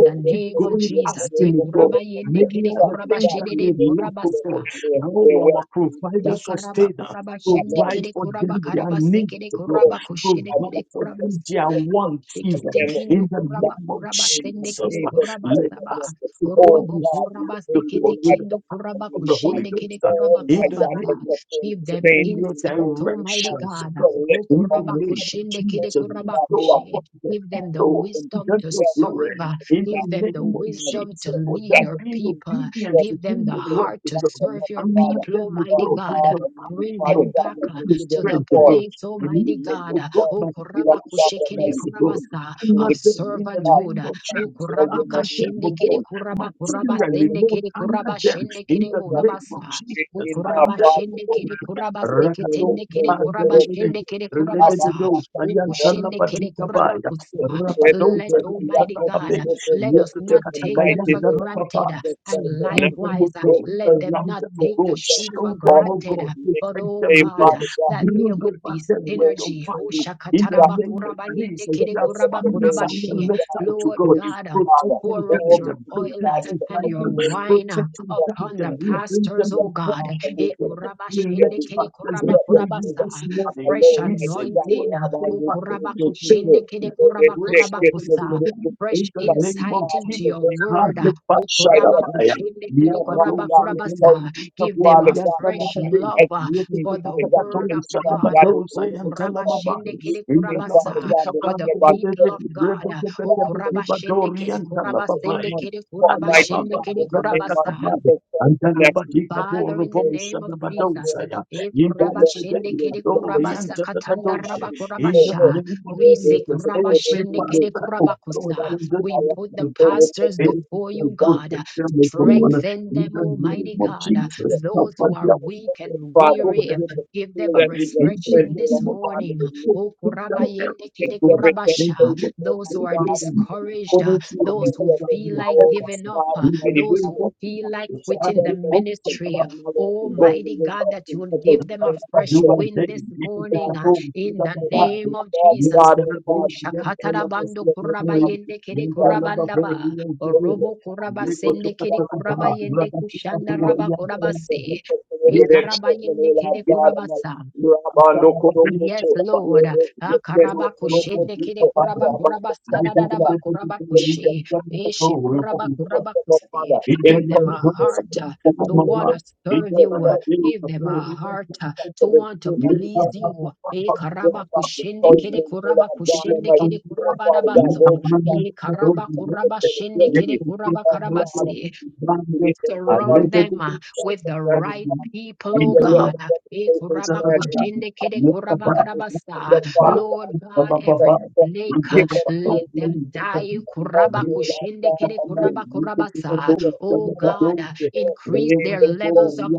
E: your
A: the
B: keep
A: name of
B: going
A: Jesus,
B: asking of God.
A: Ekurabayende
B: Many
A: kede
B: are the things that they
A: kurabashedede
B: lack for
A: kurabasa.
B: God. Oh, our provider,
A: Ekaraba
B: sustainer,
A: kurabashende
B: provide
A: kede
B: for
A: kuraba
B: them their
A: karabase
B: needs,
A: kede
B: God.
A: kuraba kushede kede
B: Provide for
A: kuraba.
B: them their want even
A: Shekete kindo
B: in the
A: kuraba
B: name of
A: kuraba sende
B: Jesus.
A: kere
E: Jesus
A: kuraba
E: Christ,
B: Let
A: saba.
B: us, as God,
E: oh
A: Orobo
B: be
E: God, we
A: kuraba
E: pray
A: sekete
B: filled
E: you my
B: with
A: kindo
E: God,
A: kuraba
B: of
E: Almighty
B: the Holy
E: Father.
A: kushende
B: Ghost
A: kere
B: uh,
A: kuraba
E: Oh my
B: in the
A: kuraba
E: God,
A: sa.
E: for
B: name of
E: support,
A: Give
B: Jesus,
A: them
E: change,
B: in
E: and
B: your
A: insight,
E: encouragement,
A: Almighty
E: Father,
B: directions, uh,
A: God.
E: to
B: God,
A: O
E: lift us
B: in the
E: up,
A: kuraba
E: lift
B: name
E: us up,
B: of
A: kushende kere
B: Jesus,
A: kuraba
E: Father
B: bestow
E: God
A: kushe.
B: upon them,
A: Give them the
B: bestow
E: and
B: upon
A: wisdom
B: them
A: to
B: your
E: help you
A: serve.
B: glory,
E: and
A: uh,
B: in the
E: not
A: Give them
E: the
A: the
B: name of
E: name of
A: wisdom
B: Jesus,
A: to
E: Jesus.
B: for
A: lead
E: That's
B: them
E: the
A: your
B: being
E: name
A: people.
B: obedient
E: of
B: to
A: Give
B: do
A: them the
B: your
E: Jesus.
B: work,
A: heart
B: O
A: to
E: That's
B: God.
E: the
A: serve
E: mighty
A: your
B: And not
E: Father.
A: people,
B: them, O
E: God,
A: Almighty
B: God, with
A: God.
E: God,
B: your power,
E: Almighty
A: Bring
B: with
E: Father,
B: your
A: them
E: God,
B: power,
A: back
E: that
A: uh,
E: you
B: and
E: give
A: to
E: them
A: the
B: strength, O
E: joy
B: God.
A: place,
B: And
E: to
A: Almighty
E: lift
B: even,
E: the
A: God,
B: O God,
A: O
E: hands to bless
B: material
E: God
A: Kurabakushekere
B: substance,
E: Almighty.
B: O God.
A: Kurabasa
B: am
E: In
A: of
B: not
E: the
B: them in the
E: God,
B: name
A: servanthood.
E: the
B: of
E: Father,
A: O
B: Jesus.
E: all your
B: I'm
E: money
B: not
E: in this
B: them, O God
A: Kurabakashendekere
E: morning,
A: Kuraba
E: to God, in
B: materially,
E: the name
B: Lord,
A: Kurabasendekere
B: under them in
A: Kurabashendekere
B: the name of
A: Burabasa. O
B: Jesus. Under the Lord.
A: Kurabashendekere
B: Rakato
A: Kurabaseketendekere
E: of Jesus, in
B: Pandele,
A: Kurabashendekere Kurabasa.
B: Renegados,
A: O
E: our body,
B: Ayantala
A: Kushendekere
B: Patika
E: In
B: Baya,
A: Kurabakusa.
B: Rapados,
A: Let Almighty
B: Ayantala
A: God,
B: Babe,
A: let us not
E: the
A: take
E: mighty
A: them for
E: name
B: Yakatakayantala
E: of
A: granted.
B: Baba,
E: Jesus
A: And
E: Christ of
B: surround
E: Nazareth,
B: them
A: likewise,
B: with
A: uh,
E: we
B: God,
A: let
E: pray
A: them
E: for
B: surround
A: not
E: the
B: them with
E: church,
A: take the
B: God,
A: sheep
E: we
A: for
B: shield them
E: call upon
B: with
A: granted.
E: you,
B: God,
A: uh,
E: we
A: But
B: protect
A: oh
B: them
E: say,
B: with
A: God, uh,
B: God,
E: Father God,
A: that there
B: build over
A: will be
B: them with
E: Lord,
B: your
E: we
A: synergy.
B: fire.
A: Oh,
E: praise
B: In
E: you,
B: the
E: God.
B: name of
E: We
B: Jesus,
E: lift
B: their
E: up your
B: families are
E: name,
B: not
A: shakatarabakurabanyekere-kurabakurabashe.
E: mighty
B: left
E: God.
B: out
E: We
B: to
A: Lord
B: God.
E: praise you,
A: God, uh,
B: Protect
E: Father.
B: and
A: pour out
B: guide
E: All the
A: your
B: them,
E: mighty
A: oil uh,
E: God
B: protect
E: in
B: and
E: the
A: and
B: guide
A: your
E: perfect
B: them,
E: name of
A: wine uh,
B: protect
E: Jesus
B: and
E: Christ,
B: guide
A: upon the
B: them.
E: Savior.
B: We bring
A: pastors,
B: them
E: Let
A: oh
E: us
B: before
A: God.
E: not
B: you,
E: and
B: O
A: Eh,
B: God. We
E: every
B: lift
E: heart.
B: pastors
E: Let us
B: before
E: say
B: you
A: kurabashendekere-kurabakurabasa.
E: that
B: this
E: we are not
B: morning.
A: Fresh
E: alone,
B: We
E: mighty
B: say,
E: God.
B: Lord,
A: anointing. uh,
E: Rabbi, and
A: oh,
E: the
B: favor them,
E: Spirit of
B: favor
E: Jesus.
B: them, be gracious
E: Reject it,
B: unto
E: reject it,
A: kurabakushendekere-kurabakurabakusa.
B: them
E: reject it.
A: Fresh
B: in the
E: Mighty
B: name
A: insight
B: of
E: God, in
A: into
E: the
A: your
B: Jesus.
E: name of
A: word. uh,
E: Jesus
A: oh,
E: Christ, of
B: Hallelujah.
E: Jesus. Oh, my
B: Yabados
E: God, we
B: and
E: praise
A: kurabakushendekere-kurabakurabasa.
E: you,
B: Telapajita
A: Give them
B: Bori
A: a
E: Father
B: and
E: God,
A: fresh
B: Talabade,
A: love.
E: Father
A: uh,
E: need,
A: for the
E: Father God, the
A: word of
B: Yakatakatos
E: every
B: and
E: Father
A: God.
E: God
A: uh,
E: is
B: Bados
E: in
A: O
B: and
E: ministry, Father.
A: kurabashende
E: You need
B: Talamamais,
A: kede
E: to
B: in the
E: think, Father
A: kurabasa,
E: God,
B: Labadita
E: that
A: For the
E: it's about
A: people
E: seven
A: of
B: Bandit,
A: God. uh, O
B: Rebecca
E: thousand a
A: kurabashende
B: Badori
A: kede
B: and
A: kurabasende
B: Talababaya,
E: month.
A: kede
E: But mighty
A: kurabashende
E: God,
A: kede
E: in the name of
A: kurabasa.
B: Ayababa,
E: Jesus Christ of Nazareth,
B: Antalabadika
A: Father, in the
B: Borobosa
A: name of Jesus,
B: Babadosaya,
A: eh,
E: God, let
B: Indelebede,
E: God
A: kurabashende
E: be a
A: kede
E: good the good
B: Adori,
A: kurabasa
E: all
A: katanda
B: Antabadoshe,
A: raba
E: passes
B: in
E: all
B: the
E: work.
A: kurabasha.
B: name of
A: we
E: Where
A: say
E: there's
B: Jesus,
E: good for the
B: every
A: kurabashende
E: good,
A: kede
B: pastor of God
A: kurabakusa.
B: in the
A: we put the
B: kingdom,
A: pastors before you,
B: every
A: God.
B: protection of God,
A: Strengthen
B: in
A: them,
B: the name
A: Almighty
B: of
A: God.
B: Jesus,
A: Those
B: cover
A: who are
B: their
A: weak and
E: Father,
A: weary,
E: you
B: people.
E: can
A: give them
E: feel
A: a
B: Thank
E: that you just
A: refreshing
E: strength,
A: this
E: Lord God, in
A: morning.
E: the name
A: Oh,
E: But
A: kurabayende kede
E: Against
B: you.
E: every
A: kurabasha.
E: temptation, oh
A: Those
E: my
A: who are
E: God, Almighty
A: discouraged, uh,
E: Father.
A: those
E: against
A: who
E: every
A: feel
E: power,
A: like
E: oh my
A: giving up,
E: God,
A: uh,
E: Almighty
A: those who
E: Father, to
A: feel
E: God.
A: like
E: The
A: quitting the
E: serpent, the
A: ministry.
E: God, Mother, has to go the golden
A: Almighty
E: ring,
A: God,
E: that's
A: that
E: the
A: you will give
E: effort to
A: them a
E: thank you
A: fresh
E: today.
A: wind this morning
E: God,
A: uh,
E: we
A: in the
E: thank you,
A: name of
E: God,
A: Jesus.
E: God, and Father, thank you
A: Ushakatarabando
E: for living on
A: kurabayende
E: Jesus
A: kiri
E: Christ,
A: kurabandaba.
E: over the
A: Orobo
E: children
A: kurabasende
E: of
A: kiri
E: God, and we just
A: kurabayende kushanda
E: thank
A: raba
E: you for that
A: kurabase.
E: protection over their children, oh
A: Ekarabayende
E: Lord
A: kiri
E: God, Almighty.
A: kurabasa.
E: Rabando
A: Yes,
E: Kurokoto,
A: Lord.
E: Rabando
A: Ah,
B: Thank
A: karaba kushe ne kere
E: Kurokoto,
A: kuraba
E: Rabando
A: kuraba sana da da
E: Kurokoto,
A: ba kuraba kushe. Eshe kuraba kuraba kuse.
E: Father,
A: Give
E: in
A: them
E: place
A: a
E: of
A: heart uh, to
E: the
A: want to serve you.
E: the
A: Give them a heart uh, to want to
E: restraint of the
A: please
E: church,
A: you. E
E: like, with
A: karaba
E: the gospel,
A: kushende
E: encourage
A: kere
E: me, feel
A: kuraba
E: like God
A: kushende
E: Almighty.
A: kere
E: Oh,
A: kuraba da
E: Father God,
A: dabasu.
E: hold me back
A: E karaba
E: to
A: kuraba
E: the
A: shende
E: ability
A: kere kuraba
E: of God of
A: karabasi.
E: be the name of
A: Surround
E: Jesus
A: them uh,
E: Christ
A: with
E: of
A: the
E: Nazareth.
A: right
E: Father,
A: people,
E: that
A: oh
E: you let
A: God.
E: the
A: Uh, eh,
E: reputation
A: kuraba
E: stand in
A: kushende
E: front
A: kede
E: of
A: kuraba
E: us. and
A: karabasa.
E: the
B: you.
E: Father God,
A: Lord
B: Thank
A: God,
E: in the name of
A: every
E: Jesus,
A: snake, uh,
E: give us
A: let
E: grace
A: them
E: and
A: die. Kuraba
E: mercy, Lord
A: kushende
E: God
A: kede kuraba
E: Almighty.
A: kurabasa. Oh God, uh,
E: the
A: increase
E: name
A: their
E: this
A: levels
E: morning.
A: of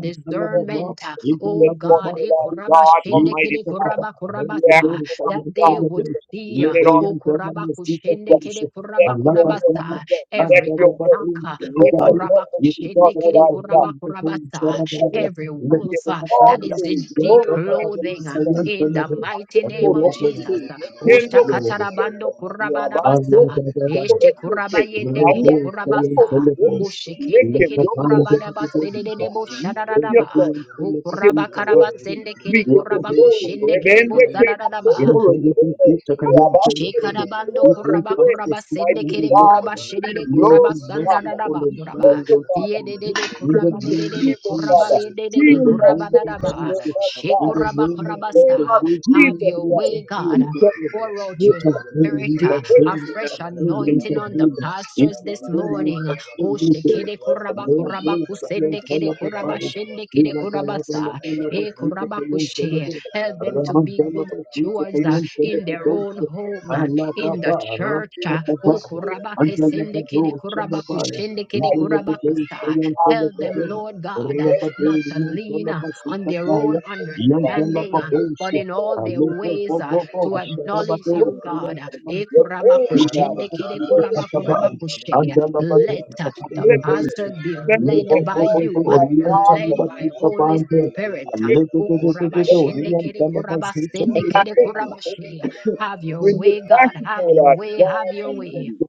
E: the
A: discernment. uh, Oh
E: This
A: God,
E: morning,
A: eh,
E: Lord
A: kuraba
E: God,
A: shende
E: Almighty
A: kede
E: Father.
A: kuraba
E: We ask
A: kurabasa.
E: for our
A: that they
E: God
A: would
E: in the
A: see. uh,
E: in our
A: Oh kuraba
E: sister.
A: kushende kede
E: Let
A: kuraba
E: your will be
A: kurabasa
E: done. Let
A: every
E: your will.
A: Taka, O
E: Let your purpose be done,
A: Kurabakushende
E: O
A: Kere
E: Lord God.
A: Kurabakurabasa,
E: Let your
A: every
E: will
A: wolf uh,
E: all
A: that is
E: through
A: in deep
E: glorify your
A: clothing uh,
E: name.
A: in the mighty
E: Let your
A: name of
E: will be
A: Jesus.
B: you.
A: uh,
E: done.
A: O
B: Yes,
E: Let your will be
B: Lord.
A: Shakatarabando
E: done. Rabasto,
B: Allah
A: Kurabadabasa,
B: da da da.
E: Rabasto,
A: Eshe
E: Rabasto,
A: Kurabayende Kere
B: Rebe sayen
E: Rabasto,
A: Kurabasa, O
B: celebre.
E: Rabasto,
A: Shekende Kere
B: Lekapan
E: Rabasto,
B: de
A: Kurabadabasa,
B: de de de.
A: Dedebo
E: Rabasto, Rabasto,
A: Shadadadaba,
B: Rekapan
A: O
E: give you
B: celebre.
E: praise.
A: Kurabakarabasende
E: We
A: Kere
E: give
B: Yep,
E: you
B: I think
E: glory.
B: that's all
A: Kurabakushende
B: you can
A: Kere
E: Ebende
B: tell
E: ke
B: you. In
E: makotoro
B: the little
E: sele.
B: future, can
E: E
B: you tell the
E: abaste ke
B: brain?
A: Shekarabando
E: sele
B: We
E: ke
B: pray
A: koraba
E: sele.
B: fast
A: koraba
B: as if we
A: sende
E: Mighty
A: kere
B: in Lord.
E: God,
A: koraba
E: give you
A: shedede
B: Lord,
E: glory,
A: koraba
B: be
C: kabana,
A: sanda
C: you.
E: Father.
B: merciful
A: dadaba
E: We
B: and
A: koraba
E: thank
B: kind
E: you,
B: unto
E: Father.
B: them.
E: We
A: yedede
B: In
E: thank
B: the
A: koraba
E: you, the
B: name
A: nedede
B: of
E: people,
A: koraba
E: Father.
B: Jesus.
E: See
A: yedede
B: In
E: in
B: the
E: your
A: koraba
B: name
E: face,
B: of
E: O
A: dadaba
E: Lord
B: Jesus.
E: my
B: In
E: God. In
B: the
A: shekoraba
B: name of
A: koraba
E: the name
B: Jesus.
A: sa
E: of
B: We pray,
A: have
E: Jesus
A: your
B: pray,
E: Christ.
A: way
B: and heal
A: God
E: We
B: to
E: thank
B: them.
A: pour out
E: you, we
A: your
E: bless you.
A: Spirit,
B: Intervene,
E: We
A: uh, a
E: praise you,
B: intervene,
E: now.
A: fresh
E: We thank
B: intervene,
A: anointing on the
B: intervene.
A: pastors this
B: Intervene,
A: morning. Oh,
B: intervene,
A: shekede
E: you,
A: koraba
E: God.
B: Thank
E: We thank you,
A: koraba kusende kede koraba shende kede koraba sa. E koraba
C: Kabada
A: kushe. Help them to be good stewards
E: we
A: in their own home, uh, in the church. uh,
E: thank you, we
A: oh, kurabake
E: thank you, God.
A: sende kede kurabaku shende kede
E: We
A: kurabakusa.
E: ask
A: Help
E: for
A: them, Lord God, uh, not to lean uh, on their own understanding. uh, But in all their ways, uh,
E: God.
A: to acknowledge you,
C: Ayabala
A: God. uh, eh,
E: Your glory,
A: kurabaku
E: Father.
A: shende
E: Your
A: kede
C: Yabadadabakadada,
E: glory,
A: kurabaku rabakushe.
C: yabakadadadada,
E: your
A: Let uh, the
C: yabakadada,
B: you.
E: blessing.
A: pastors be
E: Thank you,
A: led
E: Lord
C: yakadadadada,
A: by
E: God,
A: you, uh,
E: my
B: Orion
E: God, for
A: led
B: Chalaba
E: this
A: by
C: yakadadadadadada,
B: Kita
A: Holy
B: Pante,
A: Spirit.
B: a
A: uh,
B: little
C: makalalabadada,
B: bit
E: thank
A: Ukurabashinde
B: Orion
A: kere
B: Chalaba Zucha
C: yakadadadadadadada,
A: kurabasende
E: you
A: kere
E: for your blessing.
A: kurabashi. Have your
E: When you're
A: way, God.
E: passing,
A: Have
C: alabakalalabadada,
A: your
E: Lord
A: way.
E: God
A: Have your
C: ayabalabadadadabakadada,
A: way.
E: Almighty,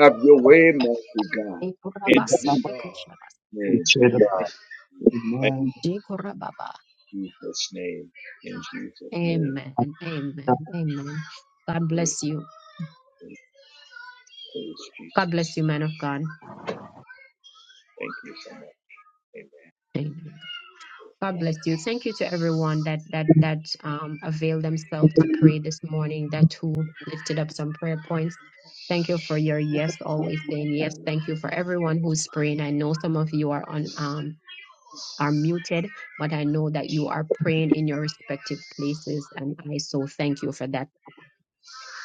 E: have your way, mighty God. In
C: Yes,
E: Jesus'
B: Chalaba
A: Ekurabasinde
C: Lord.
A: kushabas-
E: name,
C: There we
B: Chedra.
E: thank you. Thank
B: Amen.
A: Jekurababa.
E: you, Jesus' name. In
C: are.
E: Jesus' name,
A: Amen. Amen.
C: Hello.
A: Amen. God bless
E: praise,
A: you.
C: Oh, look at this doggy.
E: praise
A: God bless
E: Jesus.
A: you, man of God.
E: Thank
C: Barbie.
E: you
C: Let's
E: so
C: show
E: much.
C: it.
E: Amen.
A: Amen.
C: Wow!
A: God
C: It's a
A: bless you. Thank
C: whole
A: you to
C: bucket of
A: everyone that that
C: all-timers
A: that um
C: candy.
A: availed
C: Wait a
A: themselves
C: minute
A: to pray this morning, that
C: though. Look at
A: who lifted
C: that!
A: up some
C: My
A: prayer points.
C: head is
A: Thank
C: all
A: you for
C: busted,
A: your
C: and
A: yes,
C: I'm
A: always saying yes. Thank you
C: covered
A: for everyone
C: in
A: who's praying. I
C: chocolate.
A: know
C: I'm
A: some of you are on. Um,
C: completely
A: are muted, but I
C: overwhelmed.
A: know that you are praying in your respective places, and I so thank you for that.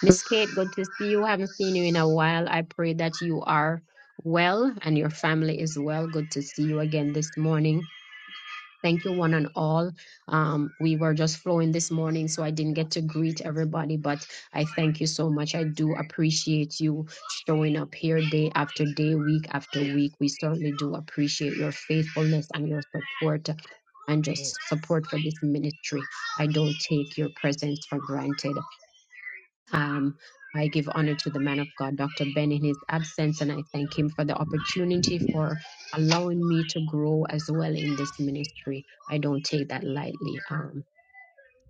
A: Miss Kate, good to see you. Haven't seen you in a while. I pray that you are well and your family is well. Good to see you again this morning. Thank you, one and all. Um, we were just flowing this morning, so I didn't get to
C: Lots of shit.
A: greet everybody, but I thank you so much. I do appreciate you showing up here day after day, week after week. We certainly do
C: It,
A: appreciate your faithfulness and your support and
C: Mm.
A: just support for this ministry. I don't take your presence for granted. Um, I give honor to the man of God, Dr. Ben, in his absence, and I thank him for the opportunity for allowing me to grow as well in this ministry. I don't take that lightly. Um,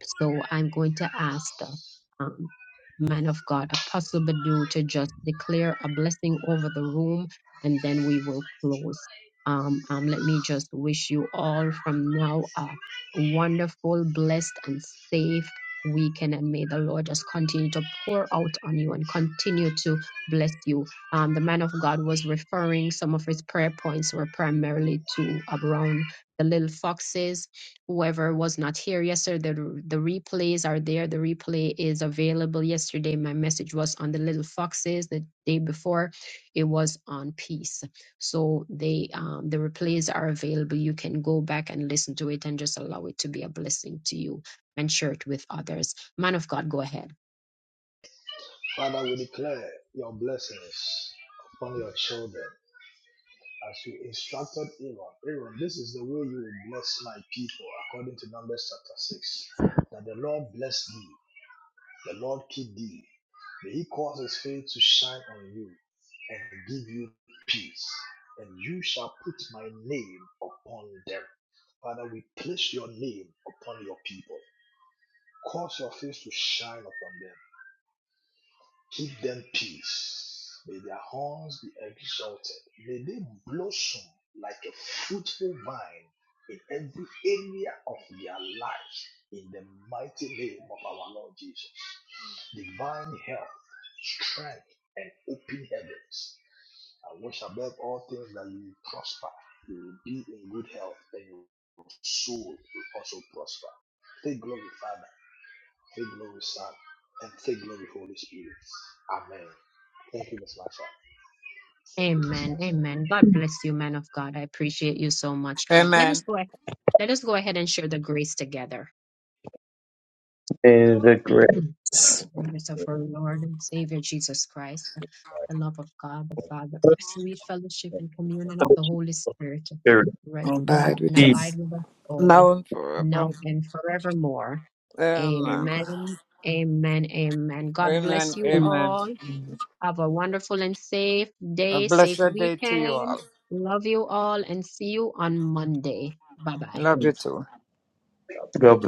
A: so I'm going to ask the um, man of God, Apostle Badu, to just declare a blessing over the room and then we will close. Um, um, let me just wish you all from now a wonderful, blessed, and safe weekend. And may the Lord just continue to pour out on you and continue to bless you. Um, the man of God was referring, some of his prayer points were primarily to around the little foxes whoever was not here yesterday the, the replays are there the replay is available yesterday my message was on the little foxes the day before it was on peace so they um, the replays are available you can go back and listen to it and just allow it to be a blessing to you and share it with others man of god go ahead
C: Father, we declare your blessings upon your children. as you instructed Aaron. Aaron, this is the way you will bless my people, according to Numbers chapter 6. That the Lord bless thee, the Lord keep thee. May he cause his face to shine on you and give you peace. And you shall put my name upon them. Father, we place your name upon your people. Cause your face to shine upon them Give them peace. May their horns be exalted. May they blossom like a fruitful vine in every area of their life. In the mighty name of our Lord Jesus. Divine health, strength, and open heavens. I wish above all things that you will prosper, you will be in good health, and your soul will also prosper. Take glory, Father. Take glory, Son, and take glory, Holy Spirit. Amen. Thank you, Miss Marsha. Thank you, Miss
A: Amen.
C: Marsha.
A: Amen. God bless you, man of God. I appreciate you so much. Let us
F: Amen.
A: go ahead. Let us go ahead and share the grace together.
B: Is a great
A: The grace of
E: God.
A: our Lord and Savior Jesus Christ, the love of God the Father, the sweet fellowship and communion of the Holy Spirit,
B: spirit.
A: rest
F: Who
A: on
F: died
A: and
F: with
B: Peace.
A: abide
F: us.
A: with us all,
F: Now and forever.
A: now and forevermore.
E: Amen.
F: Amen.
A: Amen. Amen. Amen. God bless
F: Amen.
A: you
F: Amen.
A: all. Have a wonderful and safe
F: A
A: day, safe
F: blessed day to you all.
A: weekend. Love you all and see you on Monday. Bye bye.
F: Love you too.
B: God